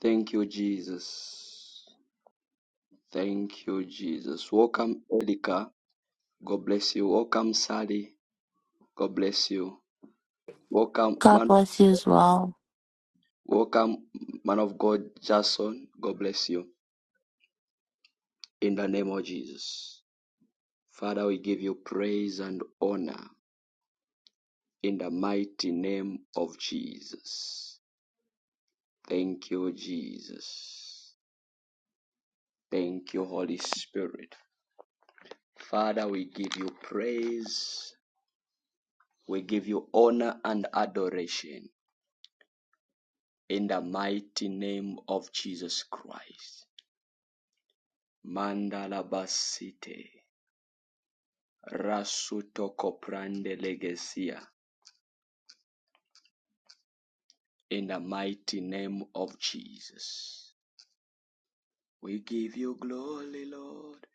Thank you, Jesus. Thank you, Jesus. Welcome, Erica. God bless you. Welcome, Sally. God bless you. Welcome, God man. bless you as well. Welcome, man of God, Jason. God bless you. In the name of Jesus. Father, we give you praise and honor in the mighty name of Jesus. Thank you, Jesus. Thank you, Holy Spirit. Father, we give you praise. We give you honor and adoration. in the mighty name of Jesus Christ. Mandalabasite Rasuto Koprande Legesia in the mighty name of Jesus. We give you glory, Lord.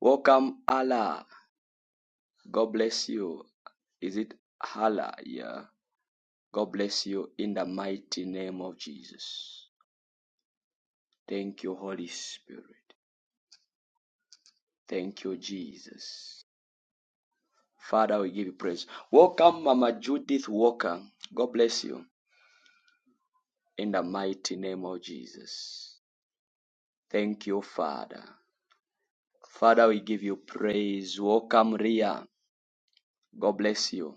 Welcome, Allah. God bless you. Is it Allah? Yeah. God bless you in the mighty name of Jesus. Thank you, Holy Spirit. Thank you, Jesus. Father, we give you praise. Welcome, Mama Judith Walker. God bless you in the mighty name of Jesus. Thank you, Father. Father, we give you praise. Welcome, Ria. God bless you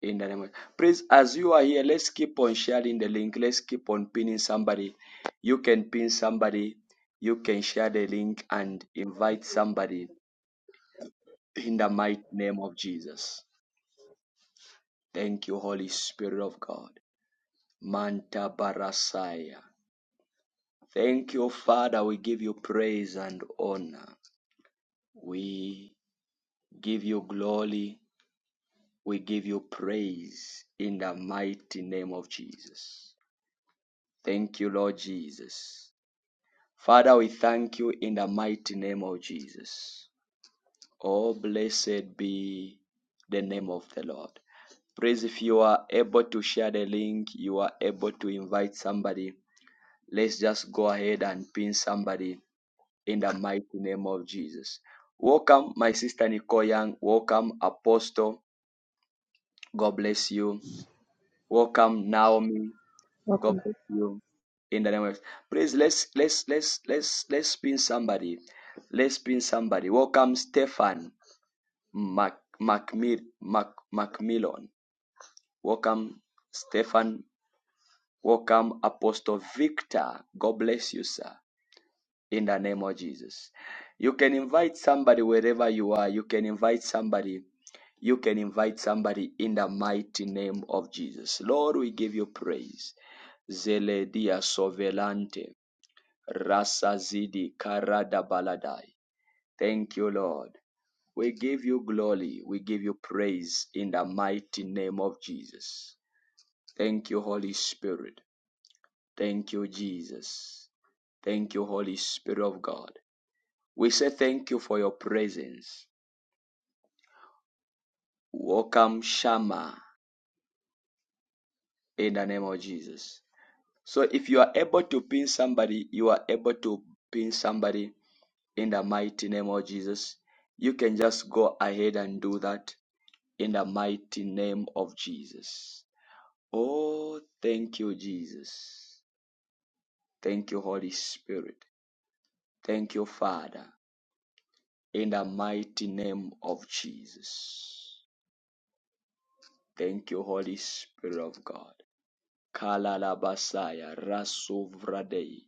in the name of Please, as you are here, let's keep on sharing the link. Let's keep on pinning somebody. You can pin somebody. You can share the link and invite somebody in the mighty name of Jesus. Thank you, Holy Spirit of God. Manta Barasaya. Thank you, Father. We give you praise and honor. We give you glory. We give you praise in the mighty name of Jesus. Thank you, Lord Jesus. Father, we thank you in the mighty name of Jesus. Oh, blessed be the name of the Lord. Praise! if you are able to share the link, you are able to invite somebody. Let's just go ahead and pin somebody in the mighty name of Jesus. Welcome, my sister Nicole Young. Welcome, Apostle. God bless you. Welcome, Naomi. God Welcome. bless you. In the name of please let's let's let's let's let's pin somebody. Let's pin somebody. Welcome, Stefan Mac Macmil Mac Macmillan. Welcome, Stefan. Welcome, Apostle Victor. God bless you, sir. in the name of Jesus. You can invite somebody wherever you are. You can invite somebody. You can invite somebody in the mighty name of Jesus. Lord, we give you praise. Zeledia Sovelante, Rasa Zidi Karada Baladai. Thank you, Lord. We give you glory. We give you praise in the mighty name of Jesus. Thank you, Holy Spirit. Thank you, Jesus. Thank you, Holy Spirit of God. We say thank you for your presence. Welcome, Shama, in the name of Jesus. So if you are able to pin somebody, you are able to pin somebody in the mighty name of Jesus. You can just go ahead and do that in the mighty name of Jesus. Oh, thank you, Jesus. Thank you, Holy Spirit. Thank you, Father, in the mighty name of Jesus. Thank you, Holy Spirit of God. Kalalabasaya Rasuvradei.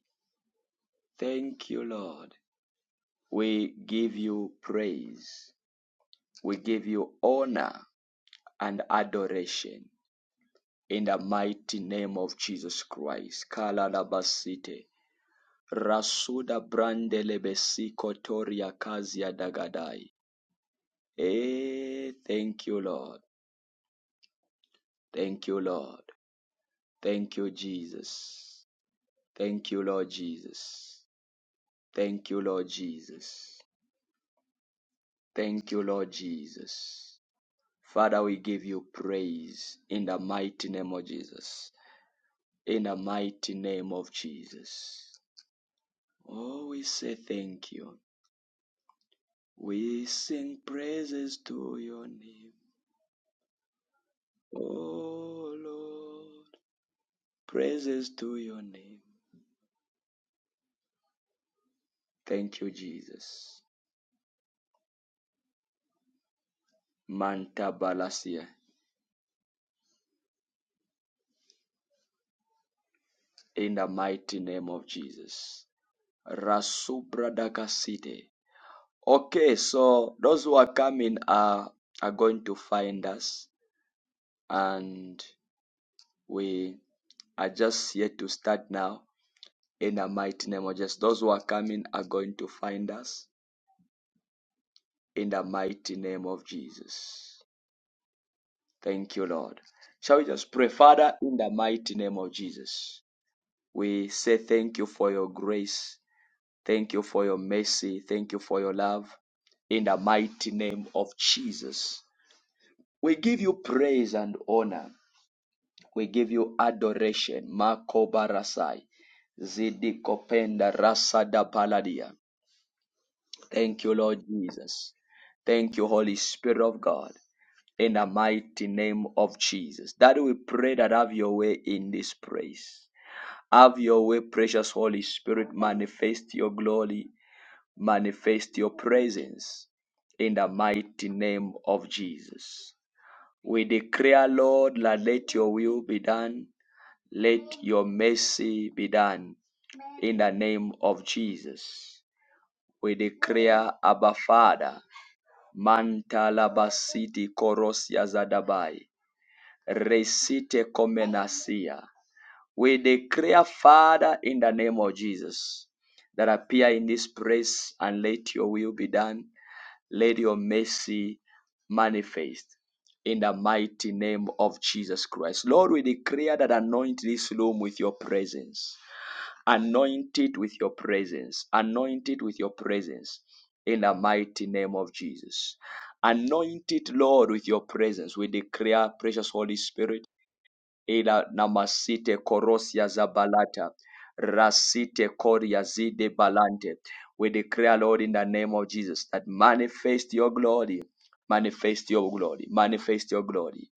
Thank you, Lord. We give you praise. We give you honor and adoration in the mighty name of Jesus Christ. Kalalabasite. Rasuda brandelebesiko toria kazia dagadai. Eh, thank you, Lord. Thank you, Lord. Thank you, Jesus. Thank you, Lord Jesus. Thank you, Lord Jesus. Thank you, Lord Jesus. Father, we give you praise in the mighty name of Jesus. In the mighty name of Jesus. Oh, we say thank you. We sing praises to your name. Oh, Lord. Praises to your name. Thank you, Jesus. Manta Balasia. In the mighty name of Jesus. Rasubra Dakasite. Okay, so those who are coming are are going to find us, and we are just here to start now in the mighty name of Jesus. Those who are coming are going to find us in the mighty name of Jesus. Thank you, Lord. Shall we just pray, Father, in the mighty name of Jesus? We say thank you for your grace, thank you for your mercy, thank you for your love. In the mighty name of Jesus, we give you praise and honor. We give you adoration. Makobarasai. Zidikopenda rasada paladia. Thank you, Lord Jesus. Thank you, Holy Spirit of God. In the mighty name of Jesus. That we pray that have your way in this praise. Have your way, precious Holy Spirit. Manifest your glory. Manifest your presence. In the mighty name of Jesus. We declare, Lord, that let your will be done let your mercy be done in the name of Jesus. We declare, Abba Father, Mantalabasiti Korosia Zadabai, Resite Komenasia. We declare, Father, in the name of Jesus, that appear in this place and let your will be done. Let your mercy manifest in the mighty name of Jesus Christ. Lord, we declare that anoint this room with your presence anointed with your presence, anointed with your presence in the mighty name of Jesus. Anointed Lord with your presence. We declare, precious Holy Spirit ila namasite korosia zabalata rasite koria zide balante. We declare, Lord, in the name of Jesus, that manifest your glory, manifest your glory, manifest your glory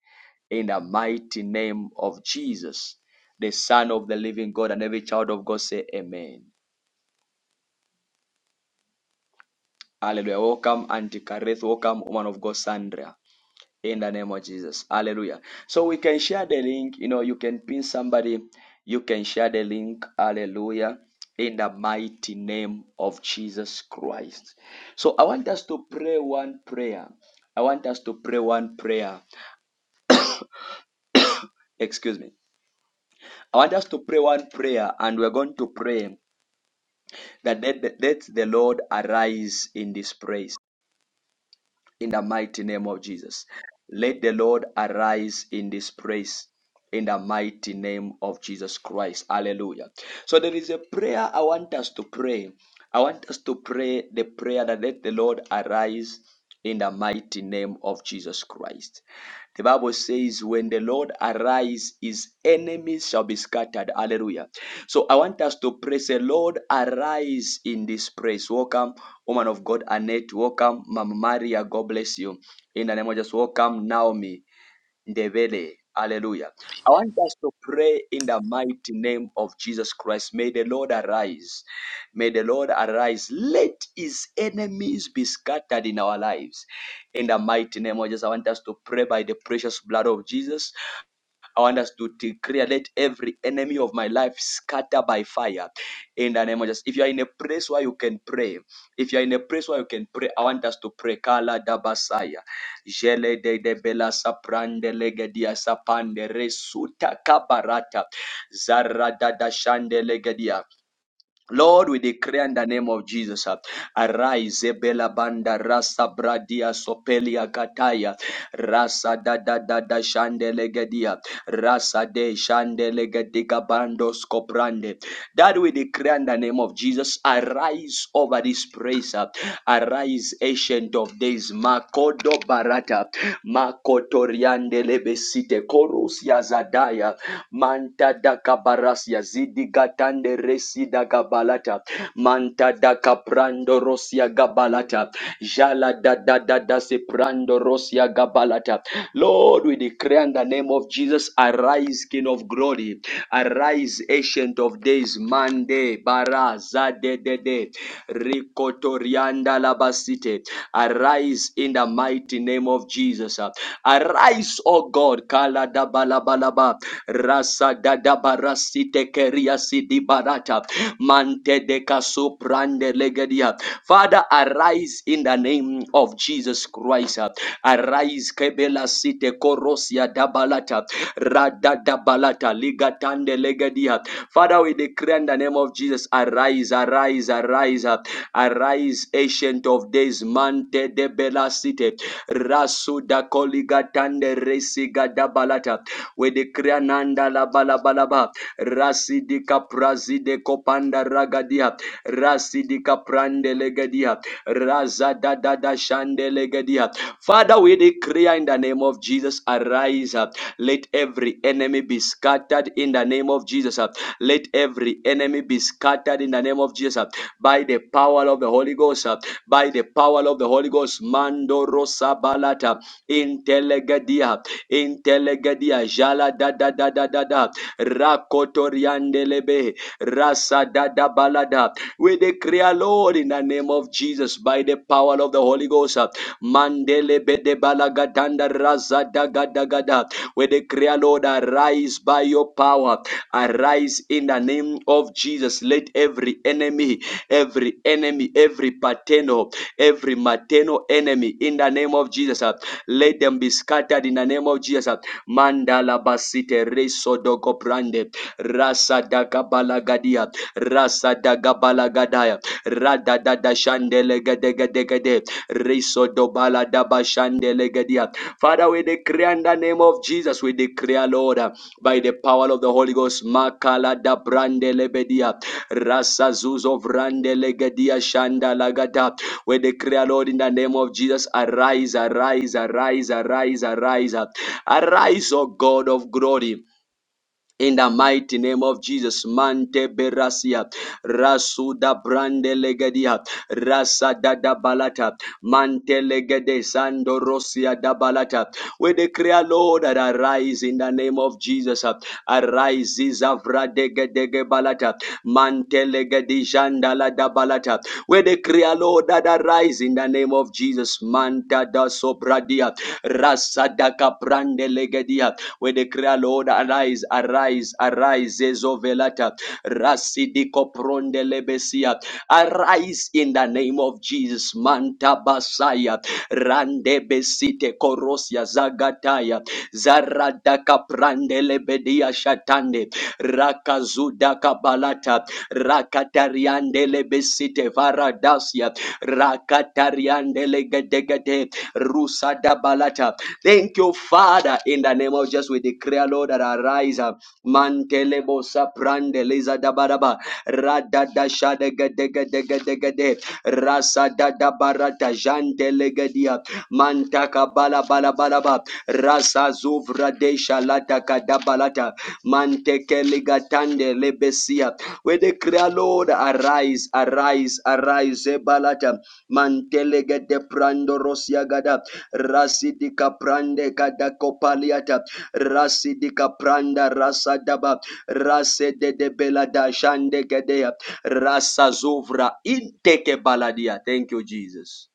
in the mighty name of Jesus, the Son of the living God, and every child of God say, Amen. Hallelujah. Welcome, Auntie Kareth. Welcome, woman of God, Sandra. in the name of Jesus. Hallelujah. So we can share the link. You know, you can pin somebody. You can share the link. Hallelujah. In the mighty name of Jesus Christ. So I want us to pray one prayer. I want us to pray one prayer. Excuse me. I want us to pray one prayer, and we're going to pray that let, let the Lord arise in this place. in the mighty name of Jesus. Let the Lord arise in this place in the mighty name of Jesus Christ. Hallelujah. So there is a prayer I want us to pray. I want us to pray the prayer that let the Lord arise in the mighty name of Jesus Christ. The Bible says, when the Lord arise, his enemies shall be scattered. Hallelujah. So I want us to pray, say, Lord, arise in this place. Welcome, woman of God, Annette. Welcome, Mama Maria. God bless you. In the name of Jesus, welcome, Naomi Ndebele. Hallelujah. I want us to pray in the mighty name of Jesus Christ. May the Lord arise. May the Lord arise. Let his enemies be scattered in our lives. In the mighty name of Jesus, I want us to pray by the precious blood of Jesus. I want us to declare, let every enemy of my life scatter by fire. In the name of Jesus. If you are in a place where you can pray, if you are in a place where you can pray, I want us to pray. Kala dabasaya. Jele de de bela saprande legedia sapande resuta kabarata. Zara dada shande legedia. Lord, we declare in the name of Jesus, uh, arise, Ebela Banda, Rasa Bradia, Sopelia Kataya, Rasa da da da da Shandelegedia, Rasa de Shandelegediga Bandos Coprande. That we declare in the name of Jesus, arise over this praise, uh, arise, ancient of days, Makodo Barata, Makotoriande Lebesite, Korus Yazadaya. Manta da kabarasia zidi gatande resi da gabalata. Manta da kaprando rosia gabalata. Jala da da da da se prando rosia gabalata. Lord, we declare in the name of Jesus, arise, King of glory. Arise, ancient of days, Mande, Baraza, de de de, Rikotorianda labasite. Arise in the mighty name of Jesus. Arise, O God, Kala da balabalaba, Rasa da da barasite keria sidi barata, Mante de kaso prande legedia. Father, arise in the name of Jesus Christ. Arise, Kebela site korosia da balata, Rada Ligada Balata Ligatande Legadia. Father, we declare in the name of Jesus, arise, arise, arise, uh, arise, ancient of days, mante de bela city, rasuda coligatande resiga da balata. We declare nanda la balabalaba, rasidika prazide kopanda ragadia, rasidika prande legadia, razada da da shande legadia. Father, we declare in the name of Jesus, arise, let every enemy be scattered in the name of Jesus. uh. Let every enemy be scattered in the name of Jesus uh. by the power of the Holy Ghost. uh. By the power of the Holy Ghost. Mando rosa balata intelegadia intelegadia jala da da da da da da rakotoriandelebe rasa da da balada. We declare, Lord, in the name of Jesus, by the power of the Holy Ghost. uh, Mandele bede balagatanda raza daga daga da. ga da. We declare, Lord, arise by your power. Arise in the name of Jesus. Let every enemy, every enemy, every paternal, every maternal enemy in the name of Jesus, uh, let them be scattered in the name of Jesus. uh. Mandala basite reso dogo brande rasa dagabalagadia rasa dagabalagadia rada dada shandele gade gade gade reso dobala daba shandele Gadia. Father, we decree in the name of Jesus, we declare, Lord, uh, by the power of the Holy Ghost, Makala da Brande Lebedia, Rasa Zuzo Vrande Legedia Shanda Lagada. We declare, Lord, in the name of Jesus, arise, arise, arise, arise, arise, uh, arise, O God of glory. In the mighty name of Jesus, Mante Berasia, Rasuda Brande legadia, Rasada da Balata, Mante Legede Sando Rosia da Balata. We declare, Lord, that arise in the name of Jesus. Arise, Zavra dege dege Balata, Mante Legedi Jandala da Balata. We declare, Lord, that arise in the name of Jesus. Manta da Sobradia, Rasada Caprande legadia. We declare, Lord, arise, arise, arise, Ezovelata, Rasidiko Prondelebesia, arise in the name of Jesus, Manta Basaya, Randebesite Korosia Zagataya, Zaradaka Prandelebedia Shatande, Rakazudaka Balata, rakatariandelebesite Besite Varadasia, Rakatariandele Rusa Dabalata, Thank you, Father. In the name of Jesus, we declare, Lord, that arise. uh, Mantelebo saprande leza dabaraba. Rada da shada gade gade gade gade. Rasa da da barata jante legadia. Mantaka bala bala bala ba. Rasa zuvra de shalata kadabalata. Manteke ligatande lebesia. We declare, Lord, arise, arise, arise. balata Zebalata. Mantelegede prando rosia gada. Rasidika prande kada kopaliata. Rasidika pranda rasa daba. Rase de de bela da shande gedea. Rasa zuvra inteke baladia. Thank you, Jesus.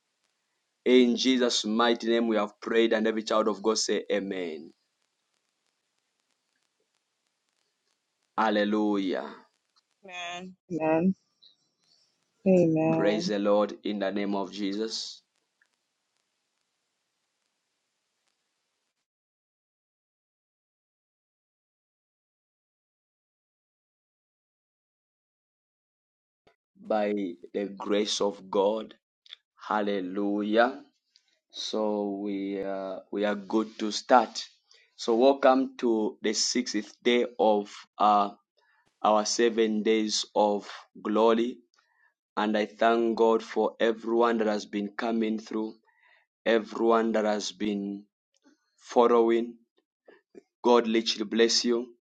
In Jesus' mighty name we have prayed and every child of God say amen. Hallelujah. Amen. Amen. Praise Amen. the Lord in the name of Jesus. By the grace of God. Hallelujah. So we uh, we are good to start. So welcome to the sixth day of uh, our seven days of glory, and I thank God for everyone that has been coming through, everyone that has been following. God literally bless you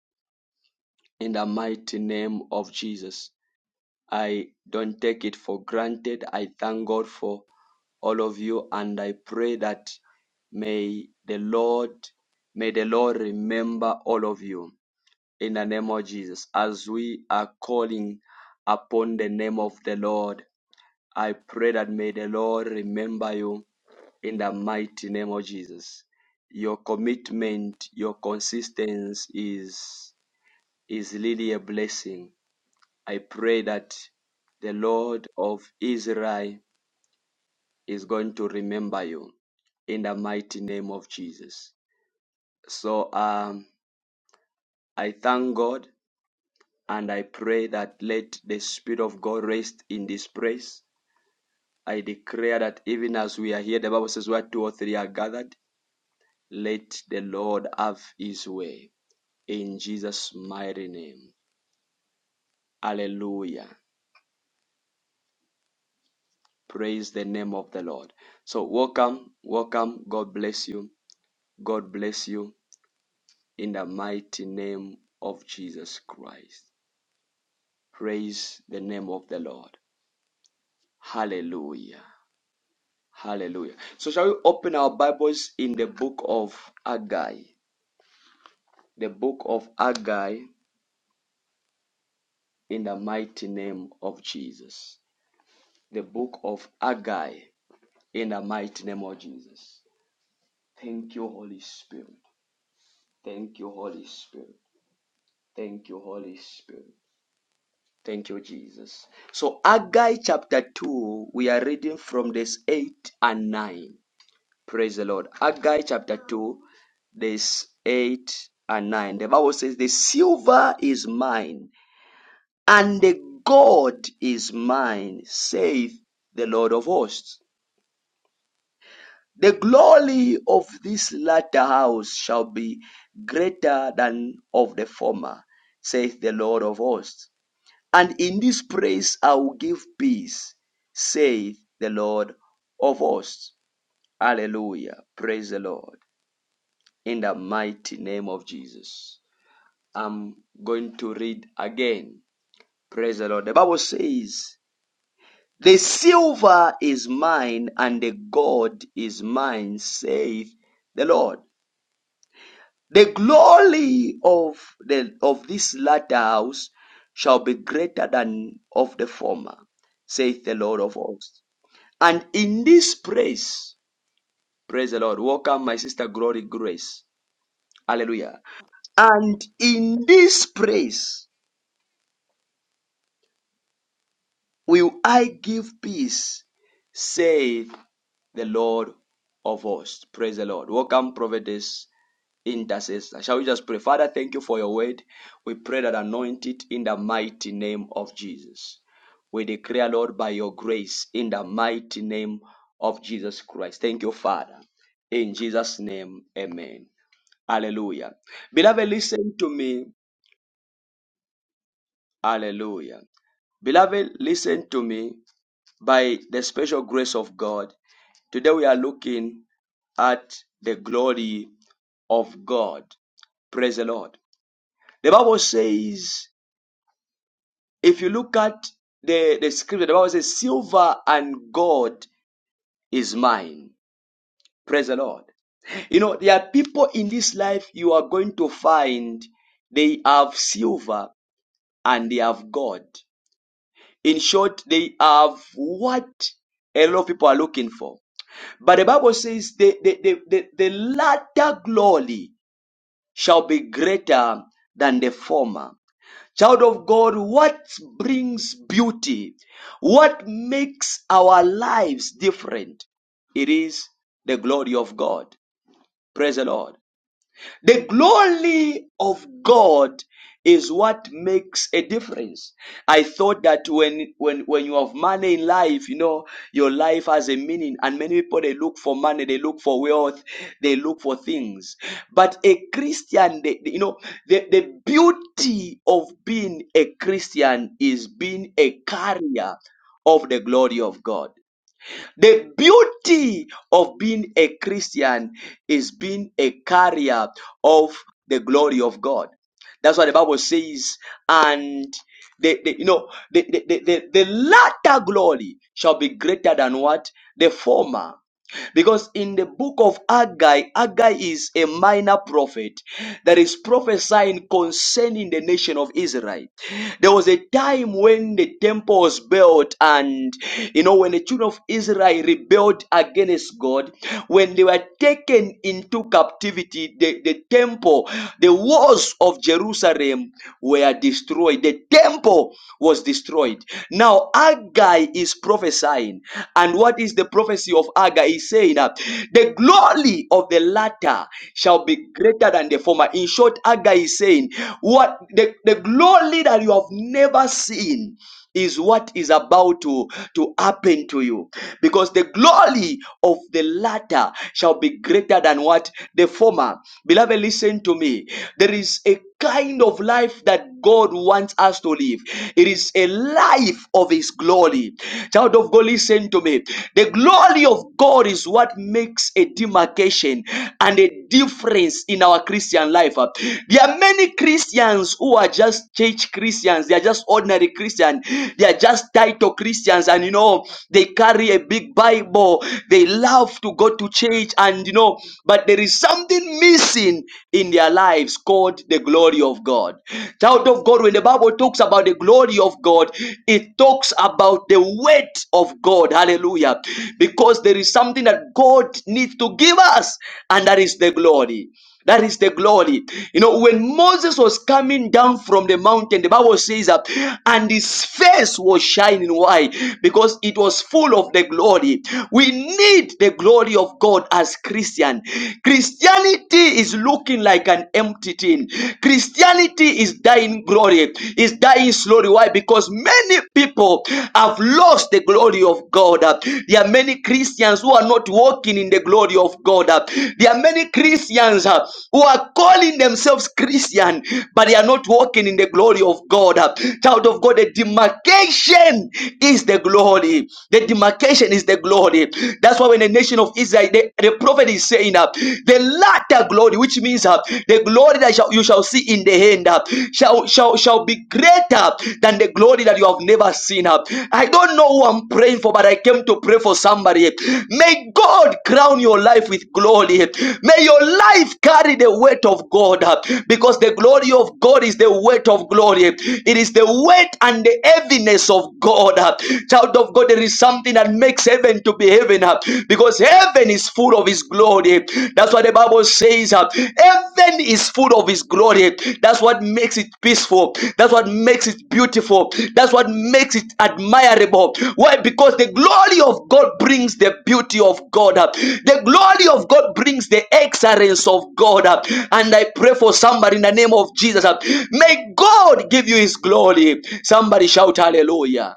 in the mighty name of Jesus. I don't take it for granted. I thank God for all of you, and I pray that may the Lord may the Lord remember all of you in the name of Jesus. As we are calling upon the name of the Lord, I pray that may the Lord remember you in the mighty name of Jesus. Your commitment, your consistency is is really a blessing. I pray that the Lord of Israel is going to remember you in the mighty name of Jesus. So um, I thank God and I pray that let the Spirit of God rest in this place. I declare that even as we are here, the Bible says where two or three are gathered, let the Lord have his way in Jesus' mighty name. Hallelujah. Praise the name of the Lord. So welcome, welcome. God bless you. God bless you. In the mighty name of Jesus Christ. Praise the name of the Lord. Hallelujah. Hallelujah. So shall we open our Bibles in the book of Agai? The book of Agai in the mighty name of Jesus. The book of Agai in the mighty name of Jesus. Thank you, Holy Spirit. Thank you, Holy Spirit. Thank you, Holy Spirit. Thank you, Jesus. So, Agai chapter 2, we are reading from this 8 and 9. Praise the Lord. Agai chapter 2, this 8 and 9. The Bible says, The silver is mine, and the gold is mine, saith the Lord of hosts. The glory of this latter house shall be greater than of the former, saith the Lord of hosts. And in this place I will give peace, saith the Lord of hosts. Hallelujah. Praise the Lord. In the mighty name of Jesus. I'm going to read again. Praise the Lord. The Bible says, The silver is mine and the gold is mine, saith the Lord. The glory of the of this latter house shall be greater than of the former, saith the Lord of hosts. And in this praise, praise the Lord. Welcome, my sister Glory Grace. Hallelujah. And in this praise will I give peace, saith the Lord of hosts. Praise the Lord. Welcome, prophetess intercessor. Shall we just pray? Father, thank you for your word. We pray that anoint it in the mighty name of Jesus. We declare, Lord, by your grace in the mighty name of Jesus Christ. Thank you, Father. In Jesus' name, amen. Hallelujah. Beloved, listen to me. Hallelujah. Beloved, listen to me by the special grace of God. Today we are looking at the glory of God. Praise the Lord. The Bible says, if you look at the, the scripture, the Bible says, silver and gold is mine. Praise the Lord. You know, there are people in this life you are going to find they have silver and they have gold. In short, they have what a lot of people are looking for. But the Bible says the, the, the, the, the latter glory shall be greater than the former. Child of God, what brings beauty? What makes our lives different? It is the glory of God. Praise the Lord. The glory of God is what makes a difference. I thought that when, when, when you have money in life, you know, your life has a meaning. And many people, they look for money, they look for wealth, they look for things. But a Christian, they, they- you know, the, the beauty of being a Christian is being a carrier of the glory of God. The beauty of being a Christian is being a carrier of the glory of God. That's what the Bible says. And the, the you know the, the, the, the the latter glory shall be greater than what? The former. Because in the book of Haggai, Haggai is a minor prophet that is prophesying concerning the nation of Israel. There was a time when the temple was built, and you know, when the children of Israel rebelled against God, when they were taken into captivity, the, the temple, the walls of Jerusalem were destroyed. The temple was destroyed. Now, Haggai is prophesying prophesying. And what is the prophecy of Aga? He's saying that the glory of the latter shall be greater than the former. In short, Aga is saying, what the, the glory that you have never seen is what is about to, to happen to you because the glory of the latter shall be greater than what the former beloved listen to me there is a kind of life that God wants us to live. It is a life of His glory. Child of God, listen to me. The glory of God is what makes a demarcation and a difference in our Christian life. Uh, There are many Christians who are just church Christians, they are just ordinary Christians, they are just title Christians, and you know, they carry a big Bible, they love to go to church, and you know, but there is something missing seen in their lives called the glory of God. Child of God, when the Bible talks about the glory of God, it talks about the weight of God. Hallelujah. Because there is something that God needs to give us, and that is the glory. That is the glory. You know, when Moses was coming down from the mountain, the Bible says that, and his face was shining. Why? Because it was full of the glory. We need the glory of God as Christians. Christian. Christianity is looking like an empty tin. Christianity is dying glory, is dying slowly. Why? Because many people have lost the glory of God. There are many Christians who are not walking in the glory of God. There are many Christians uh, who are calling themselves Christian, but they are not walking in the glory of God. Child of God, the demarcation is the glory. The demarcation is the glory. That's why when now in the nation of Israel, the, the prophet is saying up uh, the latter glory, which means uh, the glory that shall, you shall see in the end uh, shall, shall, shall be greater than the glory that you have never seen. up. uh. I don't know who I'm praying for, but I came to pray for somebody. May God crown your life with glory. May your life carry the weight of God uh, because the glory of God is the weight of glory. It is the weight and the heaviness of God. uh. Child of God, there is something that makes heaven to be heaven uh, because heaven is full of his glory. That's what the Bible says. uh, Heaven is full of his glory. That's what makes it peaceful. That's what makes it beautiful. That's what makes it admirable. Why? Because the glory of God brings the beauty of God. uh, The glory of God brings the excellence of God. uh, And I pray for somebody in the name of Jesus. uh, May God give you his glory. Somebody shout hallelujah.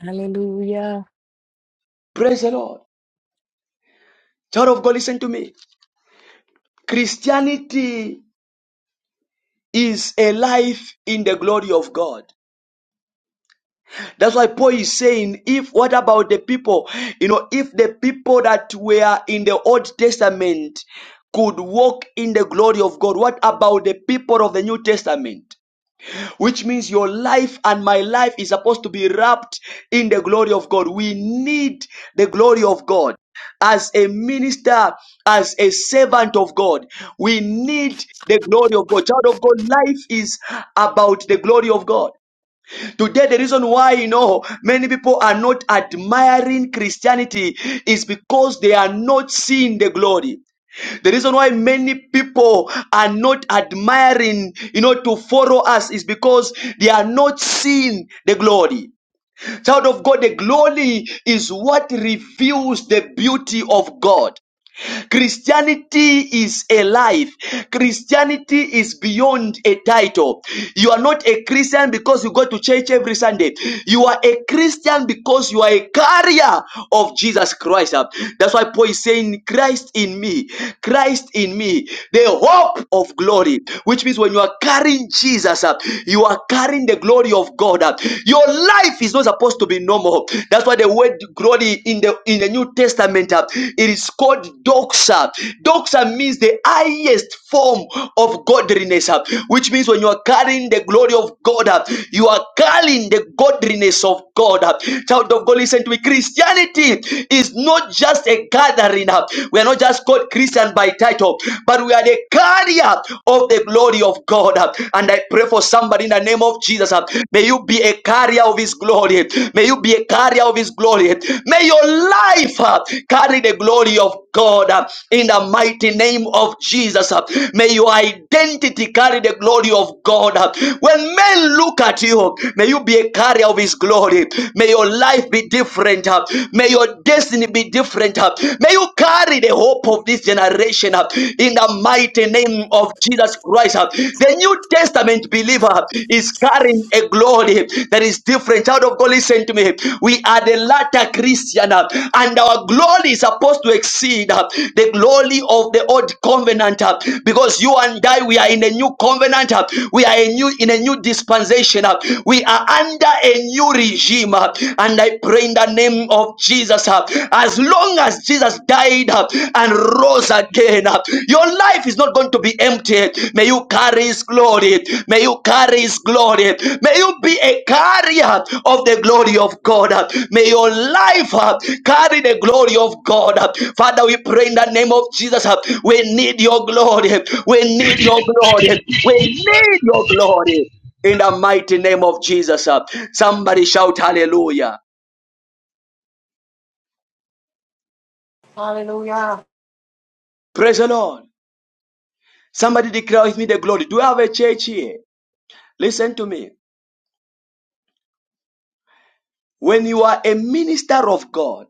Hallelujah. Praise the Lord. Child of God, listen to me. Christianity is a life in the glory of God. That's why Paul is saying, if what about the people? You know, if the people that were in the Old Testament could walk in the glory of God, what about the people of the New Testament? which means your life and my life is supposed to be wrapped in the glory of God. We need the glory of God. As a minister, as a servant of God, we need the glory of God. Child of God, life is about the glory of God. Today, the reason why you know many people are not admiring Christianity is because they are not seeing the glory. The reason why many people are not admiring, you know, to follow us is because they are not seeing the glory. Child of God, the glory is what reveals the beauty of God. Christianity is a life. Christianity is beyond a title. You are not a Christian because you go to church every Sunday. You are a Christian because you are a carrier of Jesus Christ. That's why Paul is saying, Christ in me, Christ in me, the hope of glory. Which means when you are carrying Jesus, uh, you are carrying the glory of God. uh, Your life is not supposed to be normal. That's why the word word glory in the in the New Testament. uh, It is called doxa. Doxa means the highest form of godliness, uh, which means when you are carrying the glory of God, uh, you are carrying the godliness of God. uh. Child of God, listen to me. Christianity is not just a gathering. uh, We are not just called Christian by title, but we are the carrier of the glory of God. uh. And I pray for somebody in the name of Jesus. Jesus. May you be a carrier of His glory. May you be a carrier of His glory. May your life uh, carry the glory of God uh, in the mighty name of Jesus. uh. May your identity carry the glory of God. uh. When men look at you, may you be a carrier of His glory. May your life be different. uh. May your destiny be different. uh. May you carry the hope of this generation uh, in the mighty name of of Jesus Christ. The New Testament believer is carrying a glory that is different. Child of God, listen to me. We are the latter Christian, uh, and our glory is supposed to exceed uh, the glory of the old covenant uh, because you and I, we are in a new covenant. uh, We are a new in a new dispensation. uh, We are under a new regime, uh, and I pray in the name of Jesus. uh, As long as Jesus died died uh, and rose again. uh. Your life is not going to be empty. May you carry His glory. May you carry His glory. May you be a carrier of the glory of God. uh. May your life uh, carry the glory of God. uh. Father, we pray in the name of Jesus. uh, We need your glory. We need your glory. We need your glory. In the mighty name of Jesus. uh. Somebody shout hallelujah. Hallelujah. Praise the Lord. Somebody declare with me the glory. Do we have a church here? Listen to me. When you are a minister of God,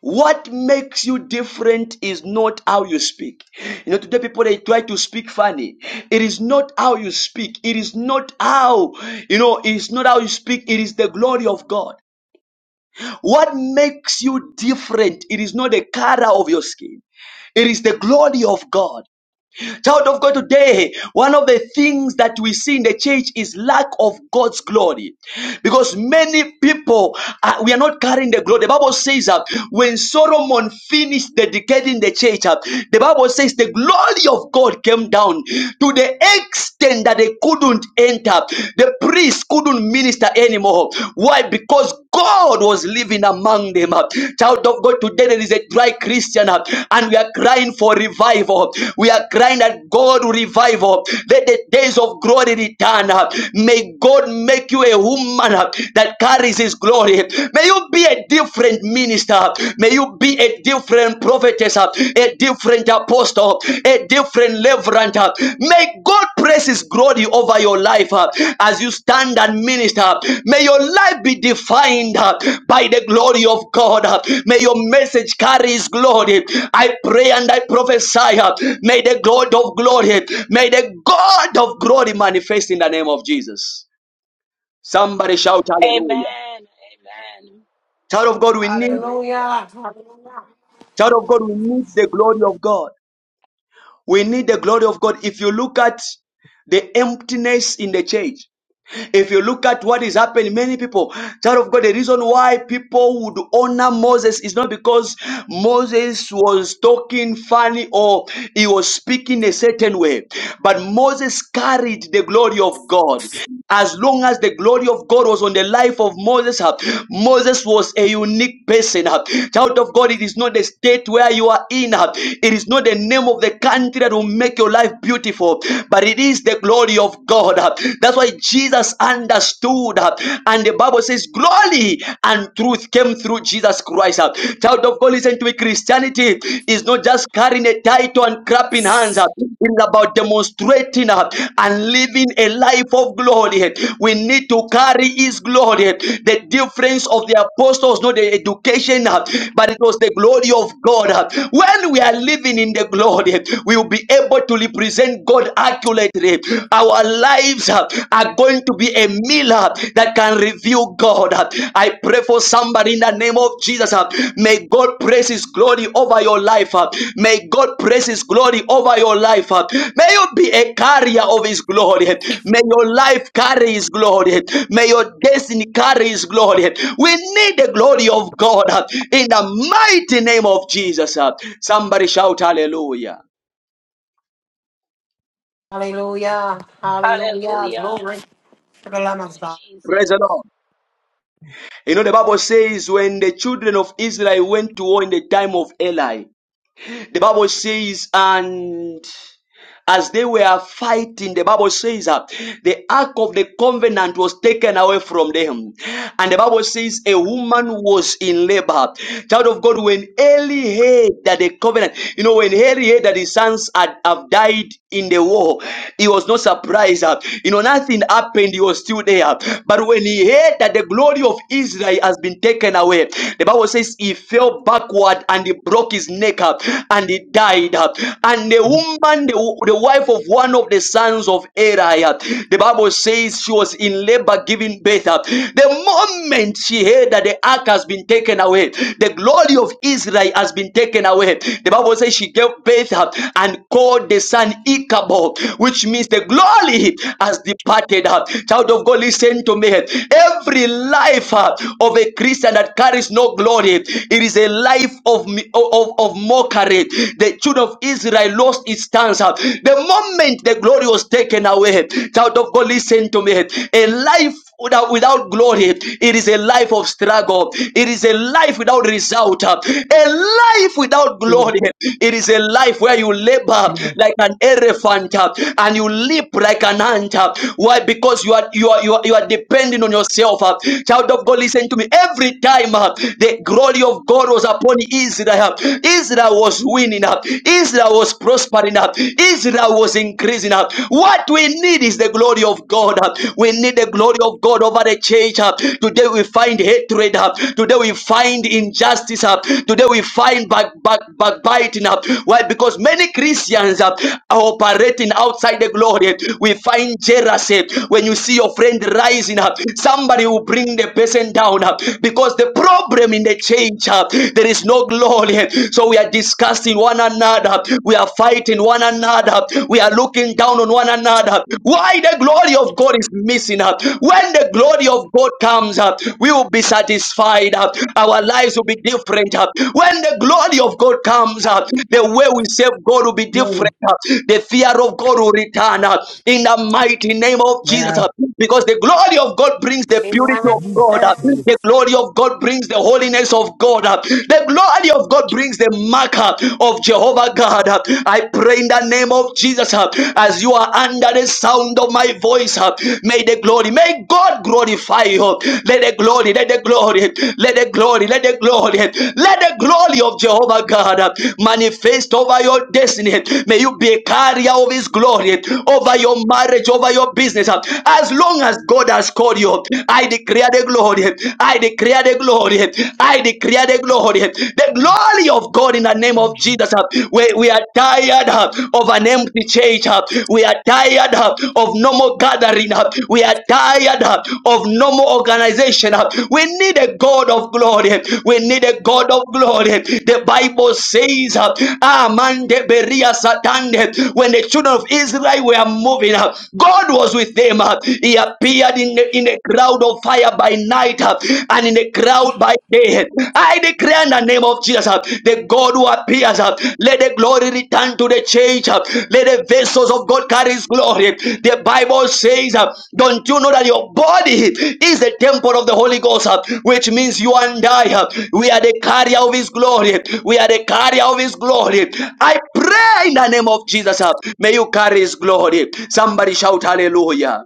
what makes you different is not how you speak. You know, today people they try to speak funny. It is not how you speak. It is not how, you know, it is not how you speak. It is the glory of God. What makes you different? It is not the color of your skin. It is the glory of God. Child of God, today, one of the things that we see in the church is lack of God's glory. Because many people, uh, we are not carrying the glory. The Bible says that uh, when Solomon finished dedicating the church, uh, the Bible says the glory of God came down to the extent that they couldn't enter. The priests couldn't minister anymore. Why? Because God was living among them. uh. Child of God, today there is a dry Christian uh, and we are crying for revival. We are crying that God will revive. uh. Let the days of glory return. uh. May God make you a woman uh, that carries his glory. May you be a different minister. May you be a different prophetess, uh, a different apostle, a different reverend. uh. May God praise His glory over your life uh, as you stand and minister. May your life be defined uh, by the glory of God. uh, May your message carry His glory. I pray and I prophesy. uh, May the God of glory, may the God of glory manifest in the name of Jesus. Somebody shout hallelujah. Amen. Amen. Child of God, we need, Hallelujah. Hallelujah. child of God, we need the glory of God. We need the glory of God. If you look at the emptiness in the church, If you look at what is happening, many people, child of God, the reason why people would honor Moses is not because Moses was talking funny or he was speaking a certain way, but Moses carried the glory of God as long as the glory of God was on the life of Moses, uh, Moses was a unique person. uh. Child of God, it is not the state where you are in, uh, it is not the name of the country that will make your life beautiful, but it is the glory of God. uh. That's why Jesus understood, uh, and the Bible says, Glory and truth came through Jesus Christ. uh. Child of God, listen to me. Christianity is is not just carrying a title and clapping hands. uh, It is about demonstrating uh, and living a life of glory. We need to carry His glory. The difference of the apostles, not the education, uh, but it was the glory of God. uh. When we are living in the glory, we will be able to represent God accurately. Our lives uh, are going to be a mirror that that can reveal God. I pray for somebody in the name of Jesus. May God praise His glory over your life. May God praise His glory over your life. May you be a carrier of His glory. May your life carry His glory. May your destiny carry His glory. We need the glory of God in the mighty name of Jesus. Somebody shout hallelujah. Hallelujah. Hallelujah. Hallelujah. Glory to the Thank Lamb you, of God. Praise the Lord. Jesus. You know, the Bible says when the children of Israel went to war in the time of Eli, The Bible says, and as they were fighting, the Bible says that the ark of the covenant was taken away from them. And the Bible says a woman was in labor. Child of God, when Eli heard that the covenant, you know, when Eli heard that his sons had have died in the war, he was not surprised. uh, You know, nothing happened, he was still there. But when he heard that the glory of Israel has been taken away, the Bible says he fell backward and he broke his neck up and he died. uh, and the woman, the, the wife of one of the sons of Eli, uh, the Bible says she was in labor giving birth. uh, The moment she heard that the ark has been taken away, the glory of Israel has been taken away, the Bible says she gave birth uh, and called the son Ichabod, which means the glory has departed. uh. Child of God, listen to me. Every life uh, of a Christian that carries no glory, it is a life of, of, of mockery glory. The children of Israel lost its stance. The moment the glory was taken away, child of God, listen to me. A life without, without glory, it is a life of struggle. It is a life without result. A life without Hallelujah. glory, it is a life where you labor like an elephant and you leap like an ant. Why? Because you are you are you are, you are depending on yourself. Child of God, listen to me. Every time uh, the glory of God was upon Israel. Israel. Israel was winning up. Israel was prospering up. Israel was increasing up. What we need is the glory of God. uh. We need the glory of God over the church. uh. Today we find hatred. uh. Today we find injustice. uh. Today we find back, back, backbiting. up. Why? Because many Christians uh, are operating outside the glory. We find jealousy. When you see your friend rising up, somebody will bring the person down up. because the problem in the church change. uh, There is no glory. So we are discussing one another. We are fighting one another. We are looking down on one another. Why the glory of God is missing up? When the glory of God comes up, we will be satisfied. uh, Our lives will be different. uh. When the glory of God comes up, the way we serve God will be different. uh. The fear of God will return uh, in the mighty name of Jesus. uh, Because the glory of God brings the purity Amen. of God. uh, The glory of of God brings the holiness of God. uh, The glory of God brings the mark uh, of Jehovah God. uh. I pray in the name of Jesus uh, as you are under the sound of my voice. uh, May the glory, may God glorify you. Let the glory, let the glory, let the glory, let the glory, let the glory of Jehovah God uh, manifest over your destiny. May you be a carrier of His glory over your marriage, over your business. As long as God has called you, I declare declare the glory. I declare the glory. I declare the glory. The glory of God in the name of Jesus. We, we are tired uh, of an empty church. uh, We are tired uh, of no more gathering. uh, We are tired uh, of no more organization. uh. We need a God of glory. We need a God of glory. The Bible says, uh, Amande Beria Satande, when the children of Israel were moving, uh, God was with them. uh, He appeared in in a, in a cloud of fire by night uh, and in a cloud by day. I declare in the name of Jesus, uh, the God who appears, uh, let the glory return to the church. uh, Let the vessels of God carry His glory. The Bible says, uh, Don't you know that your body is the temple of the Holy Ghost, uh, which means you and I, uh, we are the carrier of His glory. We are the carrier of His glory. I pray in the name of Jesus, uh, may you carry His glory. Somebody shout hallelujah.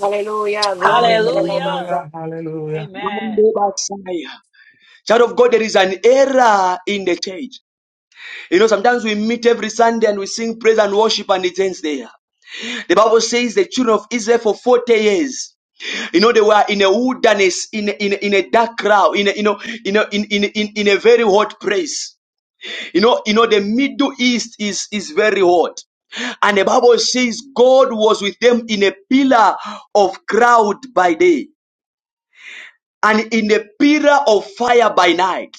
Hallelujah. Glory to the Lamb of Hallelujah. God. Hallelujah. Hallelujah. Amen. Child of God, there is an error in the church. You know, sometimes we meet every Sunday and we sing praise and worship and it ends there. The Bible says the children of Israel for 40 years. You know, they were in a wilderness, in a, in a, in a dark crowd, in a, you know, in a, in, in, in, in a very hot place. You know, you know, the Middle East is, is very hot. And the Bible says God was with them in a pillar of cloud by day and in a pillar of fire by night.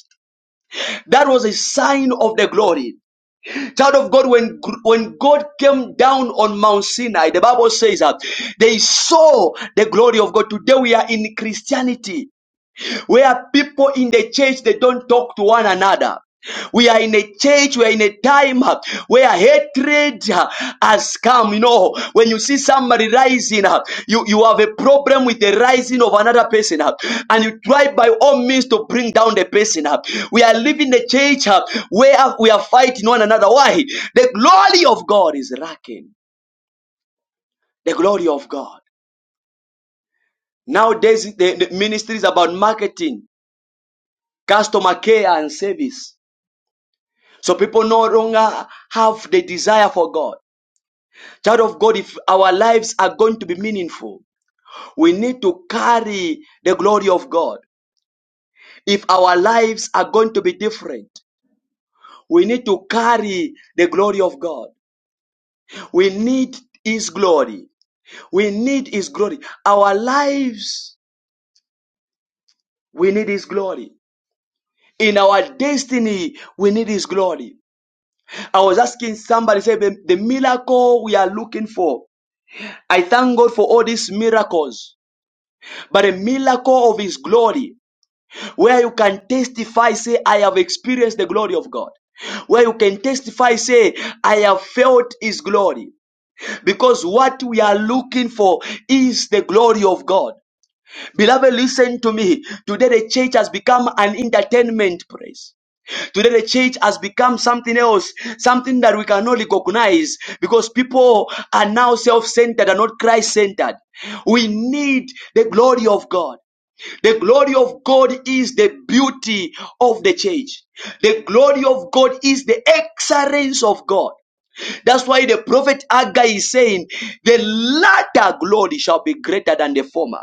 That was a sign of the glory. Child of God, when, when God came down on Mount Sinai, the Bible says that they saw the glory of God. Today we are in Christianity where people in the church they don't talk to one another. We are in a church, we are in a time uh, where hatred uh, has come. You know, when you see somebody rising, uh, you, you have a problem with the rising of another person, uh, and you try by all means to bring down the person. uh. We are living the church uh, where we are fighting one another. Why? The glory of God is lacking. The glory of God. Nowadays, the, the ministry is about marketing, customer care, and service. So people no longer have the desire for God. Child of God, if our lives are going to be meaningful, we need to carry the glory of God. If our lives are going to be different, we need to carry the glory of God. We need His glory. We need His glory. Our lives, we need His glory. In our destiny, we need His glory. I was asking somebody, say, the, the miracle we are looking for. I thank God for all these miracles but a miracle of his glory where you can testify say i have experienced the glory of god where you can testify say i have felt his glory because what we are looking for is the glory of god beloved listen to me today the church has become an entertainment place Today, the church has become something else, something that we cannot recognize because people are now self centered and not Christ centered. We need the glory of God. The glory of God is the beauty of the church. The glory of God is the excellence of God. That's why the prophet Haggai is saying, the latter glory shall be greater than the former.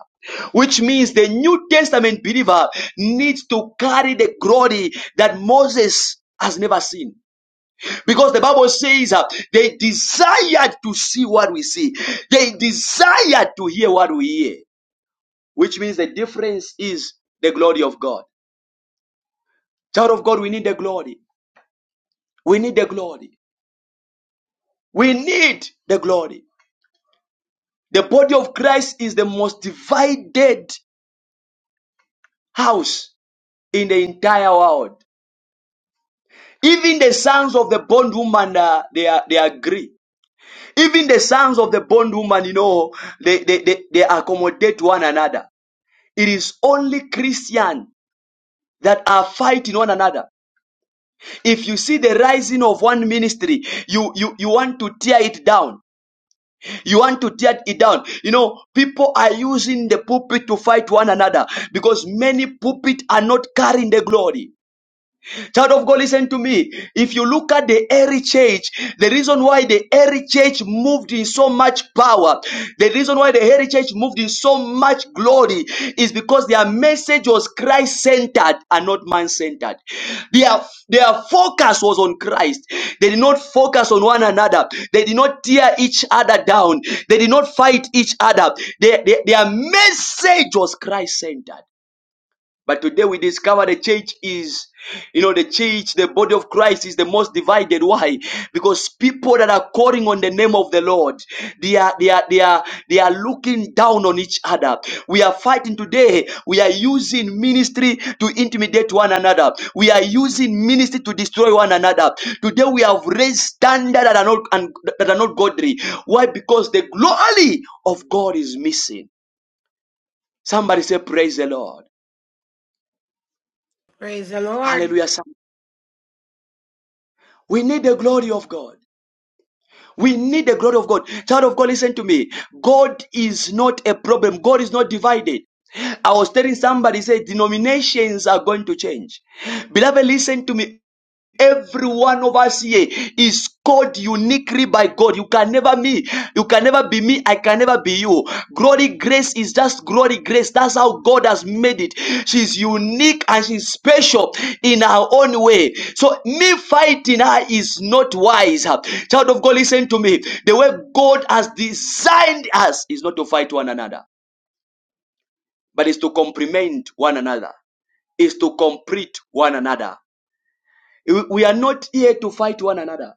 Which means the New Testament believer needs to carry the glory that Moses has never seen. Because the Bible says uh, they desired to see what we see. They desired to hear what we hear which means the difference is the glory of God. Child of God, we need the glory. We need the glory. We need the glory. The body of Christ is the most divided house in the entire world. Even the sons of the bondwoman, uh, they are, they agree. Even the sons of the bondwoman, you know, they, they, they, they accommodate one another. It is only Christian that are fighting one another. if you see the rising of one ministry you you you want to tear it down you want to tear it down you know people are using the pulpit to fight one another because many pulpit are not carrying the glory Child of God, listen to me. If you look at the early church, the reason why the early church moved in so much power, the reason why the early church moved in so much glory is because their message was Christ centered and not man centered. Their, their focus was on Christ. They did not focus on one another. They did not tear each other down. They did not fight each other. Their, their, their message was Christ centered. But today we discover the church is, you know, the church, the body of Christ is the most divided. Why? Because people that are calling on the name of the Lord, they are, they are, they are, they are looking down on each other. We are fighting today. We are using ministry to intimidate one another. We are using ministry to destroy one another. Today we have raised standards that are not, and that are not godly. Why? Because the glory of God is missing. Somebody say, praise the Lord. Praise the Lord. Hallelujah. We need the glory of God. We need the glory of God. Child of God, listen to me. God is not a problem. God is not divided. I was telling somebody, say denominations are going to change. Beloved, listen to me. Every one of us here is called uniquely by God. You can never me. You can never be me. I can never be you. Glory grace is just glory grace. That's how God has made it. She's unique and she's special in her own way. So me fighting her is not wise. Child of God, listen to me. The way God has designed us is not to fight one another, but is to complement one another. Is to complete one another. We we are not here to fight one another.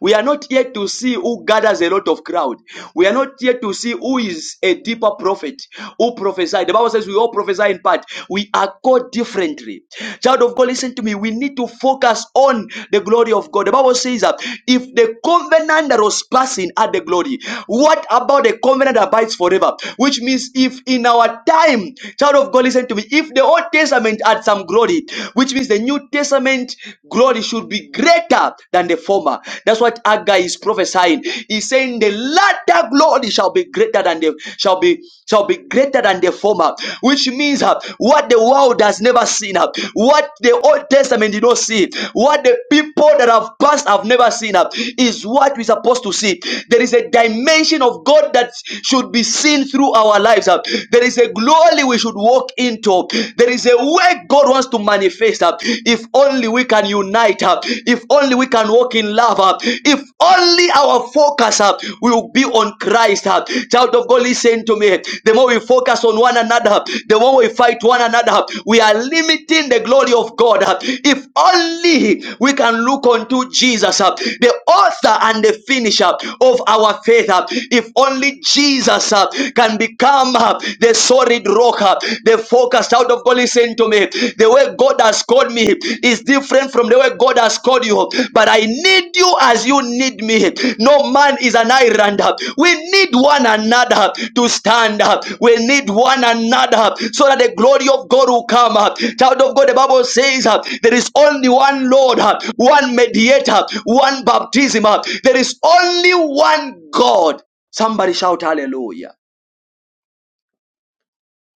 We are not here to see who gathers a lot of crowd. We are not here to see who is a deeper prophet, who prophesied. The Bible says we all prophesy in part. We are called differently. Child of God, listen to me. We need to focus on the glory of God. The Bible says that if the covenant that was passing had the glory, what about the covenant that abides forever? Which means if in our time, child of God, listen to me. If the Old Testament had some glory, which means the New Testament glory should be greater than the former. That's what Haggai is prophesying. He's saying the latter glory shall be greater than the shall be shall be greater than the former, which means uh, what the world has never seen, uh, what the Old Testament did not see, what the people that have passed have never seen, uh, is what we're supposed to see. There is a dimension of God that should be seen through our lives. uh. There is a glory we should walk into. There is is a way God wants to manifest. uh, If only we can unite up, if only we can walk in love up, if only our focus up will be on Christ. uh. Child of God, listen to me. The more we focus on one another, uh, the more we fight one another, uh, we are limiting the glory of God. uh. If only we can look unto Jesus, uh, the author and the finisher of our faith. uh. If only Jesus uh, can become uh, the solid rock, uh, the focus out of God. Listen to me. The way God has called me is different from the way God has called you. But I need you as you need me. No man is an island. uh. We need one another to stand up. We need one another so that the glory of God will come up. Child of God, the Bible says uh, there is only one Lord, uh, one mediator, one baptism. uh. There is only one God. Somebody shout hallelujah.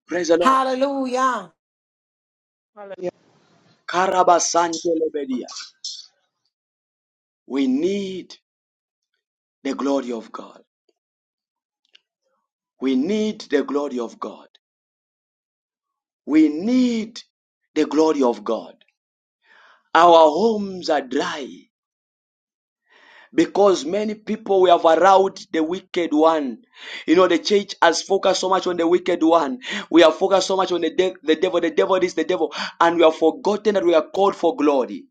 Praise the Lord. Hallelujah. Karabasantelebedia. We need the glory of God. We need the glory of God. We need the glory of God. Our homes are dry because many people we have allowed the wicked one. You know, the church has focused so much on the wicked one. We have focused so much on the, de- the devil. The devil is the devil. And we have forgotten that we are called for glory.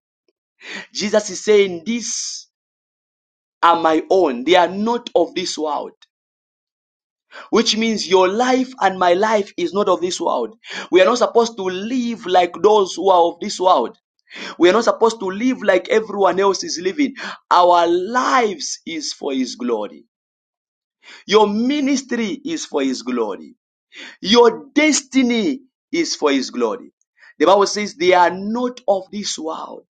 Jesus is saying, These are my own. They are not of this world. which means your life and my life is not of this world. We are not supposed to live like those who are of this world. We are not supposed to live like everyone else is living. Our lives is for His glory. Your ministry is for His glory. Your destiny is for His glory. The Bible says they are not of this world.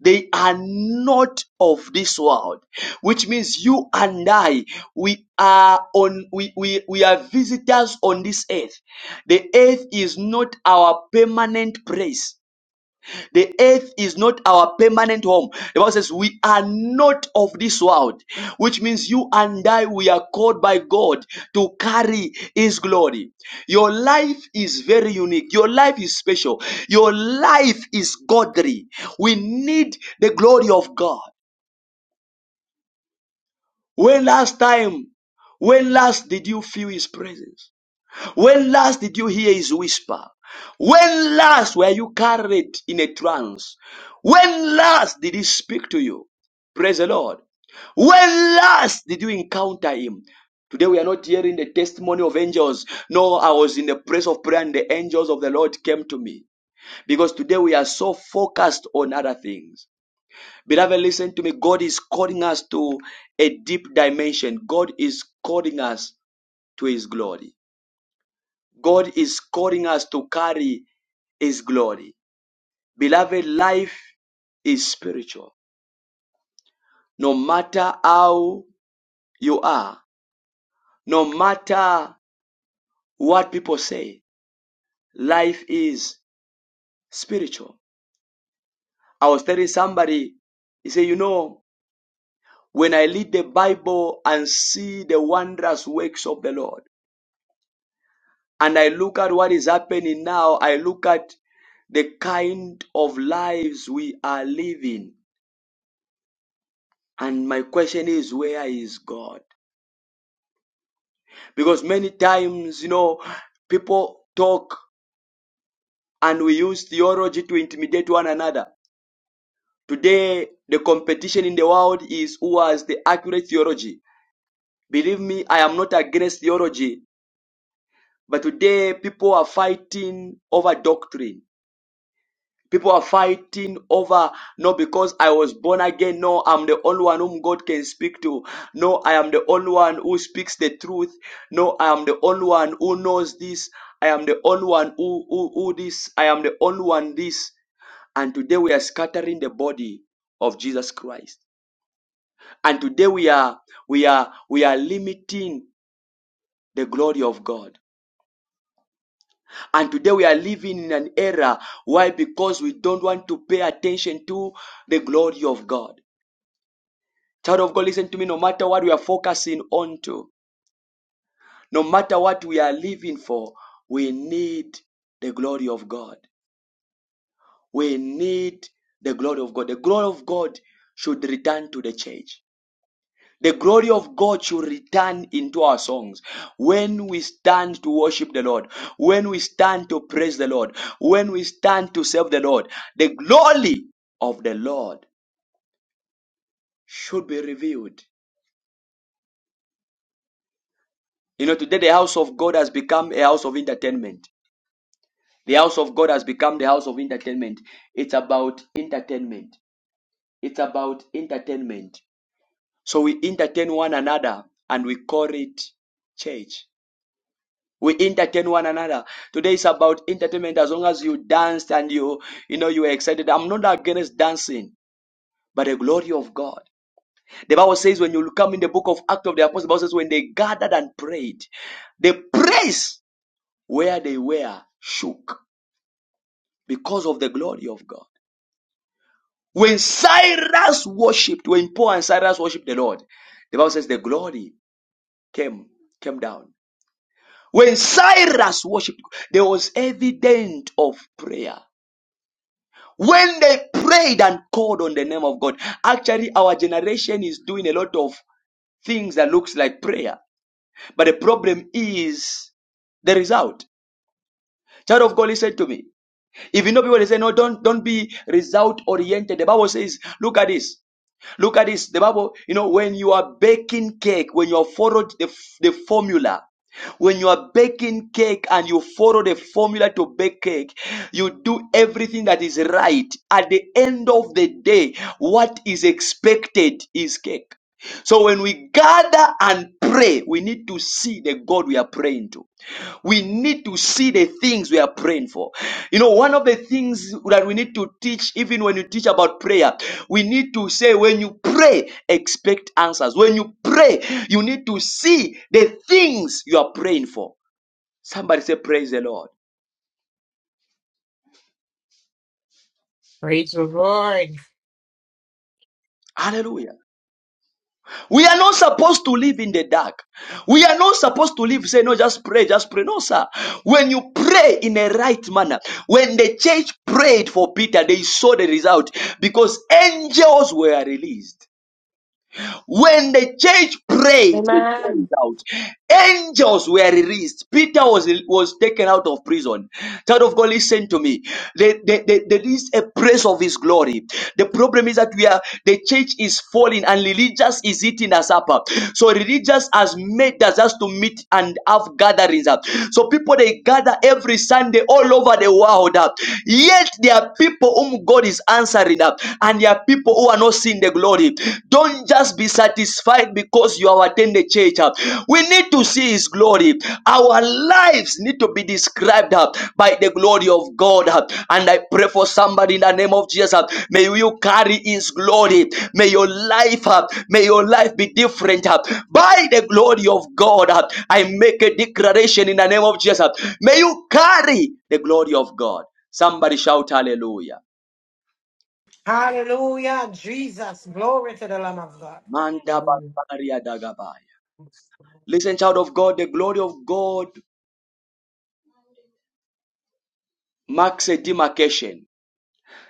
They are not of this world, which means you and I, we are on, we, we, we are visitors on this earth. The earth is not our permanent place. The earth is not our permanent home. The Bible says we are not of this world, which means you and I, we are called by God to carry His glory. Your life is very unique. Your life is special. Your life is godly. We need the glory of God. When last time, when last did you feel His presence? When last did you hear his whisper? When last were you carried in a trance? When last did he speak to you? Praise the Lord. When last did you encounter him? Today we are not hearing the testimony of angels. No, I was in the place of prayer and the angels of the Lord came to me. Because today we are so focused on other things. Beloved, listen to me. God is calling us to a deep dimension. God is calling us to his glory. God is calling us to carry His glory. Beloved, life is spiritual. No matter how you are, no matter what people say, life is spiritual. I was telling somebody, he said, You know, when I read the Bible and see the wondrous works of the Lord, and I look at what is happening now, I look at the kind of lives we are living. And my question is, where is God? Because many times, you know, people talk and we use theology to intimidate one another. Today, the competition in the world is who has the accurate theology. Believe me, I am not against theology, but today people are fighting over doctrine People are fighting over, no, because I was born again. No, I'm the only one whom God can speak to. No, I am the only one who speaks the truth. No, I am the only one who knows this. I am the only one who, who, who this. I am the only one this. And today we are scattering the body of Jesus Christ. And today we are, we are, we are limiting the glory of God. And today we are living in an era. Why? Because we don't want to pay attention to the glory of God. Child of God, listen to me. No matter what we are focusing on to, no matter what we are living for, we need the glory of God. We need the glory of God. The glory of God should return to the church. The glory of God should return into our songs. When we stand to worship the Lord, when we stand to praise the Lord, when we stand to serve the Lord, the glory of the Lord should be revealed. You know, today the house of God has become a house of entertainment. The house of God has become the house of entertainment. It's about entertainment. It's about entertainment. So we entertain one another and we call it church. We entertain one another. Today is about entertainment as long as you danced and you you know you were excited. I'm not against dancing, but the glory of God. The Bible says when you come in the book of Acts of the Apostles, the Bible says when they gathered and prayed, the place where they were shook because of the glory of God. When Cyrus worshipped, when Paul and Cyrus worshipped the Lord, the Bible says the glory came came down. When Cyrus worshipped, there was evidence of prayer. When they prayed and called on the name of God, actually our generation is doing a lot of things that looks like prayer. But the problem is the result. Child of God, listen to me. If you know people, they say, no, don't, don't be result oriented. The Bible says, look at this. Look at this. The Bible, you know, when you are baking cake, when you have followed the, the formula, when you are baking cake and you follow the formula to bake cake, you do everything that is right. At the end of the day, what is expected is cake. So when we gather and pray, we need to see the God we are praying into. We need to see the things we are praying for. You know, one of the things that we need to teach, even when you teach about prayer, we need to say, when you pray, expect answers. When you pray, you need to see the things you are praying for. Somebody say, Praise the Lord. Praise the Lord. Hallelujah. We are not supposed to live in the dark. We are not supposed to live, say, no, just pray, just pray. No, sir. When you pray in a right manner, when the church prayed for Peter, they saw the result because angels were released. When the church prayed, it turned Amen. out, angels were released. Peter was, was taken out of prison. Child of God, listen to me. There, there, there there is a praise of his glory. The problem is that we are the church is falling and religious is eating us up. So religious has made us us to meet and have gatherings up. So people they gather every Sunday all over the world up. Yet there are people whom God is answering up and there are people who are not seeing the glory. Don't just be satisfied because you have attended church. We need to see His glory. Our lives need to be described uh, by the glory of God. uh, And I pray for somebody in the name of Jesus. uh, May you carry His glory. May your life, uh, may your life be different uh, by the glory of God. uh, I make a declaration in the name of Jesus. uh, May you carry the glory of God. Somebody shout hallelujah. Hallelujah. Jesus. Glory to the Lamb of God. Manda Hallelujah. Bakaria Dagabaya. Listen, child of God, the glory of God marks a demarcation.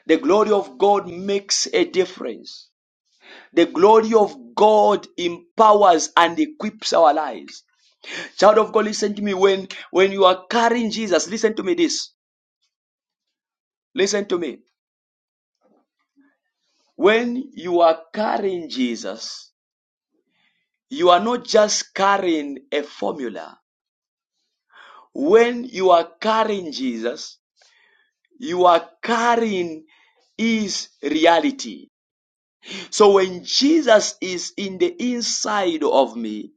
The glory of God makes a difference. The glory of God empowers and equips our lives. Child of God, listen to me. When, when you are carrying Jesus, listen to me this. Listen to me. When you are carrying Jesus, you are not just carrying a formula. When you are carrying Jesus, You are carrying his reality. So when Jesus is in the inside of me,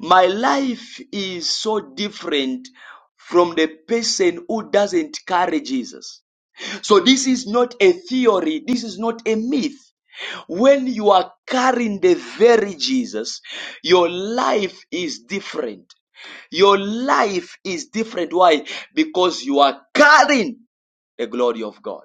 my life is so different from the person who doesn't carry Jesus. So this is not a theory, this is not a myth. When you are carrying the very Jesus, your life is different. Your life is different. Why? Because you are carrying the glory of God.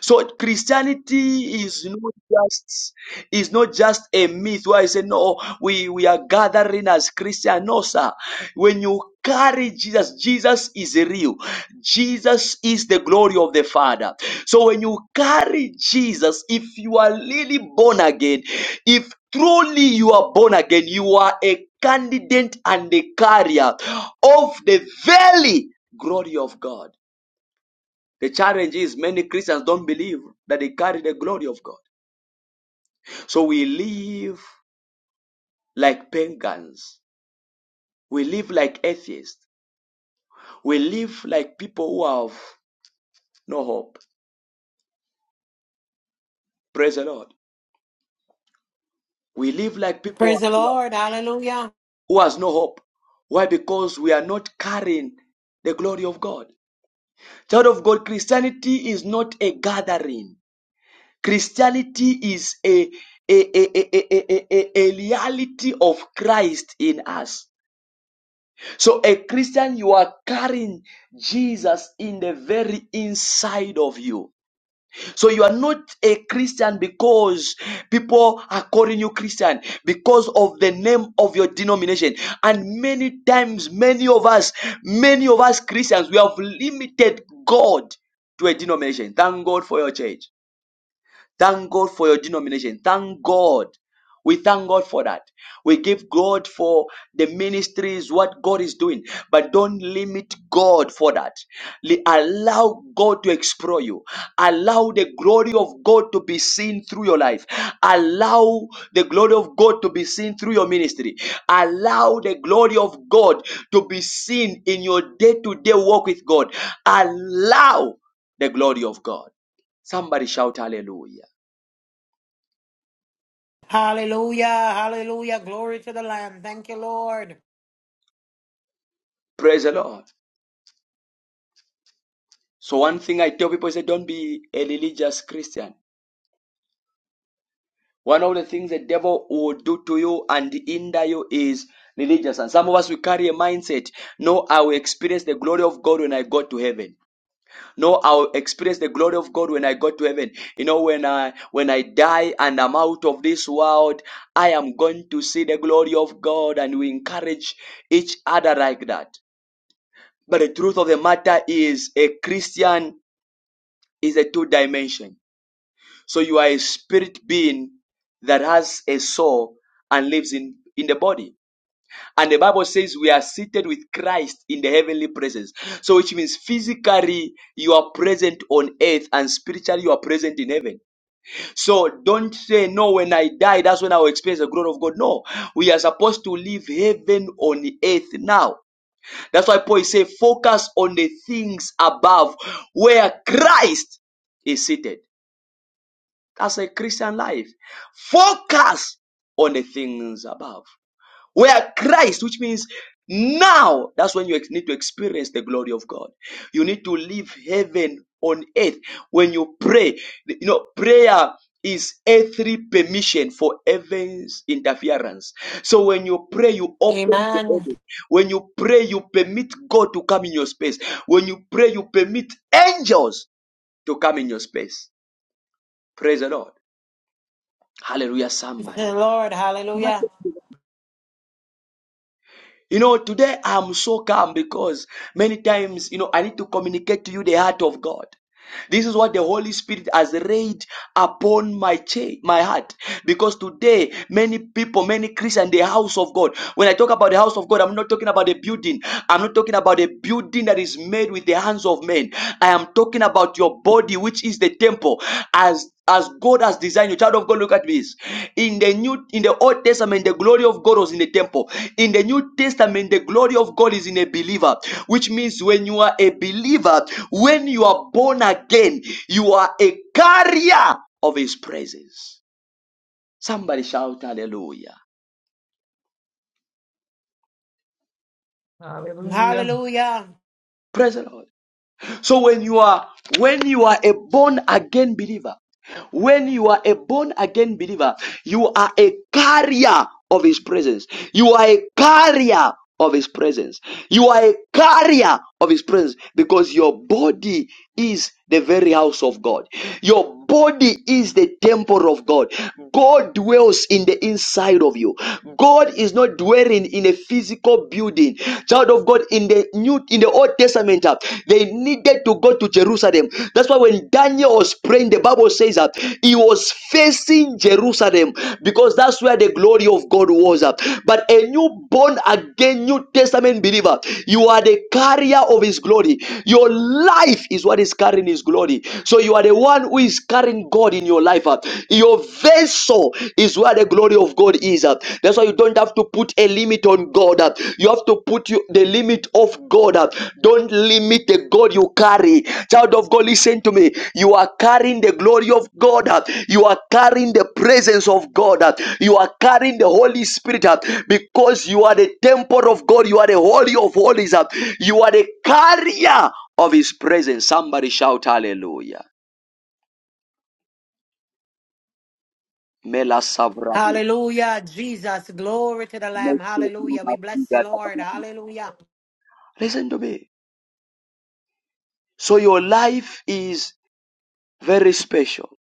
So Christianity is not just is not just a myth where I say no, we, we are gathering as Christians. No, sir. When you carry Jesus, Jesus is real. Jesus is the glory of the Father. So when you carry Jesus, if you are really born again, if truly you are born again, you are a candidate and a carrier of the very glory of God. The challenge is many Christians don't believe that they carry the glory of God. So we live like pagans. We live like atheists. We live like people who have no hope. Praise the Lord. We live like people Praise the who Lord. Hallelujah. has no hope. Why? Because we are not carrying the glory of God. Child of God, Christianity is not a gathering. Christianity is a, a, a, a, a a- a reality of Christ in us. So, a Christian, you are carrying Jesus in the very inside of you. So, you are not a Christian because people are calling you Christian because of the name of your denomination. And many times, many of us, many of us Christians, we have limited God to a denomination. Thank God for your church. Thank God for your denomination. Thank God. We thank God for that. We give God for the ministries, what God is doing. But don't limit God for that. Le- Allow God to explore you. Allow the glory of God to be seen through your life. Allow the glory of God to be seen through your ministry. Allow the glory of God to be seen in your day to day walk with God. Allow the glory of God. Somebody shout hallelujah. Hallelujah. Hallelujah. Glory to the Lamb. Thank you, Lord. Praise the Lord. So one thing I tell people is that don't be a religious Christian. One of the things the devil will do to you and hinder you is religious. And some of us we carry a mindset. No, I will experience the glory of God when I go to heaven. No, I will experience the glory of God when I go to heaven. You know, when I when I die and I'm out of this world, I am going to see the glory of God, and we encourage each other like that. But the truth of the matter is a Christian is a two dimension. So you are a spirit being that has a soul and lives in, in the body. And the Bible says we are seated with Christ in the heavenly presence. So which means physically you are present on earth and spiritually you are present in heaven. So don't say, no, when I die, that's when I will experience the glory of God. No, we are supposed to live heaven on earth now. That's why Paul is focus on the things above where Christ is seated as a Christian life. Focus on the things above. Where Christ, which means now, that's when you ex- need to experience the glory of God. You need to live heaven on earth. When you pray, you know, prayer is earthly permission for heaven's interference. So when you pray, you open to Amen. heaven. When you pray, you permit God to come in your space. When you pray, you permit angels to come in your space. Praise the Lord. Hallelujah, Praise the somebody. Lord. Hallelujah. You know, today I'm so calm because many times, you know, I need to communicate to you the heart of God. This is what the Holy Spirit has laid upon my cha- my heart. Because today, many people, many Christians, the house of God. When I talk about the house of God, I'm not talking about a building. I'm not talking about a building that is made with the hands of men. I am talking about your body, which is the temple. As as God has designed you. Child of God, look at this. In the new, in the Old Testament, the glory of God was in the temple. In the New Testament, the glory of God is in a believer, which means when you are a believer, when you are born again, you are a carrier of His presence. Somebody shout hallelujah. Hallelujah. Hallelujah. Praise the Lord. So when you are when you are a born again believer, when you are a born again believer, you are a carrier of his presence. You are a carrier of his presence. You are a carrier of his presence because your body is the very house of God. Your body is the temple of God. God dwells in the inside of you. God is not dwelling in a physical building. Child of God, in the new in the old testament, uh, they needed to go to Jerusalem. That's why when Daniel was praying, the Bible says that he was facing Jerusalem because that's where the glory of God of God was. uh, But a new born again New Testament believer, you are the carrier of His glory. Your life is what is carrying His glory. So you are the one who is carrying God in your life. uh. Your vessel is where the glory of God is. uh. That's why you don't have to put a limit on God. uh. You have to put you, the limit of God. uh. Don't limit the God you carry. Child of God, listen to me. You are carrying the glory of God. uh, You are carrying the presence of God. uh, You are carrying the Holy Spirit uh, because you are the temple of God. You are the Holy of Holies. uh, You are the carrier of His presence. Somebody shout hallelujah. Mela savrabi. Hallelujah. Jesus. Glory to the Lamb. Hallelujah. We bless you, Lord. Hallelujah. Listen to me. So your life is very special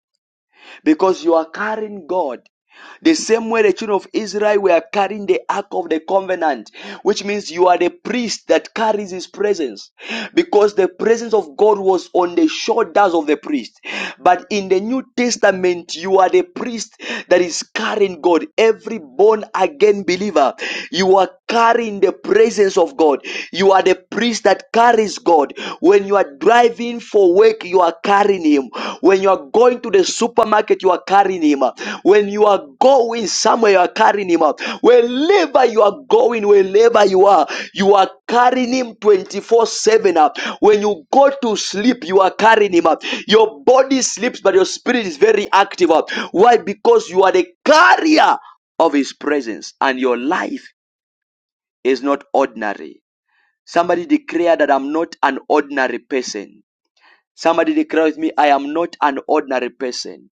because you are carrying God The same way the children of Israel were carrying the ark of the covenant, which means you are the priest that carries his presence because the presence of God was on the shoulders of the priest. But in the New Testament, you are the priest that is carrying God. Every born again believer, you are carrying the presence of God. You are the priest that carries God. When you are driving for work, you are carrying him. When you are going to the supermarket, you are carrying him. When you are going somewhere, you are carrying him. Wherever you are going, wherever you are, you are carrying him 24 7. When you go to sleep, you are carrying him. Your body sleeps, but your spirit is very active. Why? Because you are the carrier of his presence, and your life is not ordinary. Somebody declare that I'm not an ordinary person. Somebody declare with me, I am not an ordinary person.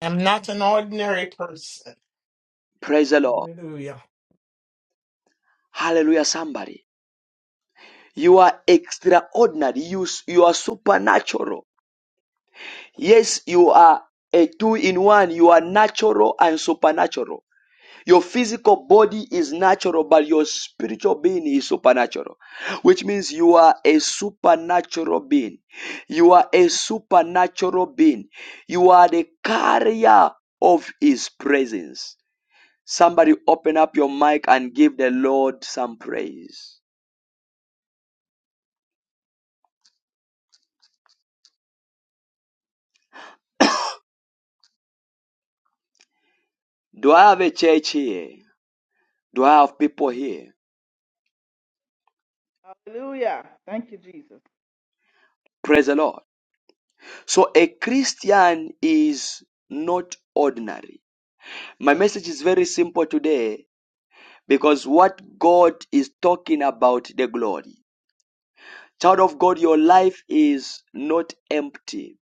I'm not an ordinary person. Praise the Lord. Hallelujah. Hallelujah, somebody. You are extraordinary. You, you are supernatural. Yes, you are a two in one. You are natural and supernatural. Your physical body is natural, but your spiritual being is supernatural, which means you are a supernatural being. You are a supernatural being. You are the carrier of His presence. Somebody open up your mic and give the Lord some praise. Do I have a church here? Do I have people here? Hallelujah. Thank you, Jesus. Praise the Lord. So a Christian is not ordinary. My message is very simple today because what God is talking about the glory. Child of God, your life is not empty.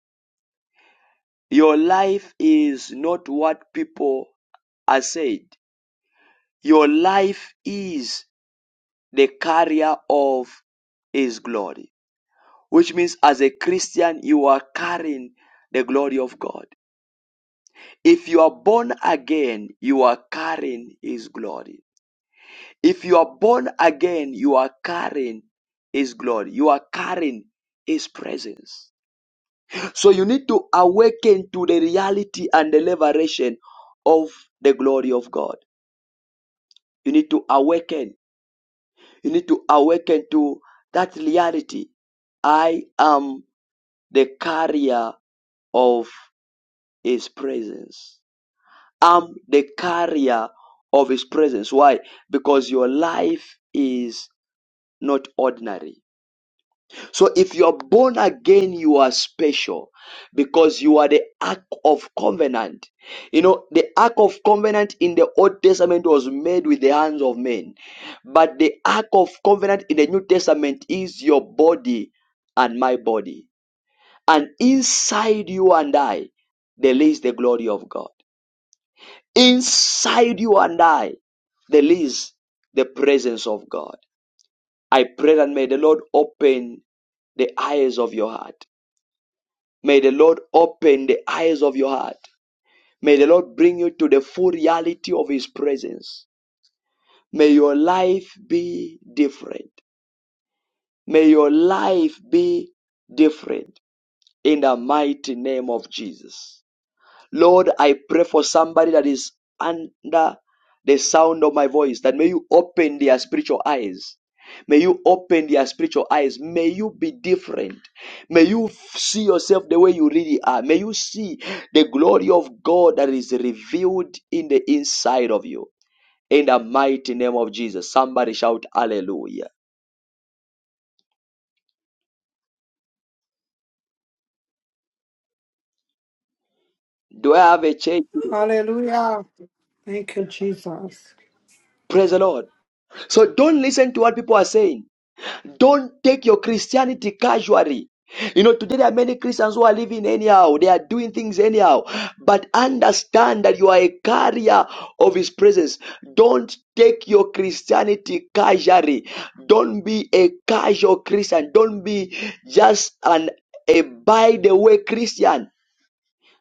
Your life is not what people are said. Your life is the carrier of his glory. Which means, as a Christian, you are carrying the glory of God. If you are born again, you are carrying his glory. If you are born again, you are carrying his glory. You are carrying his presence. So you need to awaken to the reality and the liberation of the glory of God. You need to awaken. You need to awaken to that reality. I am the carrier of his presence. I'm the carrier of his presence. Why? Because your life is not ordinary. So if you are born again, you are special because you are the Ark of Covenant. You know, the Ark of Covenant in the Old Testament was made with the hands of men, but the Ark of Covenant in the New Testament is your body and my body. And inside you and I, there lies the glory of God. Inside you and I, there lies the presence of God. I pray that may the Lord open the eyes of your heart. May the Lord open the eyes of your heart. May the Lord bring you to the full reality of His presence. May your life be different. May your life be different in the mighty name of Jesus. Lord, I pray for somebody that is under the sound of my voice, that may you open their spiritual eyes. May you open their spiritual eyes. May you be different. May you see yourself the way you really are. May you see the glory of God that is revealed in the inside of you. In the mighty name of Jesus. Somebody shout hallelujah. Do I have a church? Hallelujah. Thank you, Jesus. Praise the Lord. So don't listen to what people are saying. Don't take your Christianity casually. You know, today there are many Christians who are living anyhow. They are doing things anyhow. But understand that you are a carrier of His presence. Don't take your Christianity casually. Don't be a casual Christian. Don't be just an a by the way Christian.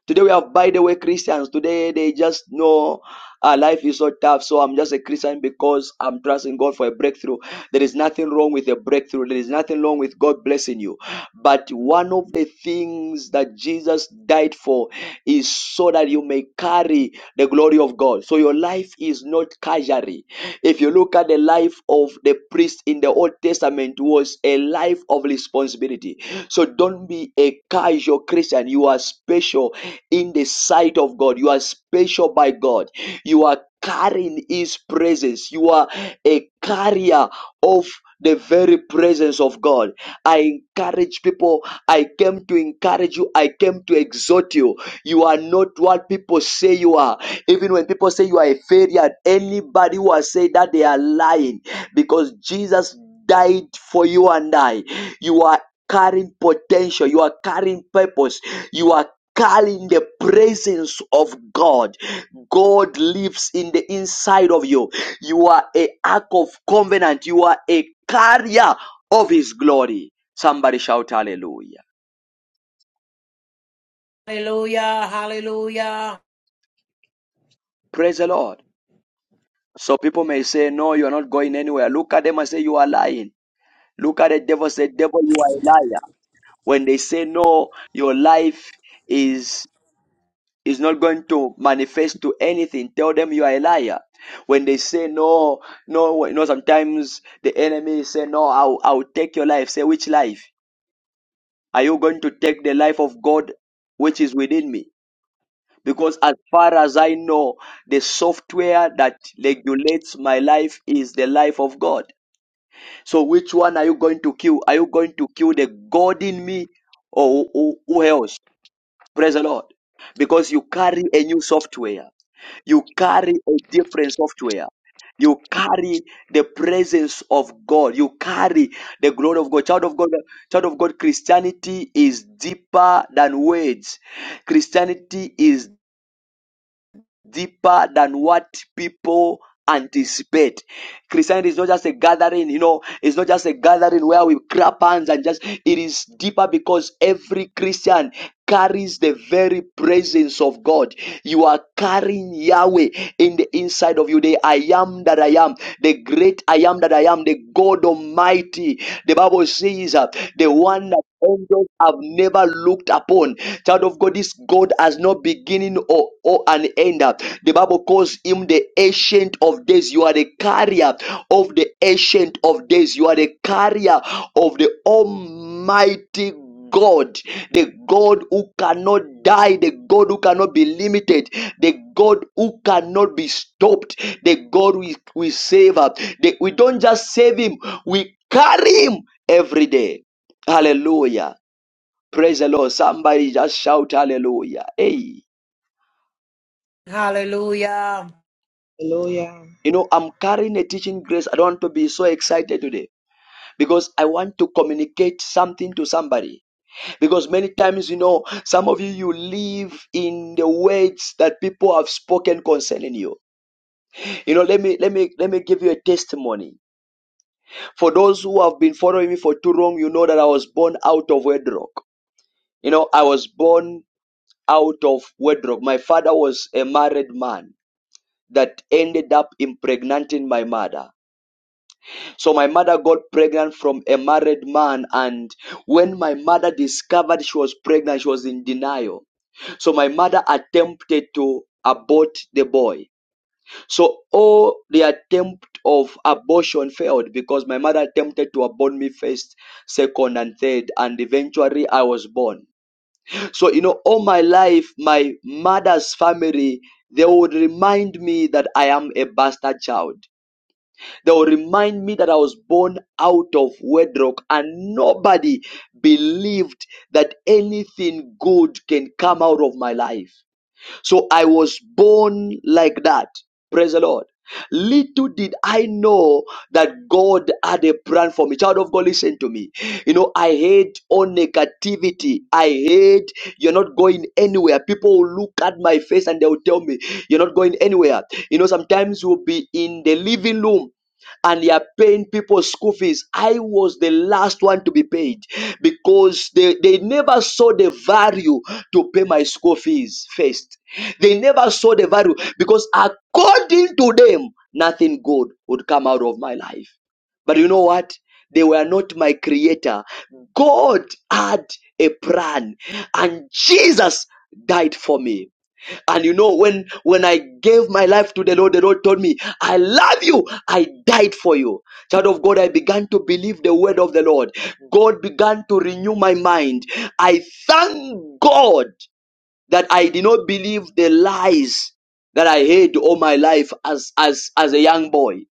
Today we have, by the way, Christians. Today they just know uh, life is so tough. So I'm just a Christian because I'm trusting God for a breakthrough. There is nothing wrong with a breakthrough. There is nothing wrong with God blessing you. But one of the things that Jesus died for is so that you may carry the glory of God. So your life is not casualty. If you look at the life of the priest in the Old Testament was a life of responsibility. So don't be a casual Christian. You are special in the sight of God. You are special by God. You are carrying His presence. You are a carrier of the very presence of God. I encourage people. I came to encourage you. I came to exhort you. You are not what people say you are. Even when people say you are a failure, anybody who has said that they are lying because Jesus died for you and I. You are carrying potential. You are carrying purpose. You are radical in the presence of God. God lives in the inside of you. You are a ark of covenant. You are a carrier of his glory. Somebody shout hallelujah. Hallelujah. Hallelujah. Praise the Lord. So people may say, no, you're not going anywhere. Look at them and say, you are lying. Look at the devil, say, devil, you are a liar. When they say, no, your life is is not going to manifest to anything. Tell them you are a liar. When they say no, no, you know, sometimes the enemy say no, I'll, I'll take your life. Say which life? Are you going to take the life of God which is within me? Because as far as I know, the software that regulates my life is the life of God. So which one are you going to kill? Are you going to kill the God in me or who, who else? Praise the Lord. Because you carry a new software. You carry a different software. You carry the presence of God. You carry the glory of God. Child of God, child of God, Christianity is deeper than words. Christianity is deeper than what people anticipate. Christianity is not just a gathering, you know, it's not just a gathering where we grab hands and just, it is deeper because every Christian carries the very presence of God. You are carrying Yahweh in the inside of you. The I am that I am, the great I am that I am, the God Almighty. The Bible says uh, the one that angels have never never looked upon. Child of God, this God has no beginning or, or an end. The Bible calls him the ancient of days. You are the carrier of the ancient of days. You are the carrier of the almighty God, the God who cannot die, the God who cannot be limited, the God who cannot be stopped, the God we, we save up. The- we don't just save him, we carry him every day. Hallelujah. Praise the Lord. Somebody just shout hallelujah. Hey, Hallelujah. Hallelujah. you know, I'm carrying a teaching grace. I don't want to be so excited today because I want to communicate something to somebody. Because many times, you know, some of you, you live in the words that people have spoken concerning you. You know, let me, let me, let me give you a testimony. For those who have been following me for too long, you know that I was born out of wedlock. You know, I was born out of wedlock. My father was a married man that ended up impregnating my mother. So my mother got pregnant from a married man, and when my mother discovered she was pregnant, she was in denial. So my mother attempted to abort the boy. So all the attempt of abortion failed because my mother attempted to abort me first, second, and third, and eventually I was born. So you know, all my life, my mother's family they would remind me that I am a bastard child. They will remind me that I was born out of wedlock and nobody believed that anything good can come out of my life. So I was born like that. Praise the Lord. Little did I know that God had a plan for me. Child of God, listen to me. You know, I hate all negativity. I hate you're not going anywhere. People will look at my face and they'll tell me, You're not going anywhere. You know, sometimes we'll be in the living room and they are paying people school fees. I was the last one to be paid because they, they never saw the value to pay my school fees first. They never saw the value because according to them, nothing good would come out of my life. But you know what? They were not my creator. God had a plan and Jesus died for me. And you know, when, when I gave my life to the Lord, the Lord told me, I love you. I died for you. Child of God, I began to believe the word of the Lord. God began to renew my mind. I thank God that I did not believe the lies that I heard all my life as, as, as a young boy.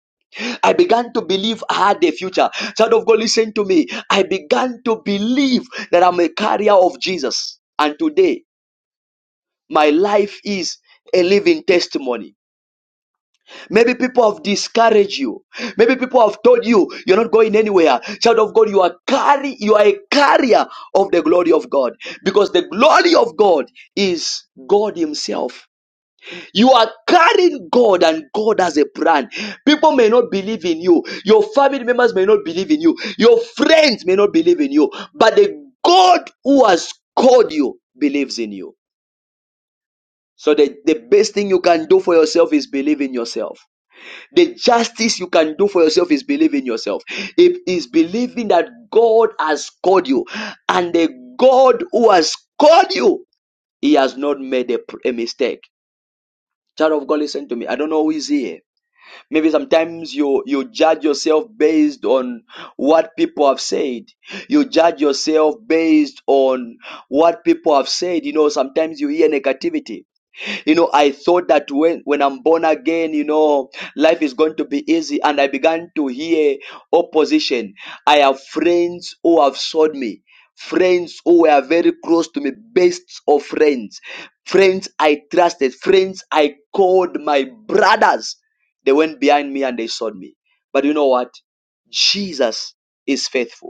I began to believe I had a future. Child of God, listen to me. I began to believe that I'm a carrier of Jesus. And today, my life is a living testimony. Maybe people have discouraged you. Maybe people have told you you're not going anywhere. Child of God, you are carry, you are a carrier of the glory of God because the glory of God is God Himself You are carrying God and God has a plan. People may not believe in you. Your family members may not believe in you. Your friends may not believe in you. But the God who has called you believes in you. So the, the best thing you can do for yourself is believe in yourself. The justice you can do for yourself is believe in yourself. It is believing that God has called you and the God who has called you, he has not made a, a mistake. Child of God, listen to me. I don't know who is here Maybe sometimes you you judge yourself based on what people have said. You judge yourself based on what people have said. You know, sometimes you hear negativity you know, I thought that when, when I'm born again, you know, life is going to be easy. And I began to hear opposition. I have friends who have sold me. Friends who were very close to me, best of friends, friends I trusted, friends I called my brothers. They went behind me and they sold me. But you know what? Jesus is faithful.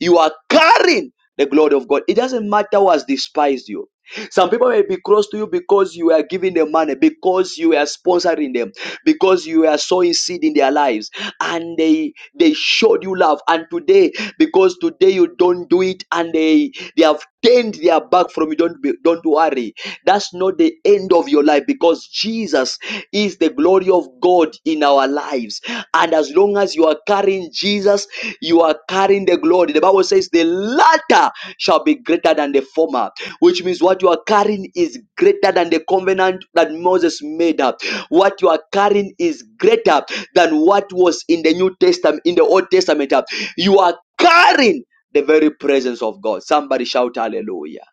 You are carrying the glory of God. It doesn't matter who has despised you. Some people may be close to you because you are giving them money, because you are sponsoring them, because you are sowing seed in their lives, and they they showed you love. And today, because today you don't do it, and they they have turned their back from you. Don't be, don't worry. That's not the end of your life because Jesus is the glory of God in our lives. And as long as you are carrying Jesus, you are carrying the glory. The Bible says the latter shall be greater than the former, which means what you are carrying is greater than the covenant that Moses made up. What you are carrying is greater than what was in the New Testament, in the Old Testament. You are carrying the very presence of God. Somebody shout hallelujah.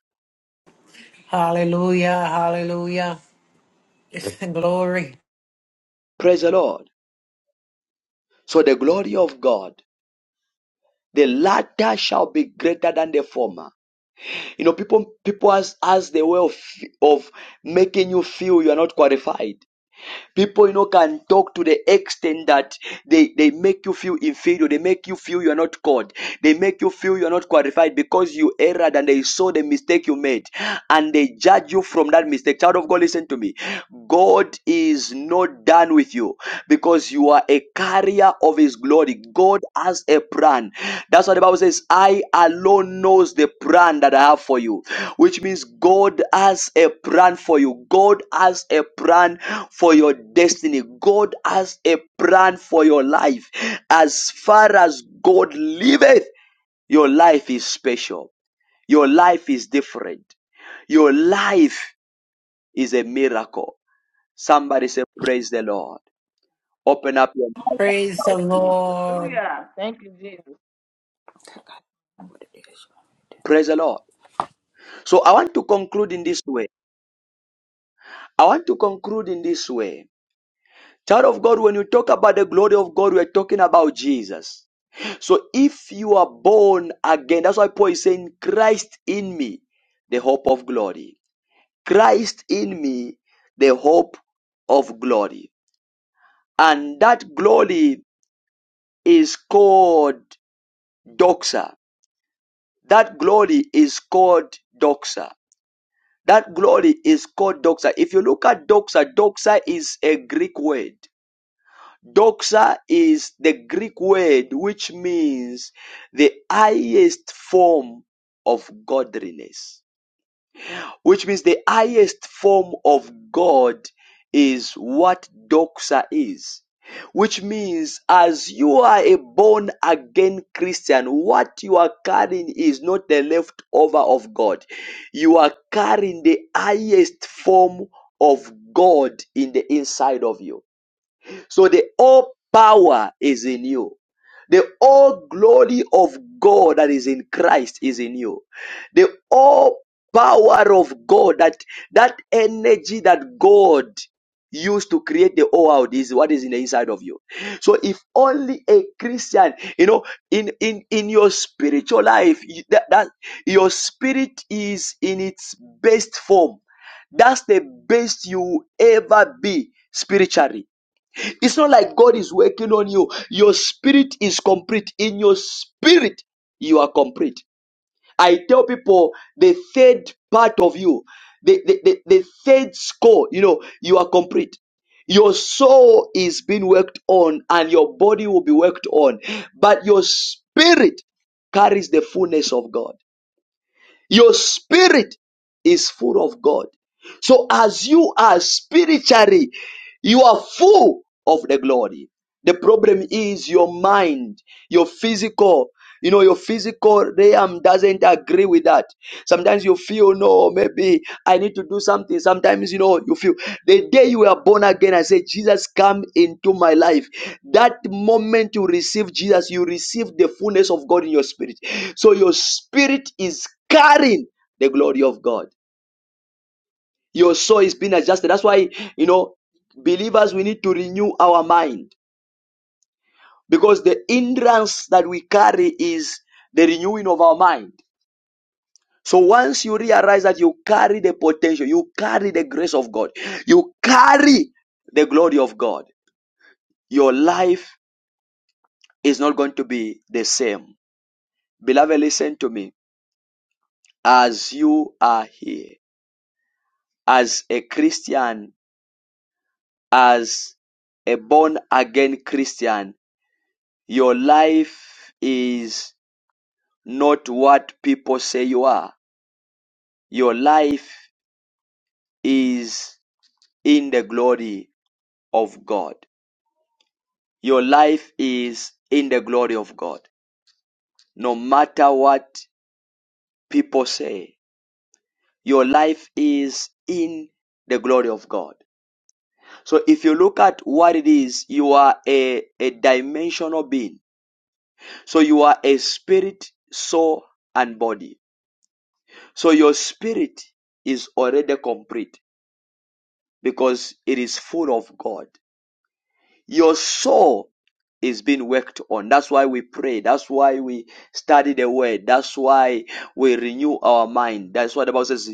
Hallelujah. Hallelujah. Glory. Praise the Lord. So the glory of God, the latter shall be greater than the former. You know, people people has, has the way of, of making you feel you are not qualified. People, you know, can talk to the extent that they, they make you feel inferior. They make you feel you are not called. They make you feel you are not qualified because you erred and they saw the mistake you made and they judge you from that mistake. Child of God, listen to me. God is not done with you because you are a carrier of his glory. God has a plan. That's what the Bible says. I alone knows the plan that I have for you, which means God has a plan for you. God has a plan for your destiny. God has a plan for your life. As far as God liveth, your life is special. Your life is different. Your life is a miracle. Somebody say, Praise the Lord. Open up your mouth. Praise the Lord. Hallelujah. Thank you, Jesus. what it is. Praise the Lord. So I want to conclude in this way. I want to conclude in this way. Child of God, when you talk about the glory of God, we're talking about Jesus. So if you are born again, that's why Paul is saying, Christ in me, the hope of glory. Christ in me, the hope of glory. And that glory is called doxa. That glory is called doxa. That glory is called doxa. If you look at doxa, doxa is a Greek word. Doxa is the Greek word which means the highest form of godliness, which means the highest form of God is what doxa is, which means as you are a born again Christian, what you are carrying is not the leftover of God. You are carrying the highest form of God in the inside of you. So the all power is in you. The all glory of God that is in Christ is in you. The all power of God that that energy that God used to create the whole world is what is in the inside of you. So if only a Christian, you know, in in in your spiritual life, you- that, that your spirit is in its best form. That's the best you will ever be spiritually it's not like God is working on you. Your spirit is complete. In your spirit, you are complete. I tell people the third part of you, the, the, the, the third score, you know, you are complete. Your soul is being worked on and your body will be worked on, but your spirit carries the fullness of God. Your spirit is full of God. So as you are spiritually, you are full of the glory. The problem is your mind, your physical. You know, your physical realm doesn't agree with that. Sometimes you feel, no, maybe I need to do something. Sometimes, you know, you feel the day you were born again, I said, Jesus, come into my life. That moment you receive Jesus, you receive the fullness of God in your spirit. So your spirit is carrying the glory of God. Your soul is being adjusted. That's why, you know, believers, we need to renew our mind because the hindrance that we carry is the renewing of our mind. So once you realize that you carry the potential, you carry the grace of God, you carry the glory of God, your life is not going to be the same. Beloved, listen to me. As you are here, as a Christian, as a born again Christian, your life is not what people say you are. Your life is in the glory of God. Your life is in the glory of God. No matter what people say, your life is in the glory of God. So if you look at what it is, you are a, a dimensional being. So you are a spirit, soul, and body. So your spirit is already complete because it is full of God. Your soul is being worked on. That's why we pray. That's why we study the word. That's why we renew our mind. That's what the Bible says,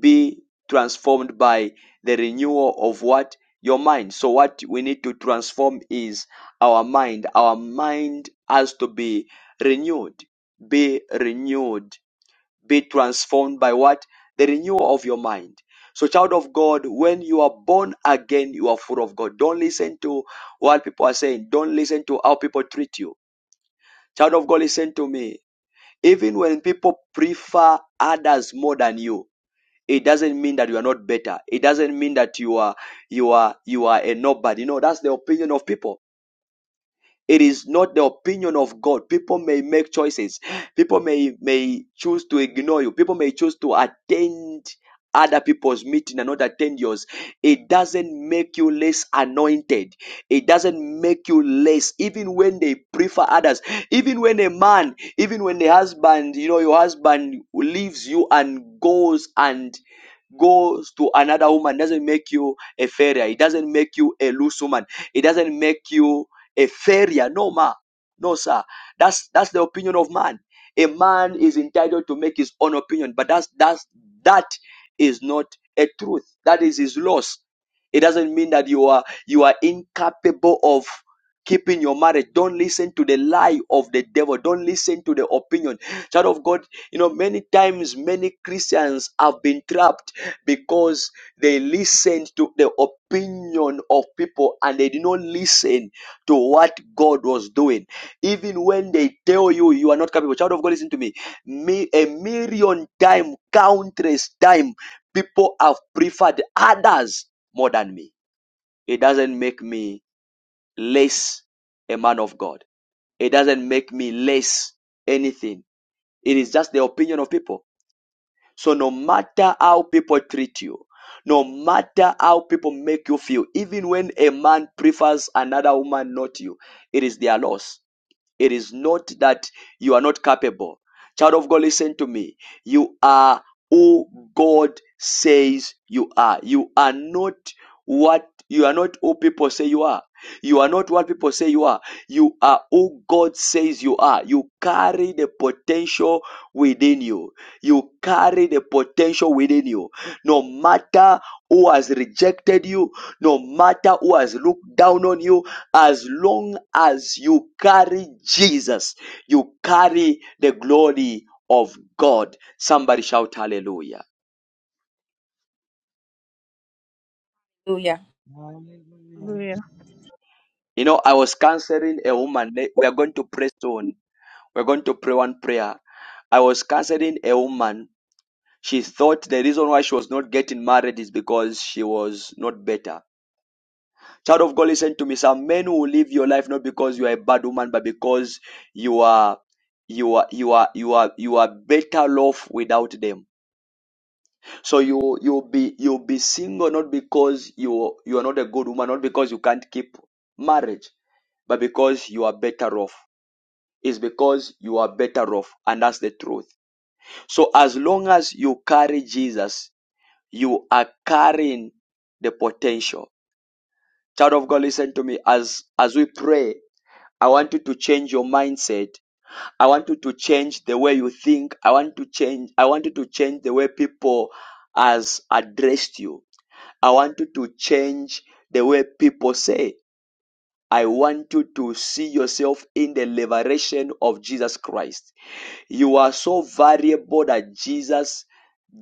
be transformed by the renewal of what? Your mind. So, what we need to transform is our mind. Our mind has to be renewed. Be renewed be transformed by what? The renewal of your mind. So, child of God, when you are born again, you are full of God. Don't listen to what people are saying. Don't listen to how people treat you. Child of God, listen to me. Even when people prefer others more than you, it doesn't mean that you are not better. It doesn't mean that you are you are you are a nobody. No, that's the opinion of people it is not the opinion of God. People may make choices. People may may choose to ignore you. People may choose to attend other people's meeting and not attend yours. It doesn't make you less anointed. It doesn't make you less, even when they prefer others. Even when a man, even when a husband, you know, your husband leaves you and goes and goes to another woman doesn't make you a failure. It doesn't make you a loose woman. It doesn't make you a failure. No, ma. No, sir. That's that's the opinion of man. A man is entitled to make his own opinion, but that's that's that is not a truth. That is his loss. It doesn't mean that you are you are incapable of keeping your marriage. Don't listen to the lie of the devil. Don't listen to the opinion. Child of God, you know, many times many Christians have been trapped because they listened to the opinion of people and they did not listen to what God was doing. Even when they tell you you are not capable, child of God, listen to me. me a million time, countless time, people have preferred others more than me. It doesn't make me less a man of God. It doesn't make me less anything. It is just the opinion of people. So no matter how people treat you, no matter how people make you feel, even when a man prefers another woman, not you, it is their loss. It is not that you are not capable. Child of God, listen to me. You are who God says you are. You are not what you are not who people say you are. You are not what people say you are. You are who God says you are. You carry the potential within you. You carry the potential within you. No matter who has rejected you, no matter who has looked down on you, as long as you carry Jesus, you carry the glory of God. Somebody shout hallelujah. Hallelujah. Hallelujah. Hallelujah. You know, I was counseling a woman. We are going to pray soon. We're going to pray one prayer. I was counseling a woman. She thought the reason why she was not getting married is because she was not better. Child of God, listen to me. Some men who live your life not because you are a bad woman, but because you are you are you are you are you are better off without them So you you'll be you'll be single not because you you are not a good woman, not because you can't keep marriage, but because you are better off. It's because you are better off, and that's the truth. So as long as you carry Jesus, you are carrying the potential. Child of God, listen to me. As as we pray, I want you to change your mindset I want you to change the way you think. I want to change. I want you to change the way people has addressed you. I want you to change the way people say. I want you to see yourself in the liberation of Jesus Christ. You are so valuable that Jesus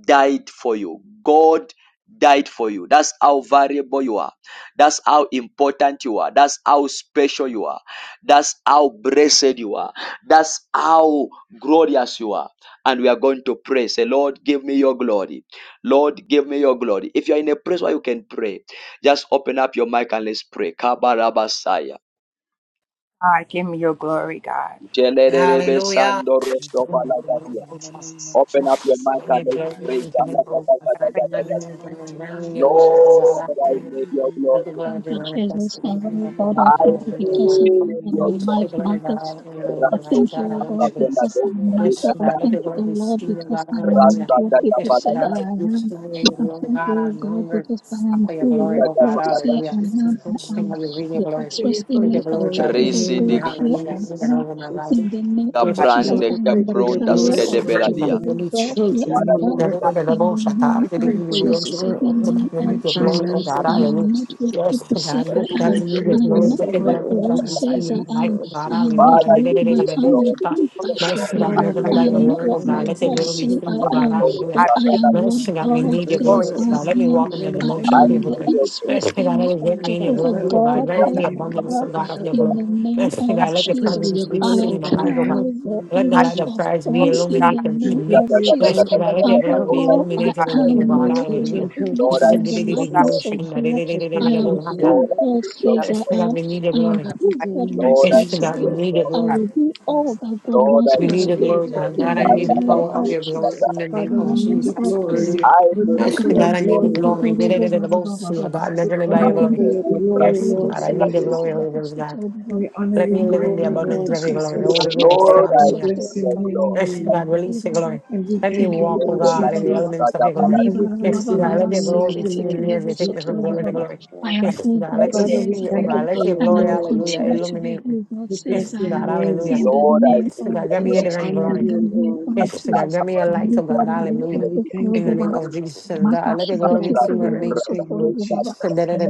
died for you. God died for you. That's how valuable you are. That's how important you are. That's how special you are. That's how blessed you are. That's how glorious you are. And we are going to pray. Say, Lord, give me your glory. Lord, give me your glory. If you are in a place where you can pray, just open up your mic and let's pray. Kabarabasaya. God, give me your glory, God. Jelerebe Hallelujah. Give me But the your blood be glory in the manifested name of in Open up your Jesus. mic Lord, and let's give me pray. your glory. Praise Kamakakakakakakaka. In the mighty name of Jesus, Lord, I Lord, need give your me your glory. Thank glory. you, Jesus. Give me my Heavenly life, your oh God, I God, I glory, thank you hallelujah, because Lord, God. I give know need me that your your Release my the life glory. glory. blood, matters. God, in the In name the of I the Rasto mighty Lord, thank you, God, I name O of want the God, kapapena blood. because Jesus, I dosa Lord, give Yes, matter. I me dikata. God, let your the thank you, O blood be Lord, seen, oh God, because I am mighty not hallelujah. Rasta what name of people Yes, say kakapalada. God, let I the am. seen, I Lord thank God, you, O I'm God, hungry because I your am for your who glory. glory, what oh Dikata Lord, God, God Glory, give kapalada. Lord say me hallelujah. I your am. Jesus. glory. I Yes, Lord, am God, we give me read your the your I glory. pray glory. express for Let In the your image the of glory, mighty glory God, be over Jehovah me Risi and seen, my God name of diga here hallelujah, family. on even Jesus, Thank over earth. my Lord, life. Jesus. In the give name me Yes, your of God. Jesus, God. Lord, I prande I glory. pray am the for Lord, your give kapronda me, carrier glory Release of your over great me and skedebeladia. love, my Jehovah give me release your God your here presence. on Father, children, I glory. give earth. you Never Lord. God, let Lord, the In the devil give shut me name I up. Did it of pray really for your will shut Jesus, in glory the up. your over To God, name we my of need glory your Jesus. glory, oh Lord, finance, God, I in the Almighty am hallelujah. not Jesus. mighty what Yes, name people to of say God, now I to God, I we am. Jesus. need your I pray for glory, am your not Yes, but know, the what glory glory the is over world just my Lord, this says give I human me finance, life, your am. oh Lord God, I glory. am Jesus. Lord, not hallelujah. Father, I give Did what give it, me did it, your my did it, did it, glory. family shut up. thinks I In the should Mercy, be. God, Lord, mighty I never name pray I of let for your am my not glory, what oh Jesus. glory my God, let Lord, over your give my glory boss me be says your seen, I oh children, glory, God, my am, Lord. hallelujah. children. but I am In the what Mercy, I mighty God, we pray God need name for of your your says glory, glory oh I over God, Jesus. my let me am. walk Lord, in family the in give the I me mighty demotion your of your am name the of glory. glory. Jesus. express Mercy, God, let image Lord, it of grant give me in your me Father, Jehovah your I glory, oh lift God, up God glory. grant your Oh, me here the Give name, me on O abundance, your oh earth God. God, of your glory. in glory. the Lord, name give Mercy, me of God, let your I your pray for Jesus. presence your be glory. glory seen I in my Lord, over my life, give oh me God. carry health, O the glory. Let Lord the God, image light of of Jesus. In Christ the be glory Christ mighty in God. the name of illuminated I name in pray me. of for Jesus. your Lord, Jesus. Yes, glory give me over God, let my your your glory health, be glory. Overall, I illuminated God, in me, oh over am Lord, my God. give made me in your the Hallelujah. children's health, glory. image oh Yes, and Lord God, in Lord, the in oh, the God, Jesus. name likeness of of Jesus. God. I pray I for am your glory Lord, who that your over God you know, glory says I rest am. we upon need your I me, all am glory. Lord, that in we who I do the give in God name the of mighty Lord, wants Yes, I me name of to Jesus, God, need we be. Lord, need your Jesus. your that love. I your glory. will Almighty be glory all God. rest that upon God me. Lord, I wants We me need need Father, to your we your be. glory, lift up love. God. In your the God, In I the need mighty name, the name name power of of of Lord. your glory Jesus. Jesus, in the Lord, name Father, In that the we of your need name your glory of Jesus. glory. Jesus. rest Hallelujah. I upon me. We My pray need Yes, for God, your your God, I I'm need love. the glory, going to In glory. go Lord the to the Lord, Jesus. mighty Lord, name Lord, of Lord, Lord. God, We Jesus, measuring Lord, cry by My God, your out I'm glory. Lord, for I your need going your love. to that glory, your go Yes, to Lord God, glory I the need the Jesus. glory, Lord, Lord, Holy Ghost, God. Lord, Lord. We honor Let your me My live God, in the glory, I'm going to go to the Lord, Lord, Lord, abundance Lord of your Lord, Lord, glory. Lord. rest Jesus. Holy upon me. Ghost, Lord, I We hallelujah. Soto need bless your your I love. Yes, name, Lord, God, release your glory. and we Let me thank you, walk, oh In Lord the God, in the Jesus, elements of your name of glory. and we Jesus, praise Yes, your God, rest let name your in the glory be mighty seen in name me of as you take me Jesus, from upon me. glory to Almighty glory. God. am my Yes, who God, In God let me the Father, says we see, mighty I oh thank God, you name am, of let for your your and I glory, Jesus, will glory, hallelujah, continue Lord. to be illuminate me. who Lord, that God We your says Yes, bless I your glory God, am Lord, name, hallelujah. in rest upon me. the Lord, Lord, I name Yes, That need your your of God, grant me and your glory love. we Jesus. rest upon divine me. honor In glory. the you, name Lord, of Yes, God, Jesus. In grant the me your light, mighty oh God, name of and hallelujah. Jesus, we thank In the you, name Lord, of Lord. that Jesus, your glory God, let your rest We glory be thank upon you seen for in me. everything, me. Lord Jesus. Yes, God, let me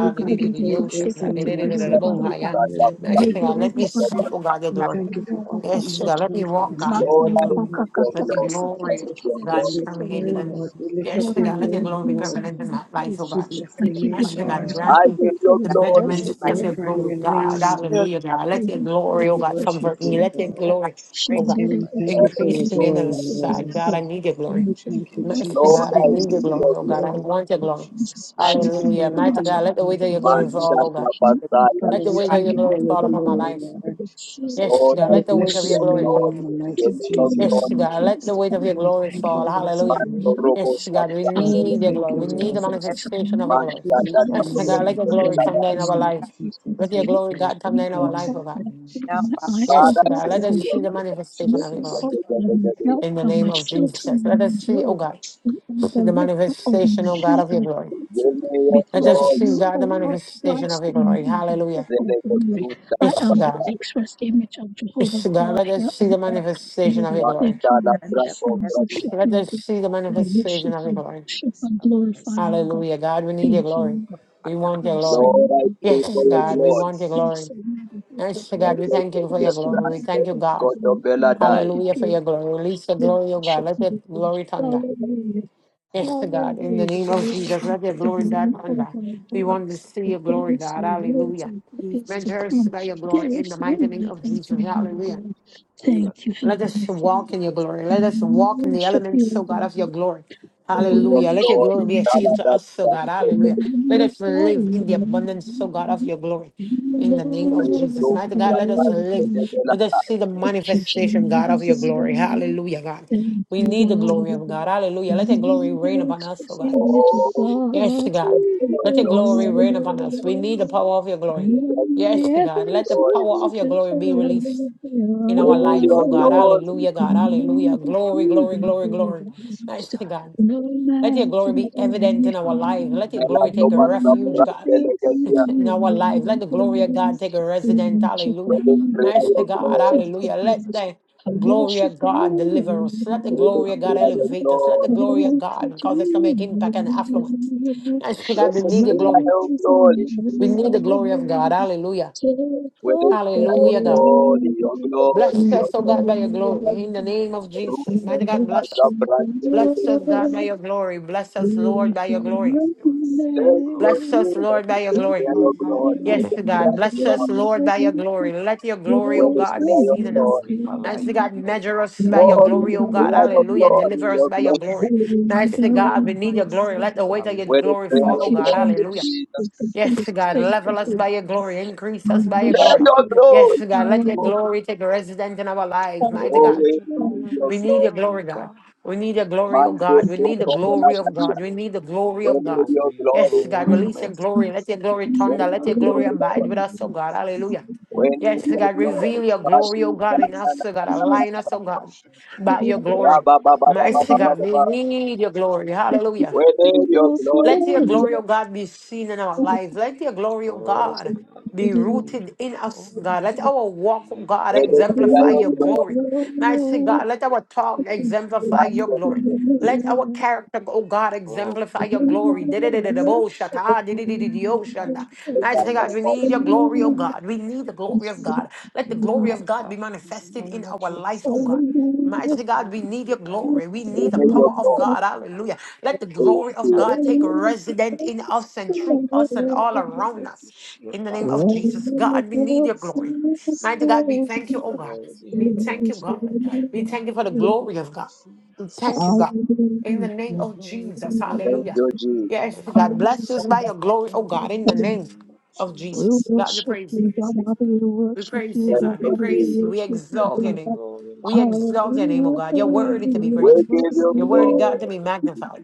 We thank you for your grace Beautiful and your mercy is the upon our family, Lord Make it Jesus. glory see, everybody. oh God, your We God, glory. thank you for all that of Yes, you have God, Soto. let me done the for name walk, of us in God, the in your Makani Jesus. mighty glory. name baka of kaka Let the Jesus. kasi Lord, let glory kiti of your kile God As be glory we soto step on pray, permeated lima. in me. me Lord, we lift Yes, up Lord, I your God, let give your you name, in the glory be thanks Lord. mighty and permanent in give name you my of life, oh praise. We Jesus. God. bless I give I your it give you name, Yes, God, thanks Lord, and Lord, I grant give me you here. need your the I praise give and glory. and we measurements let worship my of your your you. glorify glory, your glory name, God. rest Lord. clearly, upon Hallelujah, Father God. me. Let We your thank And you glory, oh we for the God, best of worship comfort me. you, you Let your Rest and Lord. for the God. I upon glory, the She Praise Lord oh God, in And did the it we for mighty thank so you to name for increase of your you to and me on the for other glory, so Jesus. to side. Lord. God, you. I need your glory. And We we Let your thank thank you, you, glory Lord, Mighty for Lord, rest Jesus. all God, We I I upon the need thank me you your need in for your your things glory, oh you have God. glory. I glory. want your glory. done. Jesus' We God. She will mighty thank you for Hallelujah. your name. Thank you, continue Mighty God. honor, to God, God, do let the weight of the Almighty your glory oh Man, Jesus. things fall, God, oh God. she let your will do. And we glory Father, Let the we rest weight of thank your upon you me. glory for your fall thank upon you, my glory, life. Lord, for Lord. the Jesus, Yes, let Yes, Lord, your And God, I we let the glory weight bless of need rest your your your upon shield. glory name, fall. glory. me. To Give Almighty me do your Let Jesus. Yes, your glory God, glory. nothing let the rest weight but of upon your And we me. glory In thank the you, fall. name Holy to talk Hallelujah. Manto Spirit. repent about in the robo Yes, myself, name God, of we santa, I Lord, Jesus. we need your want thank you, glory. to We do need the Lord. something for yes, manifestation of them, your And glory. We manta or bless tata your Yes, let's something polo, God, see let name that your this as makes glory in la we the them come down mighty feel in pray our special. for name of life. Jesus. Let your We glory, I pray. God, come God down want in in to our the life, oh Amen. name God. of Now, open my Jesus. eyes all tapada, Yes, This God, God, que is the let the us way. tío, see the que Thank you, ridiculous of manifestation You of your are tío, que Jesus. glory this hope tío, of God of que the tío, my que God. tío. help in the of my name of children Jesus. Let and us my see, oh glory. God, You are see the the lifter of my manifestation, oh God, head. Jesus. of your I glory. thank Yo you me Let because us odio, see, Jesus. you God, are the Thank God you manifestation Christ of your in glory. me, for the the hope Hallelujah. de of la God In glory. the constructa, name I la of Yes, bless am the God. Jesus. pasada, express image of Jehovah Yes, God. I God Let us here want see to the on be earth. free manifestation Lord, of from I your the glory. thank manta you la and bless you franco, and his rest in bravía. worship the Let you. us Lord. see the I But manifestation worship of your I and glory. feel worship this and glorify happiness in you, my God. Hallelujah. prayer. God, we need your Thank glory. you, God. We want your Christ in In glory. me, Lora el the the name hope Yes, tipo of of de glory. God, we gloria, want your Jesus. Christ glory. in me, the hope of Yes, glory. el God, we de Jesus, thank que you for te your Christ in me, glory. We blanco, the thank you, hope of God. coto glory. We worship veladai. Hallelujah for you. your glory. Release the We glory, oh God. worship Let your you. glory thunder. Hallelujah. name. of Yes, God, in the Hallelujah. name of Glory Jesus, be to let your the glory, God, name come of our back. We God. want to see Who your glory, is God. and lives Hallelujah. and who Jesus, is to Measure us come. by your There glory in is the mighty none name like of Jesus, unto Jesus. my him, O Hallelujah. God. children, God. Thank you, Let Heavenly us walk Father. in your glory. Let us We Jesus, walk in the worship you, elements, so O God, of your God. glory. We Tío, Hallelujah. Let your worship glory gloria, be a you, O God. shield tala, to tata, us, so God. tanto, Thank Hallelujah. Let you, us God. live in the abundance, so God, of your glory. In the name of Jesus. tú, Mighty God, let us live. que te la... Let us see the manifestation, God, of your glory. Hallelujah, God. We need the glory of The God. Hallelujah. Let your mercy, glory reign upon us, oh God. expressiveness of Jesus, Oh, Yes, God. God. Dios, Let your gloria, glory mercy reign on me, upon us. We need the mercy The power on my of your glory. Yes, children, God. Dios, I Let the love gloria. you power so of expressiveness your of much. glory be released in God. our Bueno, life, Dios, oh God. Hallelujah, No gloria. God. Hallelujah. man can Don't Glory, do me glory, hurt on glory, me, harm. glory. mercy, Nice to God, God. No Let your man to glory can me, be do one evident in our God, life. in the Let your Mela glory name तो take a बस of सब refuge, रख God, के ले गए Jesus. थे in our me life. Let the Jesus, glory of it harm. God is take a mercy, resident. In Japan, Hallelujah. Upon God, क्रिया Nice to योग I low God. think of Hallelujah. Jesus, Let this. the I glory worship of God you. deliver us. Let the ये glory of God क्रिया योग elevate low us. Let the glory of Thank you, God cause us to make impact and affluence. Jesus. Nice Oh to ये God. We Jesus, need the in the क्रिया glory. Nothing योग mighty is low name of ये We Jesus, that क्रिया need the you glory of God. bless in Hallelujah. Take all the योग Hallelujah, लो God. them, योग लो Jesus, Bless us, योग Son, oh low God, by your glory. glory. In the name of रूप Thank Jesus. में Mighty God, you, Mela bless us. सब रख that के you ले Bless गए us, name. in God, by us. your glory. Bless us, Oh, Lord, by your triumph, that glory. they will see थे your जो Bless glory. ये us, Lord, by your glory. In क्रिया my योग लो life, in the ये Yes, name of क्रिया God. Bless योग लो us, Jesus, Lord, by your glory. Let your that glory, ये oh you shall God, be क्रिया see योग seen your in low us. glory in my Nice to life God, and know that measure us it's by you. your Lord, we I glory, oh will God. declare your Hallelujah. take glory, Deliver us your by your glory. glory. Jesus. Nice to God, we need Glorify your glory. yourself Let the in my weight of your We life, glory declare fall, your oh in God. the glory, name of Hallelujah. Jesus. Jesus. We continue Jesus. Yes, to God, thank you level for us Lord, by your glory. yourself, Increase your us God, by in your my Let glory. worship. your life, you. in my glory Yes, God, let your children's go Lord. life. glory take residence in our lives, Oh mighty God, God. away, let your Hallelujah. glory your We rest glory. need your upon glory, me, God. God. We need your glory, oh Mande God. Thank We Jesus. Dios need the you, sobre la glory Jesus. of salida. God. So We need the for glory your Bueno, of God. glory, Dios, your gloria Yes, a God, glory ti. Oh, from release your every thank glory. Let your glory steps, thunder. Let Bueno, your Dios, God, glory my you, gloria abide a with ti. us, oh God. Jesus. Hallelujah. Bueno, Lord. Yes, Dios, Oh God, gloria God, a ti. reveal let your your glory, glory oh Parti, God, in rest us, canana, oh God. Thank rest Align us, upon oh our God, children, our by your glory. generations, raba, oh ba, ba, God. ba, ba, Mighty ba, ba, God, ba, we ba. Lord, need let your glory. your Hallelujah. glory take Bueno, Dios, mercy gloria Let a your upon ti. glory, O God, be seen in our Jesus. lives. Let your glory, O Oh God, God, be we you. need rooted your in us, glory. God. Let our walk, oh Need of God, Bueno, Dios, glory, gloria exemplify a your need of glory, glory. need of Mighty God, let our talk glory, need exemplify your Bueno, of glory, glory. Let Stop. our character, O God, Oh, exemplify need of your glory. glory. need of shame. Di-di-di-di-di-bo-shata, Oh, for my glory, honor, di-di-di-di-di-o-shanda. submission, righteous, Mighty God, unanimous, we need your submission, glory, O God. We need the glory of Jesus. God. Let the glory God of God be above, in the manifested in name of our life, O Jesus. God. Lord Mighty God, God, I'll we lead need you your right, glory. here, We so you need the can right, power me of out, God. break up. Hallelujah. Let the But glory you're of not God Thank take fall to the resident in God, us and God, I through us and all put around them to us. shield In the We name God of and worship Jesus. to you, do God, God. we We the need your rest glory. of us. Mighty God, we Let thank you, oh your God. glory be We thank you, evident in God. our life, We thank God, you for the in the name glory of of God. We thank you, Jesus. God. In the Let name your of glory Jesus. be Hallelujah. evident, you, O God, Jesus. in Yes, our God. Bless lives. us by your glory, oh In the God, in the mighty name name of of Jesus, Jesus. we God, we pray with praise you. thanksgiving. We worship praise you, you, Lord, Thank God. God. We We you, thank Jesus. praise you. you. We worship Thank you, you exalt for your your name. God. glory, Lord. We exalt your name, oh Hallelujah. God. You're In the worthy to name be of Hallelujah. We praised. give Jesus, you You're thank worthy, you for glory. God, to your be glory. magnified.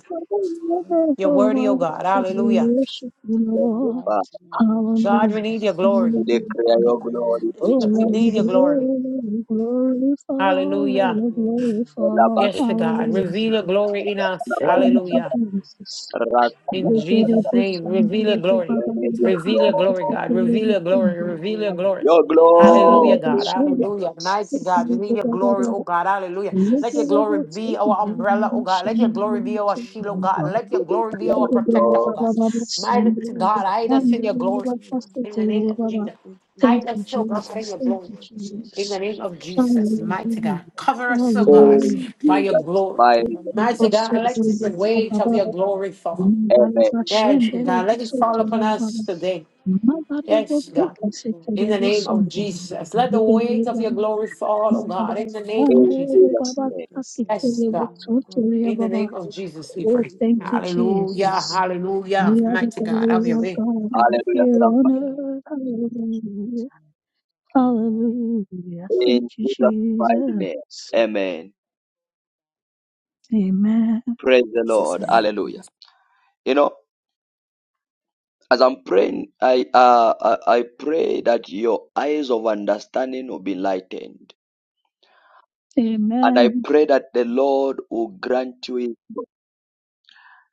Thank you Hallelujah. You're for Oh, your worthy, my oh glory. God. God. We Hallelujah. worship you, In the Lord. mighty name of God, we Hallelujah. need your Jesus. glory. We declare In the your name glory. of Oh, It's We great. need let the your Jesus. glory. glory, glory fall, let In your Hallelujah. the glory, glory La, Lord. fall. Yes, In God. Hallelujah. Jesus' Reveal your mighty glory in name. us. Thank you, Hallelujah. Amen. Jesus. Amen. In Look at it, Jesus' Father, push name, it, we reveal your look at it, blah, give glory. blah, ha, Reveal ha, your ha, glory, look God. at it, Reveal Glory, look your glory, at it, glory. glory, look Reveal your glory at it. glory. rest Your upon My us, God, Lord, Hallelujah, it in glory. God. the was so name good. of Hallelujah. yes. Mighty Look at Jesus. God, we it, need blah, your blah, blah, glory, blah, oh blah. God. Hallelujah. Look Let your at Jesus, it, your glory it's so be glory, good. our umbrella, oh God. Let your glory It be was your our so shield, oh glory, and God. good. Let honor, We your glory Lord, Thank be in declare the our your name of you, protector, oh glory. God. Jesus. Mighty Let God, it hide be us in your evident glory. in your life. In the name of Jesus. Let it be Hide us, evident oh in God, the in Jesus. your life Thank of glory. you, our In children the Jesus. name and of loved ones Jesus. and Mighty everyone God. Hallelujah. Cover connected us, oh to God, us. Oh, O Hallelujah. by your Jesus, glory. my God. In the name. name of Mighty Boso God, let tori the Jesus, baba weight of your baba. we give glory you fall. glory, Mbali Amen. mighty God, Yes, in the bashendere God. Let it name boso of fall tori upon baba us Jesus. today. We bow down, baba. Mabare Yes, We boke need God. your glory. In kasekere the We name boso need of your tori Jesus. glory. baba Let the baba. Bikere weight of your In baba glory fall, oh Jesus' baba. God, in mighty the name name. of In Jesus. Andere Jesus' baba name. Yes, Lord. Yes, kakikere We God. need boso your tori glory. baba Shendere, we bow down, Kake, Kere, we boast to the Lord, In the baba. name of Jesus, We we Oh, need pray. your thank you, glory, Hallelujah. Lord. Jesus. In the name Hallelujah. of We are the Mighty God, glory have your Jesus. of way. God Hallelujah. here Thank on somebody. you, Lord. earth. In Jesus' mighty Hallelujah. name. Amen. Hallelujah. Thank In you, Jesus' mighty name. Jesus. Amen. Amen. Praise the Jesus' Lord. name. Hallelujah. Jesus. You know, as I'm praying, I uh I, I pray that your eyes of understanding will be lightened. And I Amen. pray that the Lord will grant you his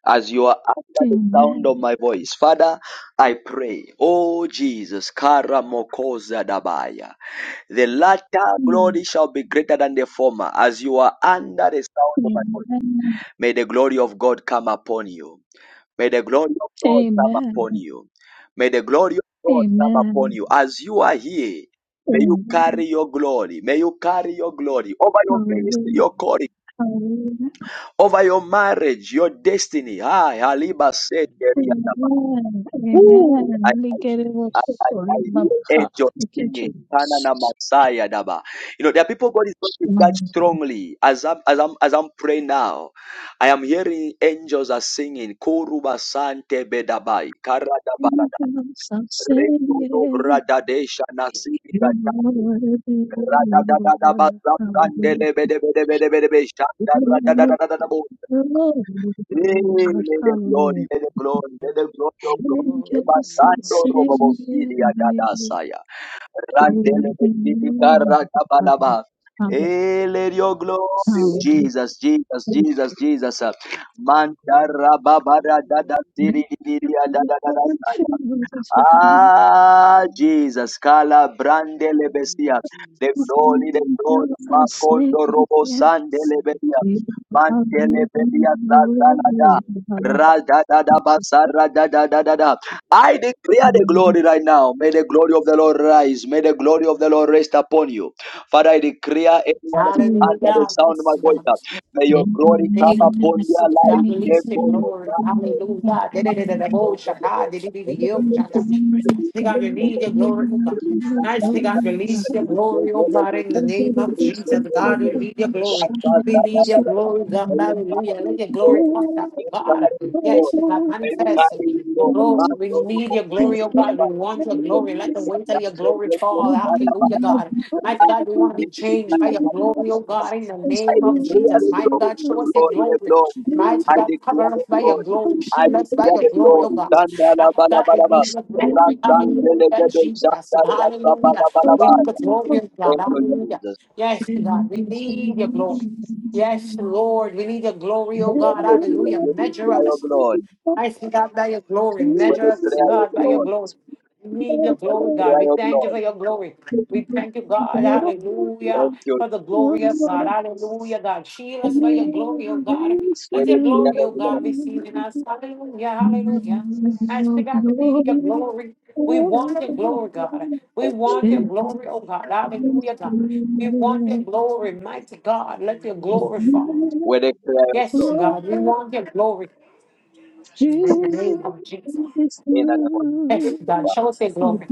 as you are under the sound of Amen. my voice. Father, I pray, oh Jesus, karamokoza dabaya. The latter Mm. glory shall be greater than the former, as you are under the sound of my voice. Amen. May the glory of God come upon you. May the glory of God come upon Amen. you. May the glory of God come upon Amen. you. As you are here, may you Amen. carry your glory. May you carry your glory over your ministry, Hallelujah. your Amen. calling, Hallelujah. Amen. over your marriage, your destiny. Hi, Haliba said, Amen. Amen. Woo! I, Amen. Thank We you, get it with I, the I, Jesus. glory I hear of God. angels Thank you, singing. Kana Jesus. Masaya daba. You know, there are people God is going to touch Hallelujah. strongly. As I'm, as I'm, as I'm praying now, I am hearing angels are singing. Koruba sante bedabai. Karada balada. Anything else I'm Rekodo saying bradadesha nasibi Hallelujah. gajate. Hallelujah. Angels are Radadadadaba singing. zandele bedebedebedebe shanda radadadadadabo. Hallelujah. Hey, let the glory, let the glory, let the Lord. glory of Thank you, God. Lord. In the name of Evandando robo Jesus. filia dadasaya. Thank Randele you, filia rakabalaba. Hey, let your glory, Hallelujah. Jesus. Jesus, Jesus, Jesus, Jesus. My glory. Glory, Lord. Mantara in babara the dada name siri of filia Ah, Jesus. Jesus, Kala the Brande blood of Lebesia, the Jesus. glory, Let the your Angels are glory, blood Macondo singing. Robo Sande save me. Lebedia, Mantele Bedia Let Sazalada, your blood Rada da da basa, restore me. rada da da da da. Let I declare the glory right now. May your blood the glory of the Lord rise. May the glory of the Lord rest upon you. Father, I declare anyone protect that is me. Hallelujah. under the Hallelujah. sound of Yes, my Let voice, God. your uh, blood may your Thank glory name come of upon Jesus, God release their him, Lord. Hallelujah. life. I Da-da-da-da-da-bo-shaka, di-di-di-di-di-oh-shaka. Take out your need, your glory, oh God. I restore take out release your me. In love for glory, you. oh God, in the name of Jesus. God, we need your glory. We need your glory, God. Hallelujah. Let your glory come down, oh God. Yes, God, manifest And the the name glory. of We need your Jesus, glory, oh God. We let want your your glory. blood Let the weight restore of me. your glory fall. Hallelujah, God. Mighty God, we want to be Oh God, changed in by the your name of glory, oh God, in Jesus, the let name your of declare the blood Jesus. restore Mighty glory, God, the show us your glory, the glory. glory. I Mighty God, declare cover us by your Lord. glory. I Shield us by declare your it, glory, Lord. oh you. God. Dandala Mighty God, we balabalaba. need your Glory, glory. Rasangele Hallelujah, gede Jesus. janda rasa Hallelujah. We need the balabalabalaya. glory of God. Thank you, Hallelujah. Jesus. Yes, God, we need your glory. Jesus. Yes, Lord, we need your glory, oh Thank God. you, Jesus, Jesus. Hallelujah. With the Measure prayer of us. Lord. I see God by your glory. With Measure the us, prayer of God, by your Lord. glory. oh, We need your With glory, the God. We prayer of thank you Lord. for your glory. We thank you, God. Hallelujah. Thank you. For the glory of God. Jesus, Hallelujah, God. Shield us by your glory, oh God. With Let the your prayer glory, oh of God, Lord. be seen in us. Hallelujah. Hallelujah. I see God, we need your glory. We want your glory, God. We want your glory, oh God. Hallelujah, God. We want your glory, mighty God. Let your the glory fall. With the prayer of Yes, Lord. Glory God, we want your glory in the name to of Jesus. this In the name of Yes, Jesus. God, room. show us your glory.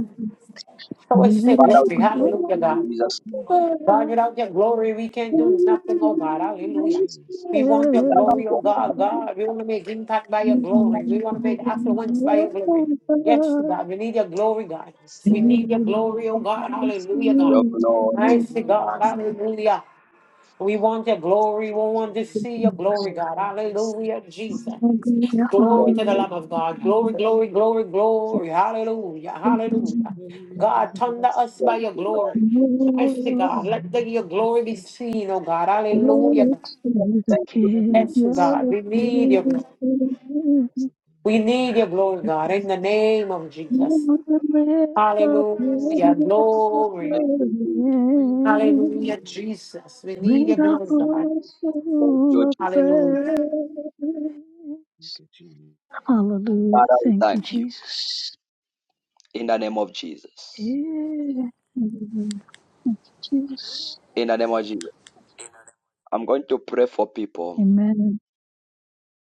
Show us your Let Father, it glory. we pray grow up Hallelujah, in God. in this Jesus' name. place. God, without your glory, we can't do nothing, oh God. Let Hallelujah. it We want We grow your love our glory, oh Lord. up God. God, we want to make impact by your glory. We want to make glory, affluence by your glory. glory, glory. Yes, God, we need your glory, God. This We Lord, need I your in need you. glory, oh God. this Hallelujah, God. Your Let glory. your Mighty glory, God, is- room. hallelujah. We want your glory. We want to glory, see your the glory, God. glory of this. Hallelujah, Jesus. Hallelujah, Glory Thank to the Now you. hallelujah. Lamb we of God. Glory, glory, pray, glory, glory. Hallelujah, Let your hallelujah. be abide God, with thunder us, us Lord by Thank your you, Lord. glory. Mercy, God. Jesus. Let the, your glory be seen, oh God. With Hallelujah. a God. Let it Thank be you, Jesus. Yes, evidence. God. We need your glory. Take We need the your glory, God, in the name of Jesus. words. Hallelujah. Glory. Thank you, Thank Jesus. you for your glory, Hallelujah, Lord. Jesus. We need your glory, So, God. heart Thank Lord full you, Jesus, of Jesus. praise. Hallelujah. Look at you. Hallelujah. Father, we Thank you, thank you. Jesus. in the name of Jesus. Yeah. Hallelujah. Thank you, Jesus. In the name of Jesus. In a. I'm going to pray for people Amen.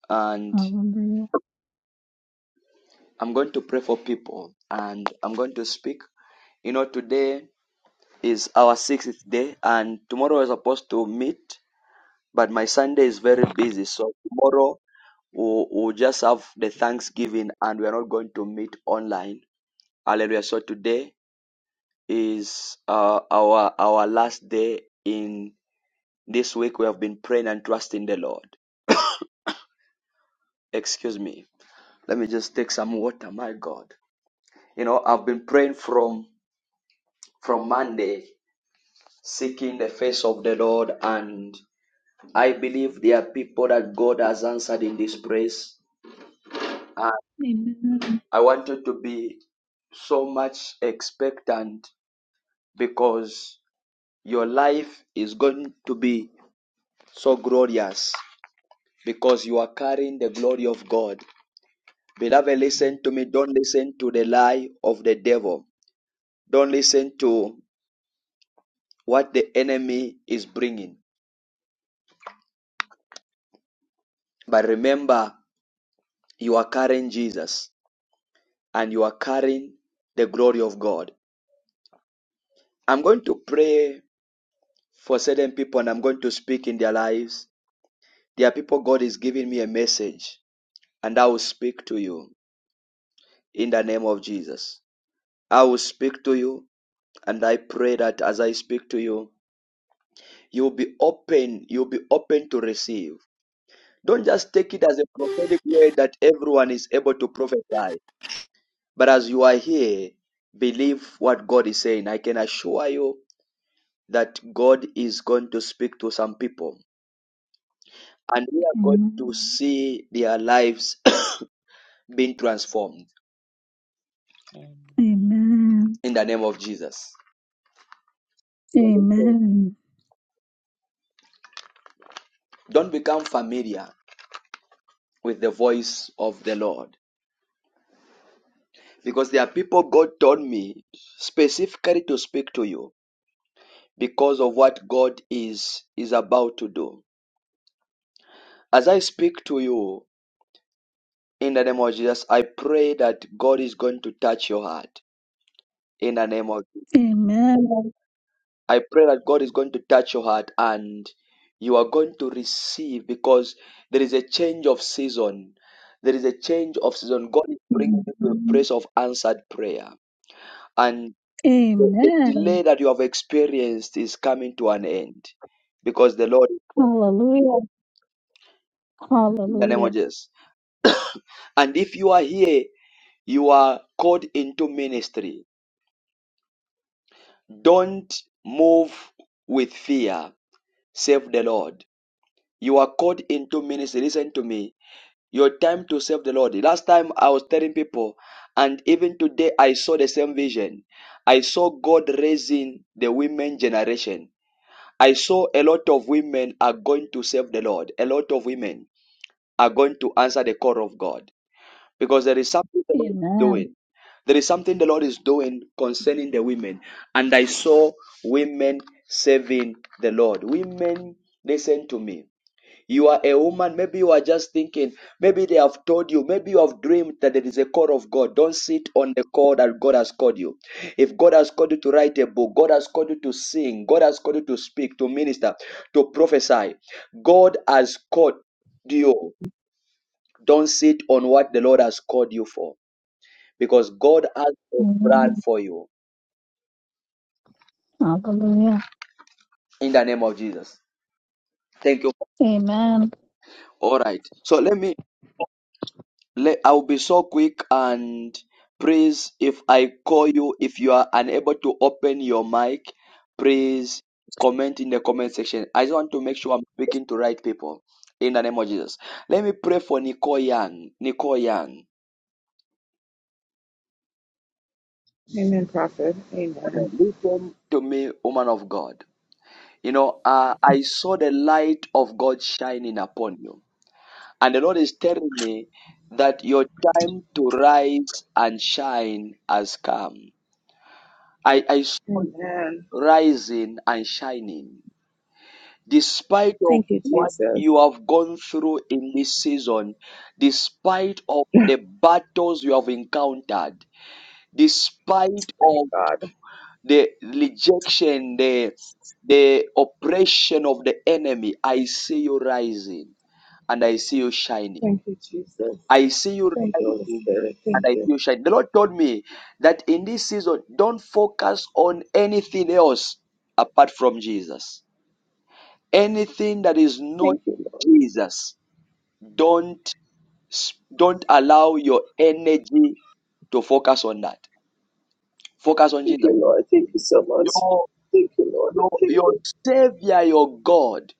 and Hallelujah. I'm going to pray for people and I'm going to speak. You know, today is our sixth day and tomorrow we're supposed to meet, but my Sunday is very busy. So tomorrow we'll, we'll just have the Thanksgiving and we're not going to meet online. Hallelujah. So today is uh, our our last day in this week we have been praying and trusting the Lord. Excuse me. Let me just take some water, my God. You know, I've been praying from from Monday, seeking the face of the Lord, and I believe there are people that God has answered in this place. And Amen. I want you to be so much expectant because your life is going to be so glorious because you are carrying the glory of God. Beloved, listen to me. Don't listen to the lie of the devil. Don't listen to what the enemy is bringing. But remember, you are carrying Jesus and you are carrying the glory of God. I'm going to pray for certain people and I'm going to speak in their lives. There are people God is giving me a message and I will speak to you in the name of Jesus. I will speak to you and I pray that as I speak to you, you'll be open, you'll be open to receive. Don't just take it as a prophetic word that everyone is able to prophesy. But as you are here, believe what God is saying. I can assure you that God is going to speak to some people and we are going to Amen. see their lives being transformed Amen. in the name of Jesus. Amen. Don't become familiar with the voice of the Lord because there are people God told me specifically to speak to you because of what God is is about to do. As I speak to you, In the name of Jesus, I pray that God is going to touch your heart. In the name of Jesus, Amen. I pray that God is going Jesus. to touch your heart and you are going to receive because there is a change of season. There is a change of season. God is bringing you to a Mhm. place of answered prayer. And the, the Amen. delay that you have experienced is coming to an end because the Lord, Hallelujah. in the name of Hallelujah. Jesus. And if you are here, you are called into ministry Don't move with fear. Save the Lord. You are called into ministry. Listen to me. Your time to serve the Lord. Last time I was telling people, and even today I saw the same vision. I saw God raising the women generation. I saw a lot of women are going to serve the Lord. A lot of women are going to answer the call of God because there is something the Lord is Amen. doing. There is something the Lord is doing concerning the women. And I saw women serving the Lord. Women, listen to me. You are a woman, maybe you are just thinking, maybe they have told you, maybe you have dreamed that there is a call of God. Don't sit on the call that God has called you. If God has called you to write a book, God has called you to sing, God has called you to speak, to minister, to prophesy, God has called you. Don't sit on what the Lord has called you for because God has a plan Amen. for you Hallelujah. in the name of Jesus. Thank you. Amen. All right. So let me let I'll be so quick and please if I call you if you are unable to open your mic, please comment in the comment section. I just want to make sure I'm speaking to right people in the name of Jesus. Let me pray for Nicole Young. Nicole Young. Amen, prophet. Amen. Amen. Listen to me, woman of God. You know, uh, I saw the light of God shining upon you And the Lord is telling me that your time to rise and shine has come. I, I saw you Amen. rising and shining. Despite of Thank you, what Jesus. you have gone through in this season, despite of Thank the battles you have encountered, despite of God. the rejection, the the oppression of the enemy, I see you rising and I see you shining. Thank you, Jesus. I see you Thank you, Holy rising Spirit. and Thank I see you. you shine. The Lord told me that in this season, don't focus on anything else apart from Jesus. Anything that is not Thank you, Lord. Jesus, don't don't allow your energy to focus on that. Focus on Thank Jesus. you, Lord. Thank you so much. Your Thank you, Lord. your Thank, your Savior, your God,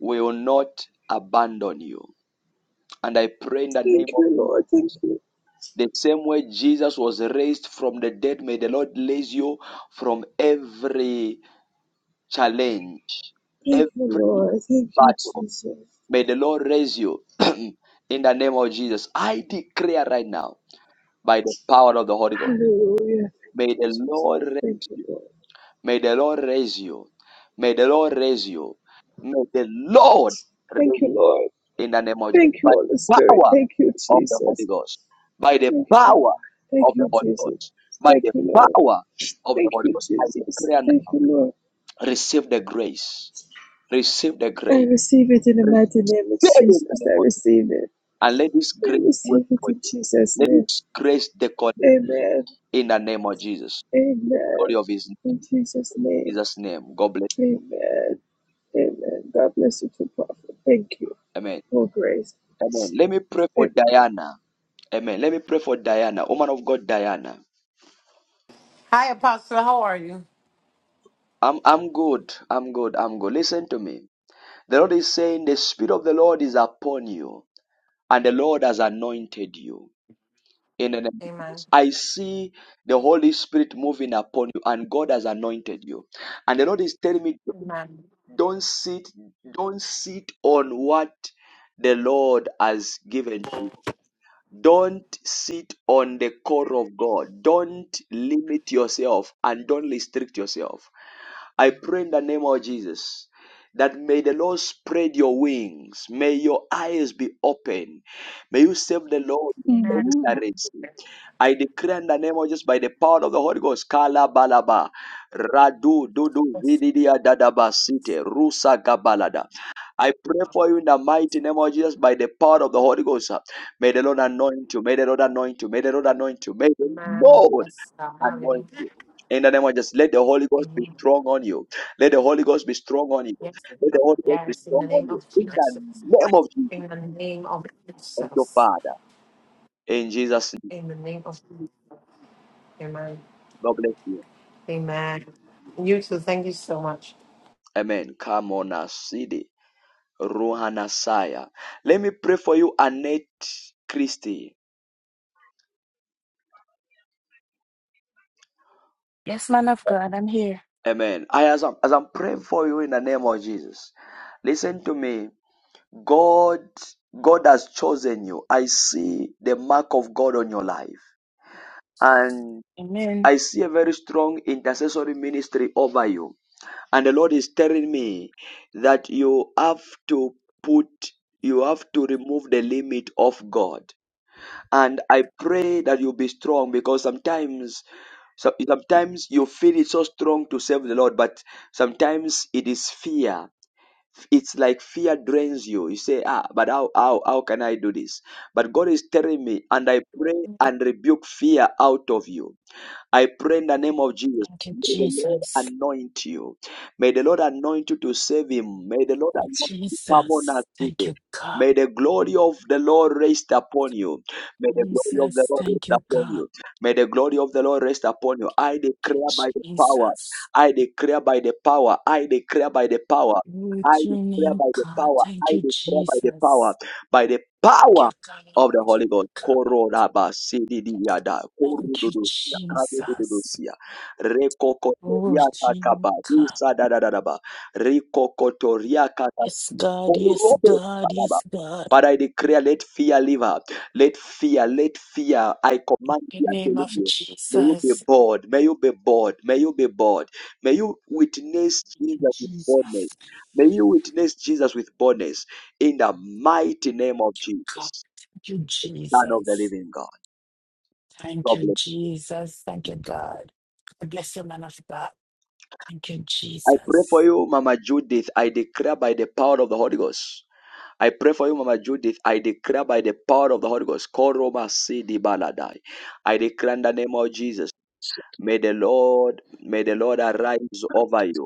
will not abandon you. And I pray in the name thank you, of Lord. Thank you. The same way Jesus was raised from the dead, may the Lord raise you from every challenge, Thank you, every Lord. Thank you, battle. Jesus. May the Lord raise you in the name of Jesus. I declare right now, by the power of the Holy Ghost, Hallelujah. Thank may you, the Jesus. Lord Thank raise you, you. Lord. May the Lord raise you. May the Lord raise you. May the Lord raise Thank you you, Lord. in the name of Jesus. Thank you, By Holy the power Spirit. Thank you, of the Jesus. Holy Ghost. By the Thank you, power Lord. Thank of the you, Holy Jesus. Ghost. By Thank the you, Lord. power of the Thank Holy you, Ghost. I Jesus. declare Thank now, you, Lord. receive the grace. Receive the I grace. receive it in the Receive mighty name of in the Jesus. I name of Jesus. receive it. And let this I grace work receive it for in you. Jesus' Let name. this grace decorate Amen. in the name of Jesus. The glory Amen. of his in In Jesus' name. Jesus' name. God bless. Amen. Amen. God bless you to prophet. Thank you Amen. for grace. Amen. Let me pray for Amen. Diana. Amen. Let me pray for Diana, woman of God, Diana. Hi, Apostle. How are you? I'm I'm good. I'm good. I'm good. Listen to me. The Lord is saying, The Spirit of the Lord is upon you, and the Lord has anointed you. In the name of Amen. Jesus. I see the Holy Spirit moving upon you, and God has anointed you. And the Lord is telling me, Amen. Don't sit, don't sit on what the Lord has given you. Don't sit on the core of God. Don't limit yourself and don't restrict yourself. I pray in the name of Jesus that may the Lord spread your wings. May your eyes be open. May you serve the Lord with Amen. Amen. excellency. I declare in the name of Jesus by the power of the Holy Ghost. Kala balaba, radu dudu Yes. vididia dadaba site rusa gabalada. I pray for you in the mighty name of Jesus by the power of the Holy Ghost. May the Lord anoint you. May the Lord anoint you. May the Lord anoint you. May the Amen. Lord Yes. God, hallelujah. anoint you. In the name of Jesus, let the Holy Ghost be Amen. strong on you. Let the Holy Ghost be strong on you. Yes. Let the God. Holy Ghost be Yes. In the strong name on you. of In Jesus. the name of Jesus, In the name of thank you, Jesus. Father. In Jesus' name, In the name of Jesus. Amen. God bless you. Amen. You too. Thank you so much. Amen. Come on, Asidi. Ruhanasaya. Let me pray for you, Annette Christie. Yes, man of God, I'm here. Amen. I, as, I'm, as I'm praying for you in the name of Jesus, listen to me. God, God has chosen you. I see the mark of God on your life. And Amen. I see a very strong intercessory ministry over you. And the Lord is telling me that you have to put, you have to remove the limit of God. And I pray that you be strong because sometimes so sometimes you feel it's so strong to serve the Lord, but sometimes it is fear. It's like fear drains you. You say, ah, but how, how, how can I do this? But God is telling me, and I pray and rebuke fear out of you I pray in the name of Jesus. Thank you, May the Lord Jesus. anoint you. May the Lord anoint you to save him. May the Lord anoint you. Come on, us Jesus. Thank today. you, God. May the glory of the Lord rest upon you. May the glory of the Jesus. Lord Thank rest you, upon God. you. May the glory of the Lord rest upon you. I Thank declare by the you, power. Jesus. I declare by the power. I declare by the power. I With your declare name, by the God. power. Thank I you, declare by the Jesus. power. By the Thank power you, God. of the Thank Holy you, Ghost. God. Korodabasididiyada, Thank you, korududusia, Jesus. kadududusia, Oh, rekokotoriakakaba, Jesus. usadadadadaba, rikokotoriakakaba, Yes, God. Yes, God. korodobadaba. Yes, God. Father, I declare, let fear leave her. Let fear, let fear. I command In fear the to name leave of you. May you be Jesus. bored. May you be bored. May you be bored. May you witness Thank you, Jesus with boldness. Jesus. May you witness Jesus with boldness in the mighty name of you, God. Jesus. Thank you, Son of the Jesus. living God. Thank God you, bless. Jesus. Thank you, God. I bless you, man of God. Thank you, I pray for Jesus. you, Mama Judith. I declare by the power of the Holy Ghost. I pray for you, Mama Judith. I declare by the power of the Holy Ghost. Koroma Sidi Baladai. I declare in the name of Jesus. May the Lord, may the Lord arise over you.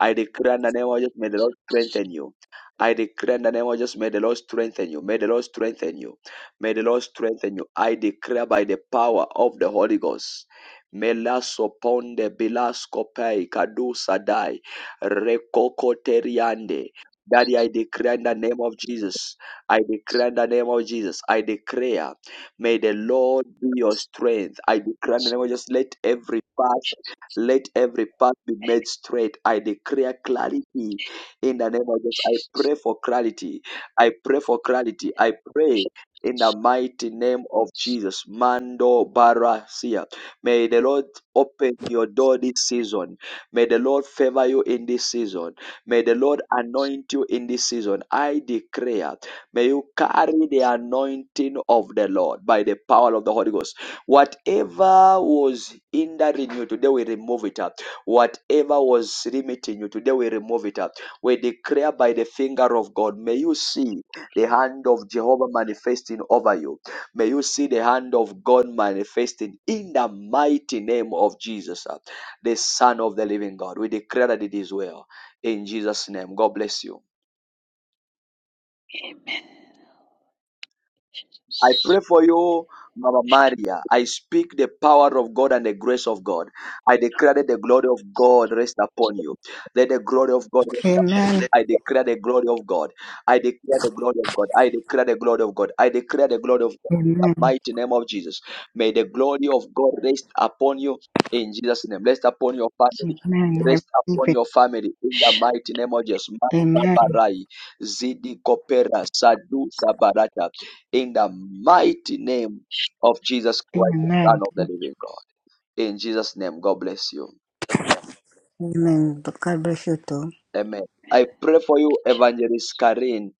I declare in the name of Jesus, may the Lord strengthen you. I declare in the name of Jesus, may the Lord strengthen you. May the Lord strengthen you. May the Lord strengthen you. I declare by the power of the Holy Ghost. Melasoponde bilaskopai kadusadai rekokoteriande. Daddy, I declare in the name of Jesus. I declare in the name of Jesus. I declare, may the Lord be your strength. I declare in the name of Jesus, let every power Jesus. let every path be made straight. I declare clarity in the name of Jesus. I Jesus. pray for clarity. I pray for clarity. I pray in the mighty name of Jesus. Mando Barasia. May the Lord open your door this season. May the Lord favor you in this season. May the Lord anoint you in this season. I declare, may you carry the anointing of the Lord by the power of the Holy Ghost. Whatever was hindering you today, we remove it. up. Whatever was limiting you today, we remove it. up. We declare by the finger of God, may you see the hand of Jehovah manifesting over you. May you see the hand of God manifesting in the mighty name of Jesus, uh, the Son of the living God. We declare that it is well. In Jesus' name, God bless you. I Jesus. pray for you, Mama Maria. I speak the power of God and the grace of God. I declare that the glory of God rest upon you. Let the glory of God rest upon you. Amen. I declare the glory of God. I declare the glory of God. I declare the glory of God. I declare the glory of God in the Amen. mighty name of Jesus. May the glory of God rest upon you in Jesus' name. Rest upon your family. Amen. I Rest receive upon it. your family in the mighty name of Jesus. Mata Amen. Barai Zidi Kopera, Sadu Tabarata in the mighty name of Jesus Christ, the Amen. Son of the living God. In Jesus' name, God bless you. Amen. But God bless you too. Amen. I pray for you, Evangelist Karin.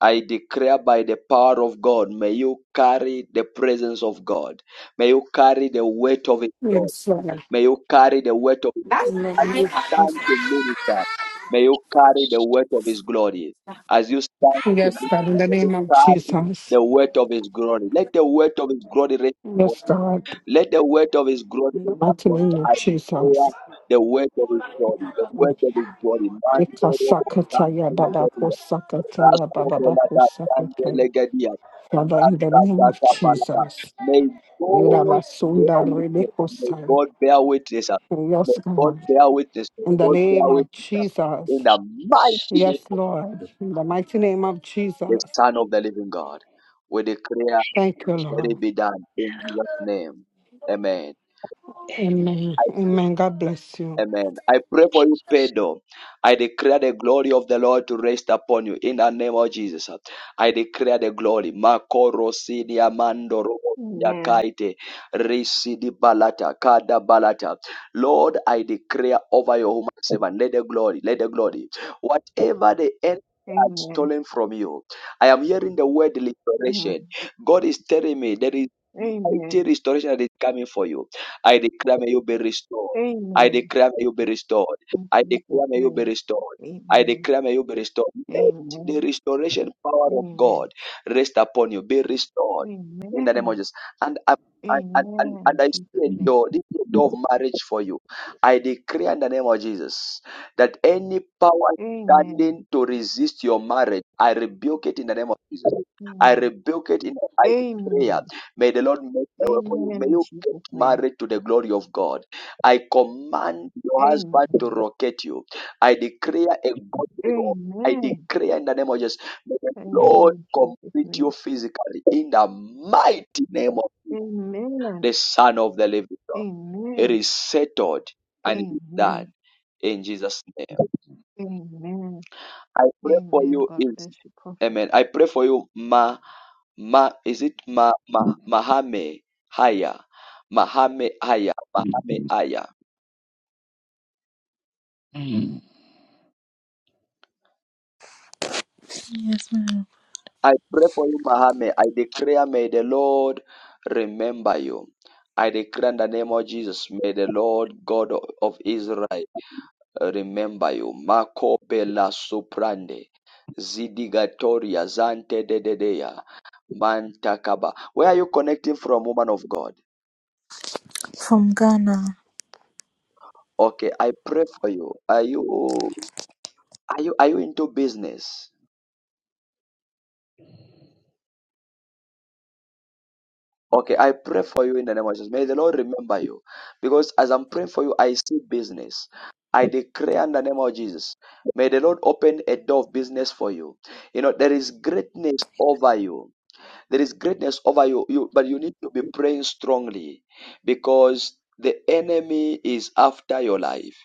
I declare by the power of God, may you carry the presence of God. May you carry the weight of His God. Yes, Lord. May you carry the weight of His God. As you stand to minister, may you carry the weight of His glory. As you stand to Yes, God, in minister, the may you name of carry Jesus. the weight of His glory. Let the weight of His glory rest. upon Yes, God. Let the weight of his glory In be the mighty upon name the of eye of Jesus. prayer, the weight of his glory, the weight of his glory. Man, the Lord Ikasakataya the babako Legadia, Rasta, sakataya the bababako Lada, the sakataya. Legadia, Father, in the Rasta, name the of Tapanaba. Jesus. May God bear Irabasunda witness. May rebekosaya. God bear witness. uh, Yes, May God God. bear witness. May In the God bear name of witness. uh, Jesus. In the mighty name Yes, of Lord. Jesus, In the mighty name of the Jesus. Son of the Living God, we declare, Thank you, let Lord. it be done in Jesus' name. Amen. Amen. Amen. God bless you. Amen. I pray for you, Pedro. I declare the glory of the Lord to rest upon you in the name of Jesus. I declare the glory. Makoro sidi amando robo Amen. yakaite risidi balata kada balata. Lord, I declare over your human servant. Let the glory, let the glory. Whatever the enemy has Amen. stolen from you, I am hearing the word liberation. Mhm. God is telling me there is mighty Amen. restoration that is coming for you. I declare may you be restored. I Amen. declare may you be restored. In I Jesus' declare may you be name. restored. I Amen. declare may you be restored. Let the Amen. restoration power of Amen. God rest upon you. Be restored in the name of Amen. Jesus. And I Amen. and, and, and and In I Jesus' see a name. door, this is a door of marriage for you. I decree in the name of Jesus that any power Amen. standing to resist your marriage, I rebuke it in the name of Jesus. I Mm. rebuke it in the name of prayer. Amen. May the Lord make a way for you. Amen. May In you get Jesus' name. married to the glory of God. I command your husband to Amen. rocket you. I declare a God. for you. I Amen. declare in the name of Jesus, may the Thank you Lord in Jesus' complete you name. physically in the mighty name of Amen. the Son of the Living God. It Amen. is settled and it is Amen. done in Jesus' name. Amen. I pray for Amen. you, God is bless you, Prophet. Amen. I pray for you, Ma. Ma is it Ma Ma Mahame Haya Mahame Haya Mahame Haya. Yes, ma'am. I pray for you, Mahame. I declare, may the Lord remember you. I declare in the name of Jesus, may the Lord God of of Israel remember you. Marco Bella Suprande Zidigatoria Zante Dededea Mantakaba. Where are you connecting from, woman of God? From Ghana. Okay, I pray for you. Are you are you are you into business? Okay, I pray for you in the name of Jesus. May the Lord remember you. Because as I'm praying for you, I see business. I declare in the name of Jesus. May the Lord open a door of business for you. You know, there is greatness over you. There is greatness over you, you, but you need to be praying strongly because the enemy is after your life.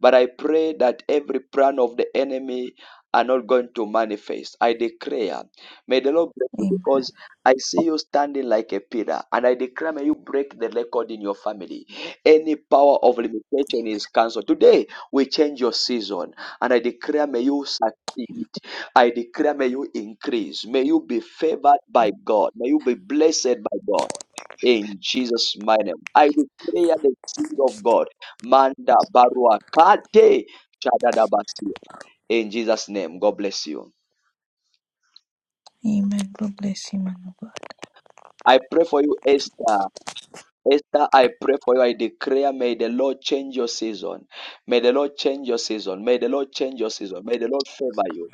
But I pray that every plan of the enemy are not going to manifest. I declare, may the Lord bless you Amen. because I see you standing like a pillar, and I declare, may you break the record in your family. Any power of limitation is cancelled. Today, we change your season, and I declare, may you succeed. I declare, may you increase. May you be favored by God. May you be blessed by God. In Jesus' mighty name. I declare the seed of God. Manda barua kate shadadabasi. In Jesus' name. God bless you. Amen. God bless you, man. I pray for you, Esther. Esther, I pray for you. I declare, may the Lord change your season. May the Lord change your season. May the Lord change your season. May the Lord favor you.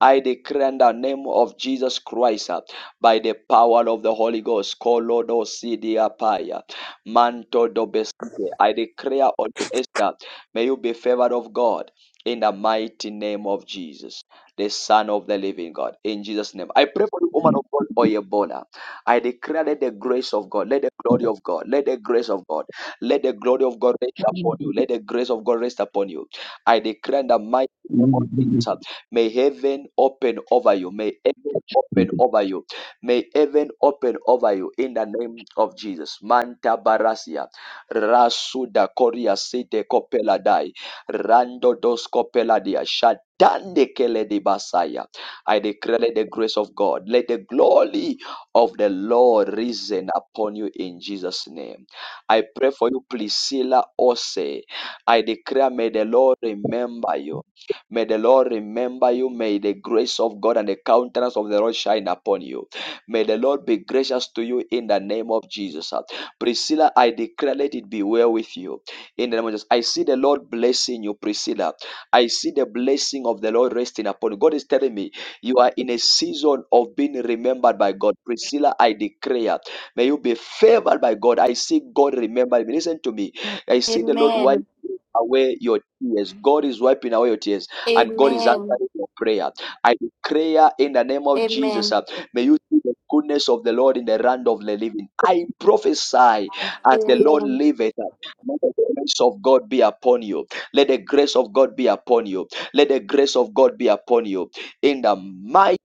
I declare in the name of Jesus Christ, uh, by the power of the Holy Ghost, Kolodo Sidia Paya, Manto Dobesite. I declare on you, Esther, may you be favored of God in the mighty name of Jesus, the Son of the Living God. In Jesus' name, I pray for you, woman of God, Oyebona. I declare let the grace of God, let the glory of God, let the grace of God, let the glory of God rest upon Amen. you. Let the grace of God rest upon you. I declare in the mighty name of Amen. Jesus. uh, May heaven open over you. May heaven open over you. May heaven open over you in the name of Jesus. Manta barasia. Rasuda koria site kopela dai. Rando dos kopela dia. Shatande kele di basaya. I declare let the grace of God. Let the glory of the Lord risen upon you in Jesus' name. I pray for you, Priscilla Ose. I declare, may the Lord remember you. May the Lord remember you. May the grace of God and the countenance of the Lord shine upon you. May the Lord be gracious to you in the name of Jesus. Priscilla, I declare, let it be well with you. In the name of Jesus. I see the Lord blessing you, Priscilla. I see the blessing of the Lord resting upon you. God is telling me you are in a season of being remembered by God. Priscilla, I declare, may you be favored by God. I see God remember me. Listen to me. I see the Lord wiping Amen. away your tears. God is wiping away your tears and God is Amen. answering your prayer. I declare in the name of Jesus, Amen. uh, may you see the goodness of the Lord in the land of the living. I prophesy as the Lord Amen. liveth, uh, may the grace of God be upon you. Let the grace of God be upon you. Let the grace of God be upon you in the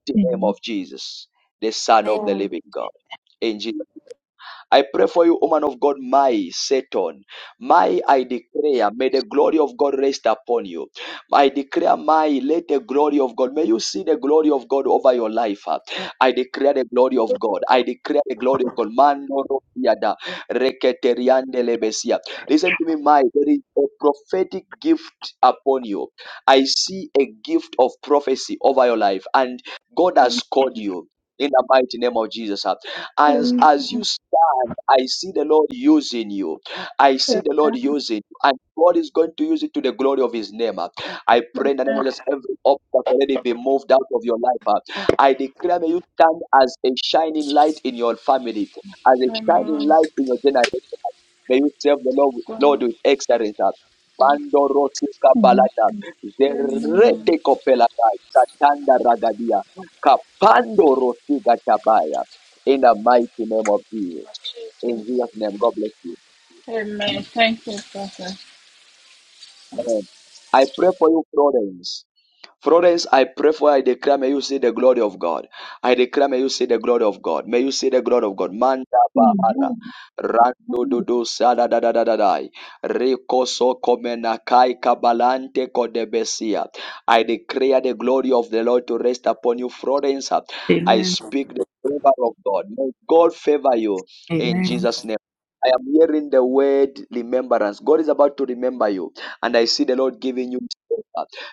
Amen. Amen. name of Jesus, the Son of the Amen. living God. In Jesus' I pray for you, woman of God, my Satan. My, I declare, may the glory of God rest upon you. I declare, my, let the glory of God, may you see the glory of God over your life. ah. I declare the glory of God. I declare the glory of God. Man, no, no, yada. Reketeriande lebesia. Listen to me, my, there is a prophetic gift upon you. I see a gift of prophecy over your life, and God has called you. In the mighty name of Jesus. As, Amen. as you stand, I see the Lord using you. I see the Lord using you. And God is going to use it to the glory of his name. uh. I pray in the name of just every obstacle let it be moved out of your life. uh. I declare may you stand as a shining light in your family, as a shining light in your generation. May you serve the Lord, Lord with excellence. uh. Pando rosika balata, zerede kopelata, katanda ragadia, kapando rosiga tabaya in the mighty name of Jesus. In Jesus' name, God bless you. Thank you, Father. Amen. I pray for you, Florence. Florence, I pray for you. I declare, may you see the glory of God. I declare, may you see the glory of God. May you see the glory of God. Manda bahara. Rando do do sada da da da da da. Rico so komena kai kabalante kodebesia. I declare the glory of the Lord to rest upon you, Florence. I Amen. speak the favor of God. May God favor you in Amen. Jesus' name. I am hearing the word remembrance. God is about to remember you, and I see the Lord giving you. favor.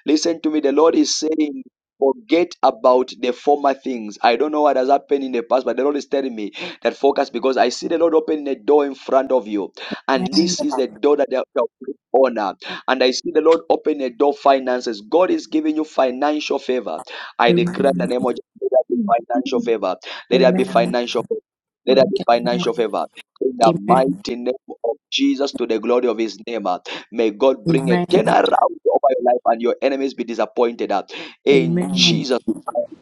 Listen to me. The Lord is saying, forget about the former things. I don't know what has happened in the past, but the Lord is telling me that focus because I see the Lord opening a door in front of you. And Amen. this is the door that they shall bring honor. And I see the Lord open a door finances. God is giving you financial favor. I Amen. declare in the Amen. name of Jesus, let there be financial favor. Let there be Amen. financial favor. Let there be financial favor in the Amen. mighty name of Jesus to the glory of his name. May God bring a turnaround over your life and your enemies be disappointed. At Amen. In Amen. Jesus, name.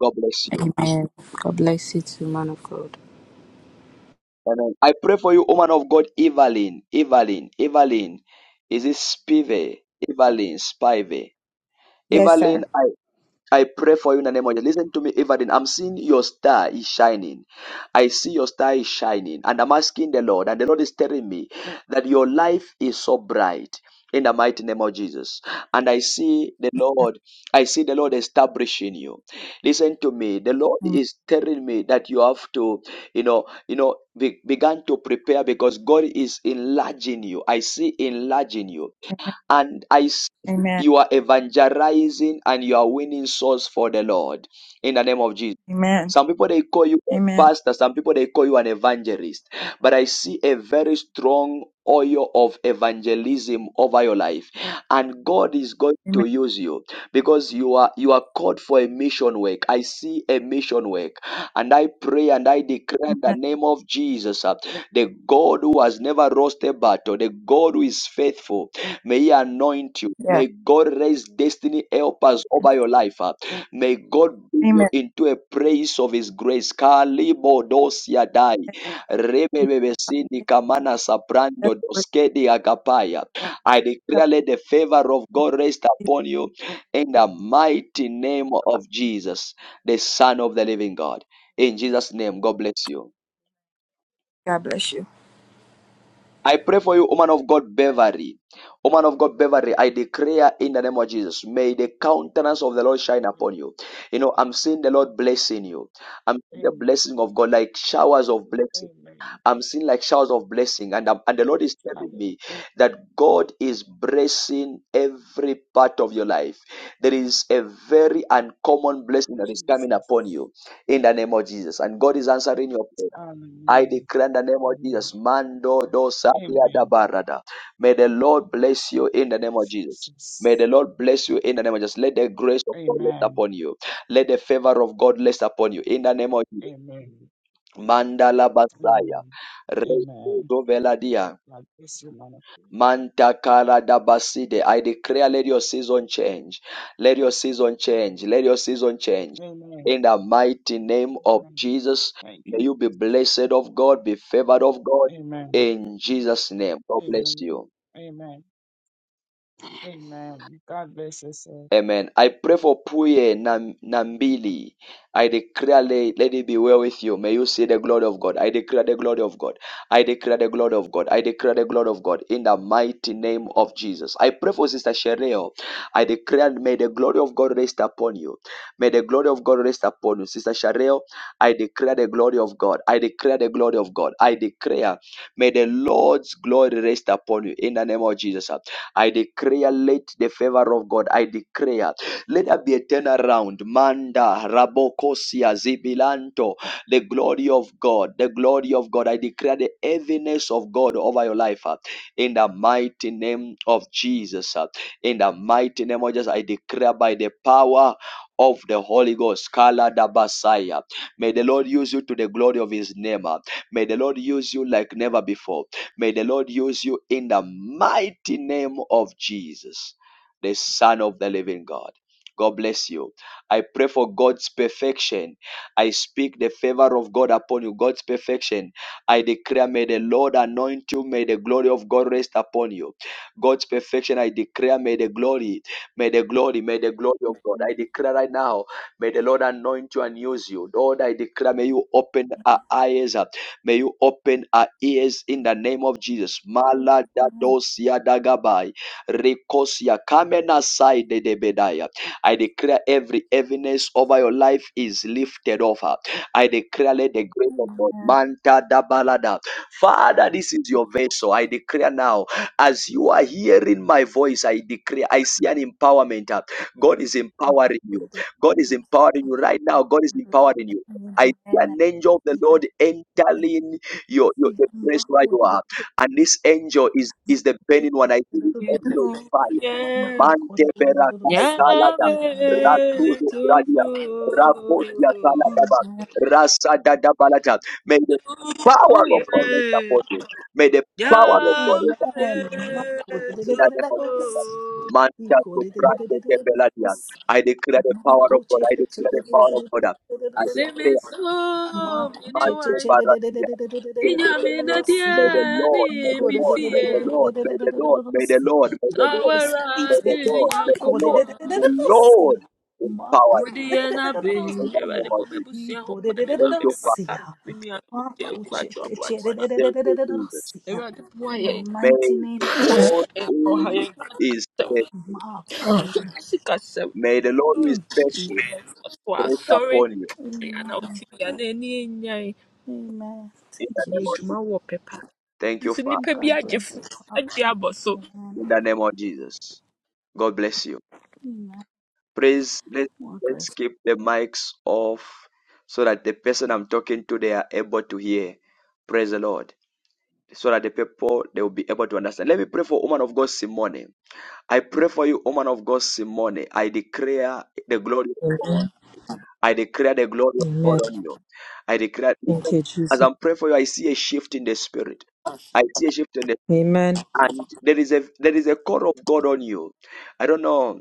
God bless you. Amen. God bless you too, man of God. Amen. I pray for you, woman of God, Evelyn. Evelyn, Evelyn. Is it Spive? Evelyn, Spive. Yes, Evelyn, sir. I I pray for you in the name of Jesus. Listen to me, Evelyn. I'm seeing your star is shining. I see your star is shining. And I'm asking the Lord, and the Lord is telling me that your life is so bright in the mighty name of Jesus. And I see the Lord, I see the Lord establishing you. Listen to me. The Lord Amen. is telling me that you have to, you know, you know, be, began to prepare because God is enlarging you. I see enlarging you and I see Amen. you are evangelizing and you are winning souls for the Lord in the name of Jesus. Amen. Some people they call you a Amen. pastor, some people they call you an evangelist. But I see a very strong oil of evangelism over your life. And God is going to Amen. use you because you are you are called for a mission work. I see a mission work. And I pray and I declare in the Amen. name of Jesus, uh, the God who has never lost a battle, the God who is faithful, may He anoint you. Yes. May God raise destiny helpers over your life. uh, May God bring you Amen. into a praise of His grace. Kalibo dosia dai. Rebebebesini kamana Yes, sabrando doskedi agapaya. I declare let the favor of God rest upon you in the mighty name of Jesus, the Son of the living God. In Jesus' name, God bless you. God bless you. I pray for you, woman of God, Beverly. Woman of God, Beverly, I declare in the name of Jesus, may the countenance of the Lord shine upon you. You know, I'm seeing the Lord blessing you. I'm seeing the Amen. Amen. blessing of God like showers of blessing. Amen. I'm seeing like showers of blessing. And, I'm- and the Lord is telling Hallelujah. me that God is blessing every part of your life. There is a very uncommon blessing that is Jesus. coming upon you in the name of Jesus. And God is answering your prayer. Hallelujah. I declare in the name of Amen. Jesus, Mando Dosadia Amen. Dabarada. May the Lord bless you in the name of Jesus. Jesus. May the Lord bless you in the name of Jesus. Let the grace of God rest Amen. upon you. Let the favor of God rest upon you in the name of Jesus. Amen. Mandala Basaya. Amen. Re- Amen. do Veladia. Like this, your man of God. Mantakara Dabaside. I declare, let your season change. Let your season change. Let your season change. Amen. In the mighty name of Amen. Jesus, Thank you. may you be blessed of God, be favored of God. Amen. In Jesus' name, God bless Amen. you. Amen. Amen. God bless you, sir. Amen. I pray for Puye Nam- Nambili. I declare, let it be well with you. May you see the glory of God. I declare the glory of God. I declare the glory of God. I declare the glory of God in the mighty name of Jesus. I pray for Sister Shereo. I declare, may the glory of God rest upon you. May the glory of God rest upon you. Sister Shereo, I declare the glory of God. I declare the glory of God. I declare, may the Lord's glory rest upon you in the name of Jesus. I declare, let the favor of God, I declare, let there be a turnaround. Manda, Rabokosia, Zibilanto, the glory of God, the glory of God. I declare the heaviness of God over your life uh, in the mighty name of Jesus. uh, In the mighty name of Jesus, I declare by the power of the Holy Ghost, Kala Dabasaya. May the Lord use you to the glory of His name. uh, May the Lord use you like never before. May the Lord use you in the mighty name of Jesus, the Son of the living God. God bless you. I pray for God's perfection. I speak the favor of God upon you, God's perfection. I declare, may the Lord anoint you, may the glory of God rest upon you. God's perfection, I declare, may the glory, may the glory, may the glory of God. I Amen. declare right now, may the Lord anoint you and use you. Lord, I declare, may you open our eyes. May you open our ears in the name of Jesus. Maladadosia dagabai. Rikosia kamena side de bedaya. I declare every heaviness over your life is lifted off. her. I declare let the grace of God manta da balada. Father, this is your vessel. I declare now, as you are hearing my voice, I declare, I see an empowerment. uh, God is empowering you. God is empowering you right now. God is empowering you. I see an angel of the Lord entering your, your the place where you are. And this angel is is the burning one. I see this angel is fire. Yeah. Mante berakai kalada. Yahweh Rasuzu Tufo. gradia. Rakosia kaladaba. Rasadada balata. May the power of God rest yeah. upon you. May the power of God Yahweh rest upon you. In the name of Tufu. Jesus. Manta subrate beladia. I declare the power of God. I declare the power of God. Isemi so Marco mini My che che dear wai. che de de de de Barakia. de de de de de de de de Inya de de mi na May Rosia. the die Lord, may the Eco mi de de Lord, de may de de the fie. de de Lord, de de may de de de the de Lord, may the Rosia. Lord, may the Lord, I may Awara the receive it. ni Lord, may the Marco de de Lord, de de may de Nyankopɔn, de the Lord Rosia. Marco wo empower you. de deɛ de de de na de bɛn. de Empower Awurade Rosia. bɔ over you. m'abusua ho Eco de de ban, me de de de Thank maame, you, me Father. papa, Rosia. me nuanom, agya, Marco aku, che agya, che ɔbo, che de de atena. de de Thank de de de you, de Jesus. Rosia. Awurade boa In the yɛn, mighty May name the of Jesus. Lord yɛn ɔha, who yɛn is faithful, kasɛm, Marco. yɛn kasɛm. may the Lord who is Mm. faithful Ɔso rest asɔre, upon you yɛn Amen. anawɔsi, yɛn a n'ani nnyae, Amen. in Thank the you, yɛ name of Jesus. adwuma Jesus. wɔ pɛpa. Thank you, Nso Father. nnipa bi God agye bless fo, you. agye Prophet. abɔ so. In Amen. the name of Jesus. God bless you. Amen. please let, Walker's let's keep the mics off so that the person I'm talking to they are able to hear. Praise the Lord. So that the people they will be able to understand. Let me pray for woman of God Simone. I pray for you, woman of God Simone. I declare the glory of God. Amen. I declare the glory of God Amen. on you. I declare Thank listen, you, as Jesus. I'm praying for you, I see a shift in the spirit. I see a shift in the Amen. and there is a there is a call of God on you. I don't know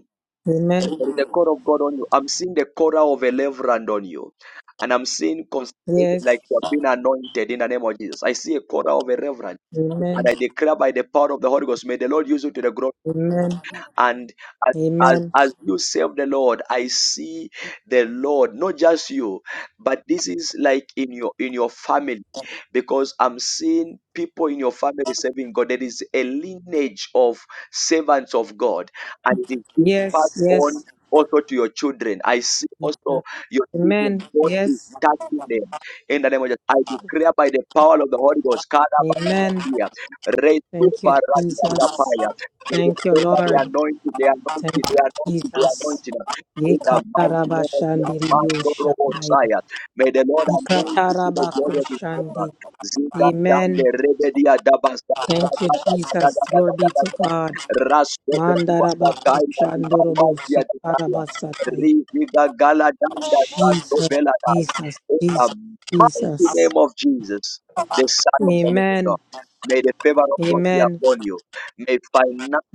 there Amen. is the call of God on you. I'm seeing the call of a reverend on you. And I'm seeing consecrated Yes. like you have been anointed in the name of Jesus. I see a call of a reverend. Amen. And I declare by the power of the Holy Ghost, may the Lord use you to the glory. Amen. And as, as, Amen. as you serve the Lord, I see the Lord, not just you, but this is like in your in your family, because I'm seeing people in your family serving God. There is a lineage of servants of God, and it is being passed Yes. on Yes. also to your children. I see also your Amen. children, God is Yes. touching them. In the name of Jesus, I declare by the power of the Holy Ghost, Amen. Kalabarakatiya, Thank you, Jesus. Retubarakatapaya, May the Thank you, spirit of the Lord. anointing, the anointing, Thank you, the anointing, the Jesus. anointing. In the mighty name of the mighty Lord Yekatarabashandiriyoshandai. Messiah. May the Lord anoint you to the glory of his Yekatarabakushandi. name. Zika Tande Amen. Rebedia Dabasta. Thank you, Jesus. Glory be to God. Rasto Benuata Kaida Divaruazia Divaya. Mandarabakushandorobosakarabasataya. Riviga Galadanda Santo Jesus, Beladai. Jesus, In Jesus, the mighty Jesus. name of Jesus, the Son of the Living Amen. God. May the favor of God be Amen. upon you. May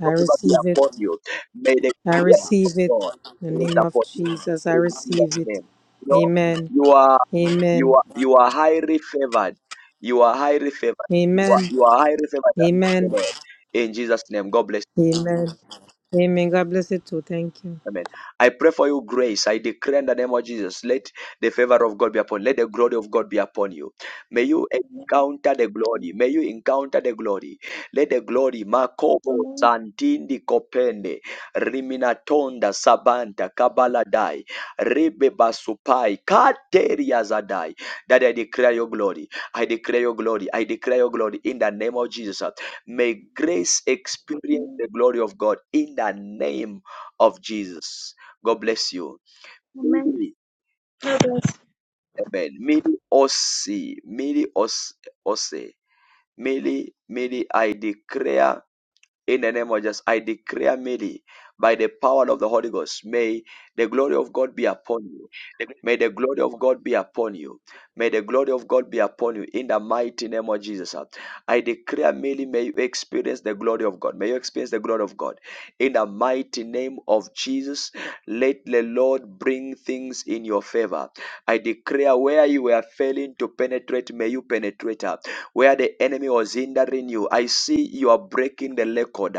I favor be receive it. upon you. May the I grace of receive it. God In the rest name of upon you. Jesus, I In receive Jesus' it. name. You know, Amen. you are you Amen. are you are highly favored. You are highly favored. You are, Amen. you are highly favored of the Amen. Lord. In Jesus' name. God bless. Amen. Amen. God bless you too. Thank you. Amen. I pray for you grace. I declare in the name of Jesus, let the favor of God be upon you. Let the glory of God be upon you. May you Amen. encounter the glory. May you encounter the glory. Let the glory, Makobo, Amen. Santindi, Kopende, Riminatonda, Sabanta, Kabaladai, Rebe Basupai, Kateria Zadai. That I declare your glory. I declare your glory. I declare your glory in the name of Jesus. May grace experience the glory of God in the name of Jesus. God bless you. Amen. God bless. Amen. Mary Osei, Mary Os- Osei, Mary, Mary, I declare in the name of Jesus, I declare Mary by the power of the Holy Ghost. May the glory of God be upon you. they will May the glory of con- God be upon you. May the glory of God be upon you in the mighty name of Jesus. I declare merely may you experience the glory of God. May you experience the glory of God in the mighty name of Jesus. Let the Lord bring things in your favor. I declare where you were failing to penetrate, may you penetrate her. Where the enemy was hindering you, I see you are breaking the record.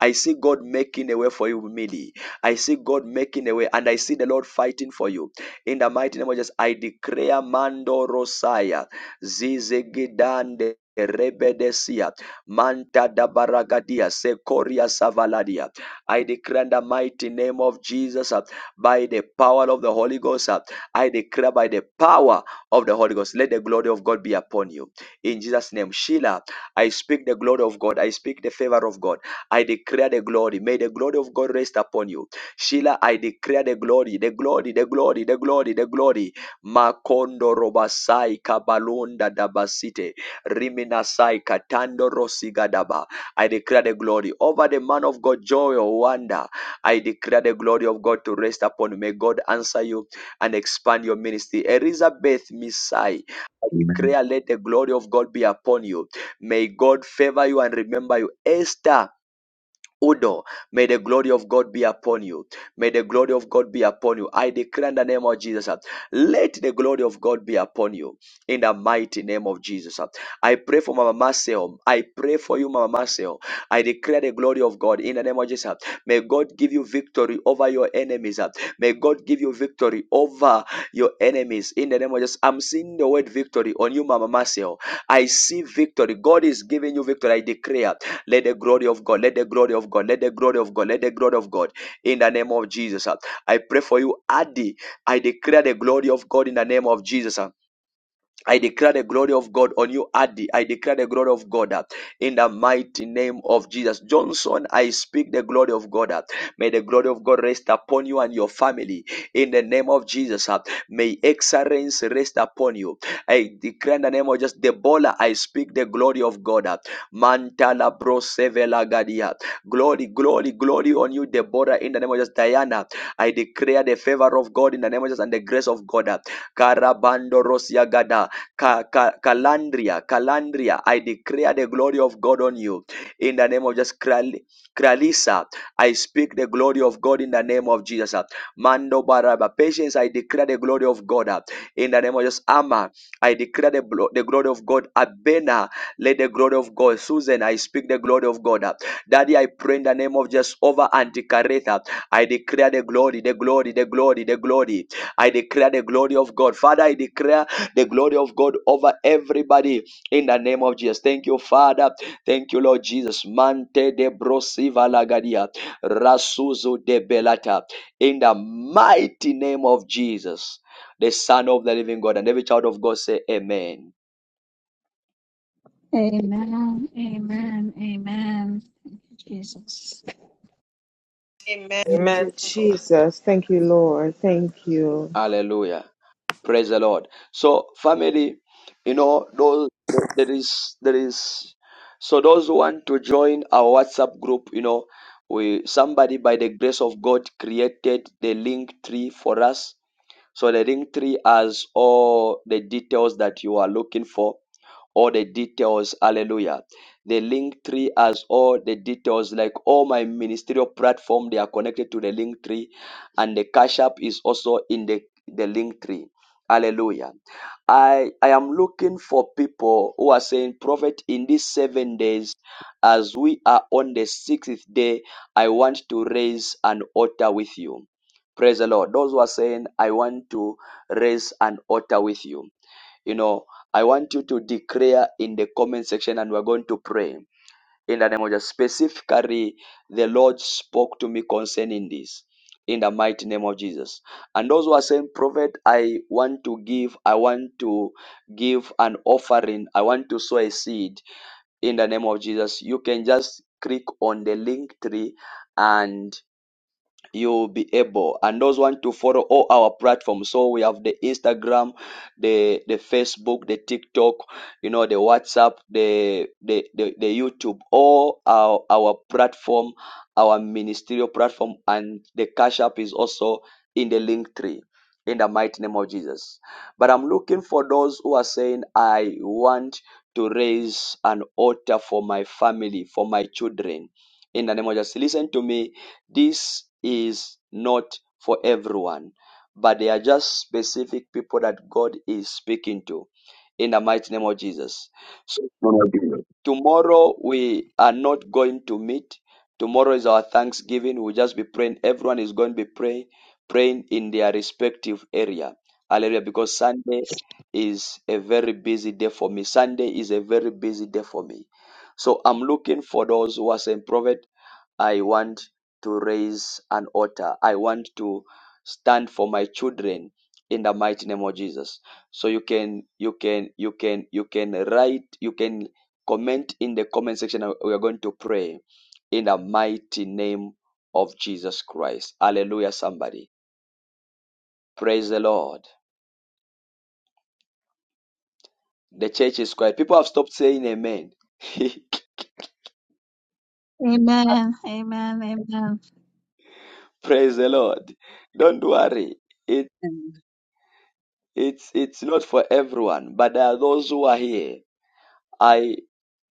I see God making a way for you, Millie. I see God making a way, and I see the Lord fighting for you. In the mighty name of Jesus, I declare Mando Rosaya, Zizegidande. Rebedesia, Manta da Baragadia, Secoria Savaladia. I declare in the mighty name of Jesus, uh, by the power of the Holy Ghost, uh, I declare by the power of the Holy Ghost, let the glory of God be upon you. In Jesus' name, Sheila, I speak the glory of God. I speak the favor of God. I declare the glory. May the glory of God rest upon you. Sheila, I declare the glory, the glory, the glory, the glory, the glory. Makondo robasai kabalonda dabasite. Riminasai katando rosigadaba. I declare the glory over the man of God, joy or wonder. I declare the glory of God to rest upon. you. May God answer you and expand your ministry. Elizabeth Misai, I Amen. declare let the glory of God be upon you. May God favor you and remember you. Esther, Udo, may the glory of God be upon you. May the glory of God be upon you. I declare in the name of Jesus, uh, let the glory of God be upon you in the mighty name of Jesus. uh. I pray for Mama Marcel. I pray for you, Mama Marcel. I declare the glory of God in the name of Jesus. uh. May God give you victory over your enemies. uh. May God give you victory over your enemies in the name of Jesus. I'm seeing the word victory on you, Mama Marcel. I see victory. God is giving you victory. I declare. Let the glory of God, let the glory of God, let the glory of God, let the glory of God in the name of Jesus. I pray for you, Adi. I declare the glory of God in the name of Jesus. I declare the glory of God on you, Adi. I declare the glory of God uh, in the mighty name of Jesus. Johnson, I speak the glory of God. uh. May the glory of God rest upon you and your family in the name of Jesus. uh. May excellence rest upon you. I declare in the name of just Debola, I speak the glory of God. uh. Mantala bro sevela gadia. Glory, glory, glory on you, Deborah, in the name of just Diana. I declare the favor of God in the name of Jesus and the grace of God. uh. Karabando rosia gada. Ka- Ka- Kalandria, Kalandria, I declare the glory of God on you in the name of Jesus. Kral- Kralisa, I speak the glory of God in the name of Jesus. Mando Baraba, patience, I declare the glory of God uh, in the name of Jesus. Amma, I declare the, blo- the glory of God. Abena, let the glory of God. Susan, I speak the glory of God. uh. Daddy, I pray in the name of Jesus over Anticaretha. I declare the glory, the glory, the glory, the glory. I declare the glory of God. Father, I declare the glory of God over everybody in the name of Jesus. Thank you, Father. Thank you, Lord Jesus. Mante de brosiva lagadia, rasuzu de belata, in the mighty name of Jesus, the Son of the living God. And every child of God say, Amen. Amen. Amen. Thank you, Jesus. Amen. Thank Amen. you, Jesus. Thank you, Lord. Thank you. Hallelujah. Praise the Lord. So family, you know, those there is there is so those who want to join our WhatsApp group, you know, we somebody by the grace of God created the link tree for us so the ring tree has all the details that you are looking for, all the details. Hallelujah. The link tree has all the details, like all my ministerial platform, they are connected to the link tree, and the cash app is also in the, the link tree. Hallelujah. I I am looking for people who are saying, Prophet, in these seven days, as we are on the sixth day, I want to raise an altar with you. Praise the Lord. Those who are saying, I want to raise an altar with you. You know, I want you to declare in the comment section and we're going to pray in the name of Jesus. Specifically, the Lord spoke to me concerning this in the mighty name of Jesus. And those who are saying, Prophet, I want to give, I want to give an offering, I want to sow a seed in the name of Jesus. You can just click on the link tree and you'll be able. And those want to follow all our platforms. So we have the Instagram, the the Facebook, the TikTok, you know, the WhatsApp, the the the, the YouTube, all our our platform, our ministerial platform, and the Cash App is also in the link tree. In the mighty name of Jesus. But I'm looking for those who are saying, I want to raise an altar for my family, for my children. In the name of Jesus. Listen to me this is not for everyone, but they are just specific people that God is speaking to in the mighty name of Jesus. So Amen. tomorrow we are not going to meet. Tomorrow is our Thanksgiving. We'll just be praying. Everyone is going to be praying, praying in their respective area. Hallelujah. Because Sunday is a very busy day for me. Sunday is a very busy day for me. So I'm looking for those who are saying, Prophet, I want to raise an altar. I want to stand for my children in the mighty name of Jesus. So you can you can you can you can write you can comment in the comment section Uh, we are going to pray in the mighty name of Jesus Christ. Hallelujah somebody. Praise the Lord. The church is quiet. People have stopped saying amen. Amen. Amen. Amen. Praise the Lord. Don't worry. It Amen. it's it's not for everyone, but there are those who are here I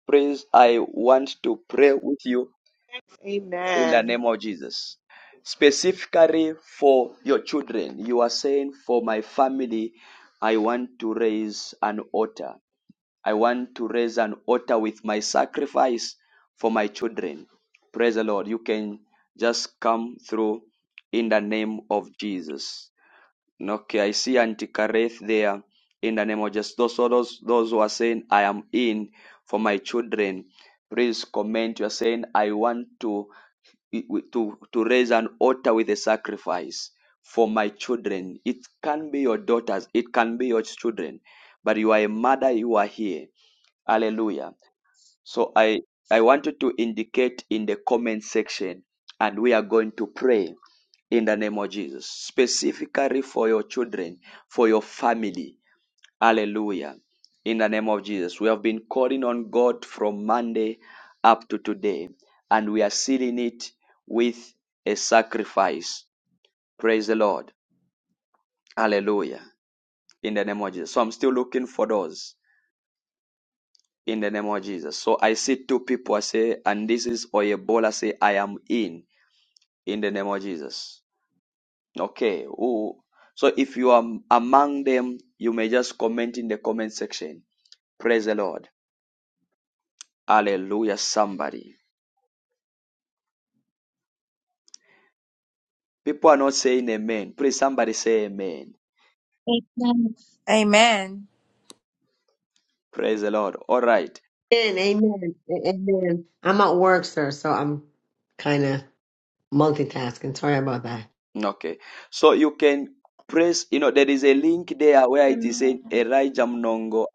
praise, I want to pray with you in the Amen. name of Jesus. Specifically for your children, you are saying, For my family, I want to raise an altar. I want to raise an altar with my sacrifice for my children. Praise the Lord. You can just come through in the name of Jesus. Okay, I see Auntie Kareth there. In the name of Jesus, those those those who are saying I am in for my children, please comment. You are saying I want to to to raise an altar with a sacrifice for my children. It can be your daughters, it can be your children, but you are a mother. You are here. Hallelujah. So I, I wanted to indicate in the comment section, and we are going to pray in the name of Jesus, specifically for your children, for your family. Hallelujah. In the name of Jesus. We have been calling on God from Monday up to today, and we are sealing it with a sacrifice. Praise the Lord. Hallelujah. In the name of Jesus. So I'm still looking for those. in the name of Jesus. So I see two people, I say, and this is Oyebola, I say, I am in, in the name of Jesus. Okay. Who? So if you are among them, you may just comment in the comment section. Praise the Lord. Hallelujah, somebody. People are not saying amen. Please, somebody say amen. Amen. Praise the Lord. All right. Amen. Amen. a- Amen. I'm at work, sir, so I'm kind of multitasking. Sorry about that. Okay. So you can press, you know, there is a link there where it is Amen. saying Elijah Mnongo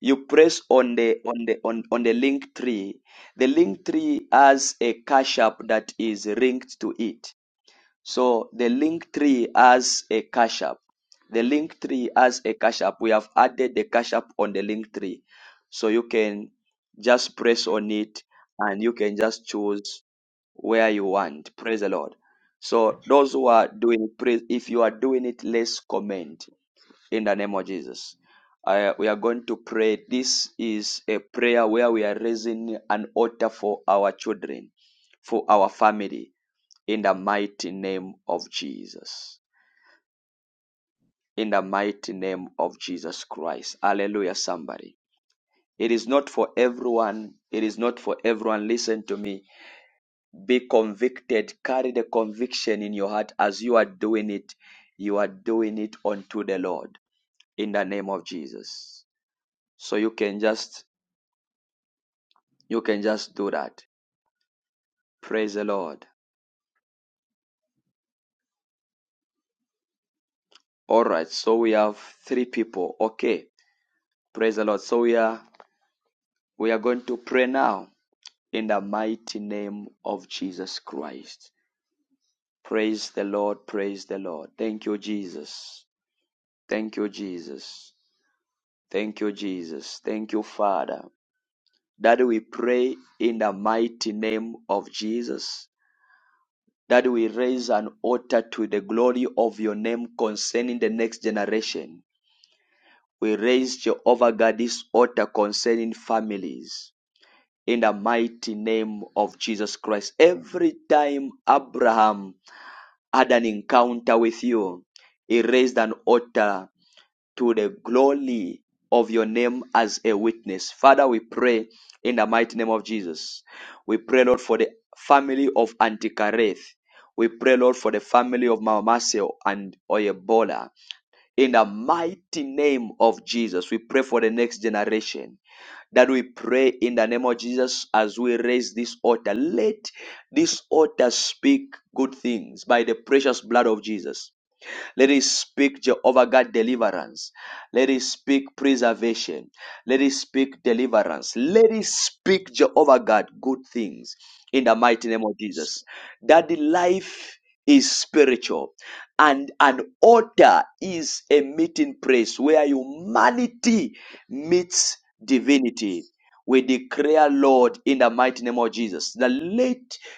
you press on the on the on, on the link tree the link tree has a cash app that is linked to it so the link tree has a cash app the link tree has a cash app we have added the cash app on the link tree so you can just press on it and you can just choose where you want praise the lord so those who are doing praise if you are doing it let's comment in the name of Jesus. I, we are going to pray. This is a prayer where we are raising an altar for our children, for our family, in the mighty name of Jesus. In the mighty name of Jesus Christ. Hallelujah, somebody. It is not for everyone. It is not for everyone. Listen to me. Be convicted. Carry the conviction in your heart as you are doing it. You are doing it unto the Lord in the name of Jesus. So you can just You can just do that. Praise the Lord. All right. So we have three people. Okay. Praise the Lord. So we are we are going to pray now in the mighty name of Jesus Christ. Praise the Lord. Praise the Lord. Thank you, Jesus. Thank you, Jesus. Thank you, Jesus. Thank you, Father. That we pray in the mighty name of Jesus that we raise an altar to the glory of your name concerning the next generation. We raise Jehovah God this altar concerning families in the mighty name of Jesus Christ. Every time Abraham had an encounter with you, he raised an altar to the glory of your name as a witness. Father, we pray in the mighty name of Jesus. We pray, Lord, for the family of Antikareth. We pray, Lord, for the family of Mama Marcel and Oyebola in the mighty name of Jesus. We pray for the next generation that we pray in the name of Jesus as we raise this altar. Let this altar speak good things by the precious blood of Jesus. Let it speak, Jehovah God, deliverance. Let it speak preservation. Let it speak deliverance. Let it speak, Jehovah God, good things in the mighty name of Jesus. That the life is spiritual and an altar is a meeting place where humanity meets divinity. We declare, Lord, in the mighty name of Jesus, that let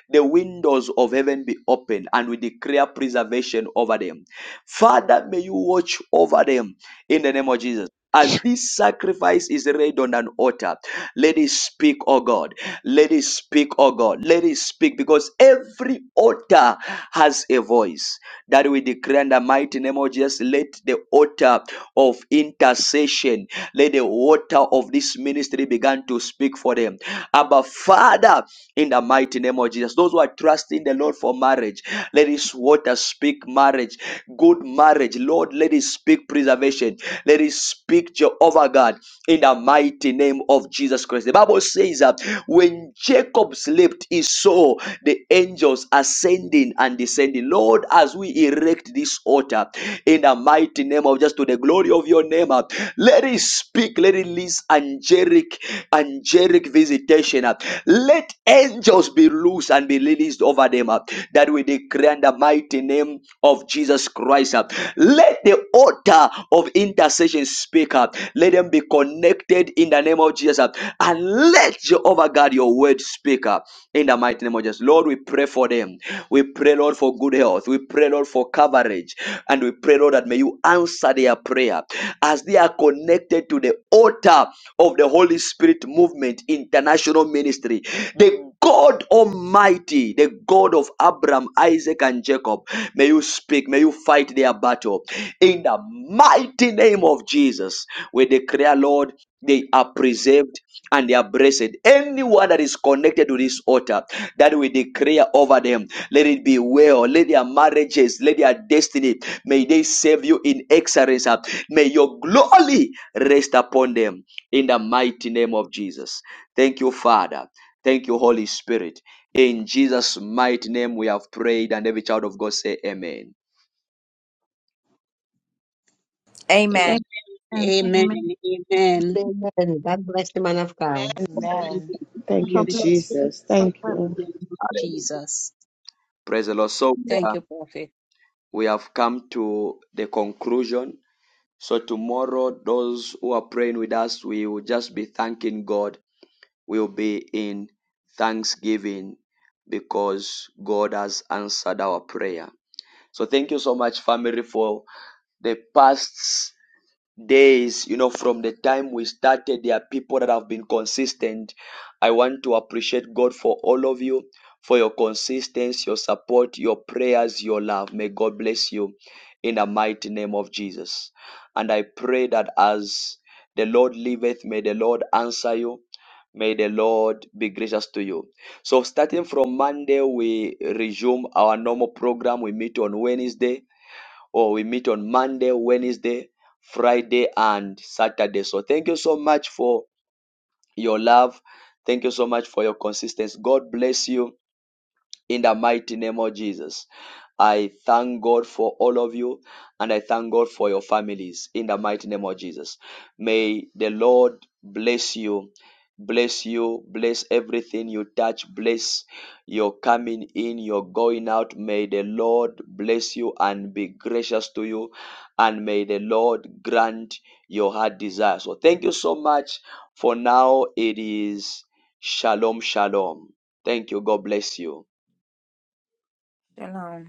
the windows of heaven be open and we declare preservation over them Father, may you watch over them in the name of Jesus. As this sacrifice is laid on an altar, let it speak, oh God. Let it speak, oh God. Let it speak because every altar has a voice. That we declare in the mighty name of Jesus, let the altar of intercession, let the water of this ministry begin to speak for them. Abba, Father, in the mighty name of Jesus, those who are trusting the Lord for marriage, let His water speak marriage, good marriage. Lord, let it speak preservation. Let it speak Jehovah God in the mighty name of Jesus. Jesus Christ. The Bible says that when Jacob slept, he saw the angels ascending and descending. Lord, as we erect this altar in the mighty name of just to the glory of your name, uh, let it speak, let it release angelic, angelic visitation. uh. Let angels be loose and be released over them uh, that we declare in the mighty name of Jesus Christ. uh. Let the altar of intercession speak up. Let them be connected in the name of Jesus. uh, And let Jehovah God your word speak up in the mighty name of Jesus. Lord, we pray for them. We pray, Lord, for good health. We pray, Lord, for coverage. And we pray, Lord, that may you answer their prayer as they are connected to the altar of the Holy Spirit Movement International Ministry. The God Almighty, the God of Abraham, Isaac, and Jacob, may you speak, may you fight their battle. In the mighty name of Jesus, we declare, Lord, they are preserved. And they are blessed. Anyone that is connected to this altar that we declare over them, let it be well. Let their marriages, let their destiny, may they serve you in excellence. May your glory rest upon them in the mighty name of Jesus. Thank you, Father. Thank you, Holy Spirit. In Jesus' mighty name, we have prayed, and every child of God say, Amen. Amen. Amen. Amen. Amen. Amen. Amen. God bless you, man of God. In Amen. Thank you, God the bless you. Jesus. God Thank you. name of Hallelujah. Jesus. Praise the Lord. So we Thank are- you, Prophet. we have come to the conclusion. So tomorrow, those who are praying with us, we will just be thanking God. We'll be in thanksgiving because God has answered our prayer. So thank you so much, family, for the past days, you know, from the time we started, there are people that have been consistent. I want to appreciate God for all of you, for your consistency, your support, your prayers, your love. May God bless you in the mighty name of Jesus. And I pray that as the Lord liveth, may the Lord answer you. May the Lord be gracious to you. So, starting from Monday, we resume our normal program. We meet on Wednesday or we meet on Monday, Wednesday, Friday, and Saturday. So thank you so much for your love. Thank you so much for your consistency. God bless you in the mighty name of Jesus. I thank God for all of you and I thank God for your families in the mighty name of Jesus. May the Lord bless you, bless you, bless everything you touch, bless your coming in, your going out. May the Lord bless you and be gracious to you, and may the Lord grant your heart desire. So, thank you so much. For now, it is shalom, shalom. Thank you. God bless you. Shalom.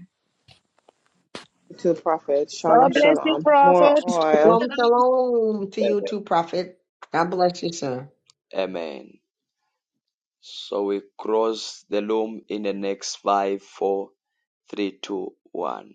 to the prophet. Shalom, God bless you, shalom. More Prophet. oil. Shalom, shalom to you too, prophet. God bless you, sir. Amen. So we cross the loom in the next five, four, three, two, one.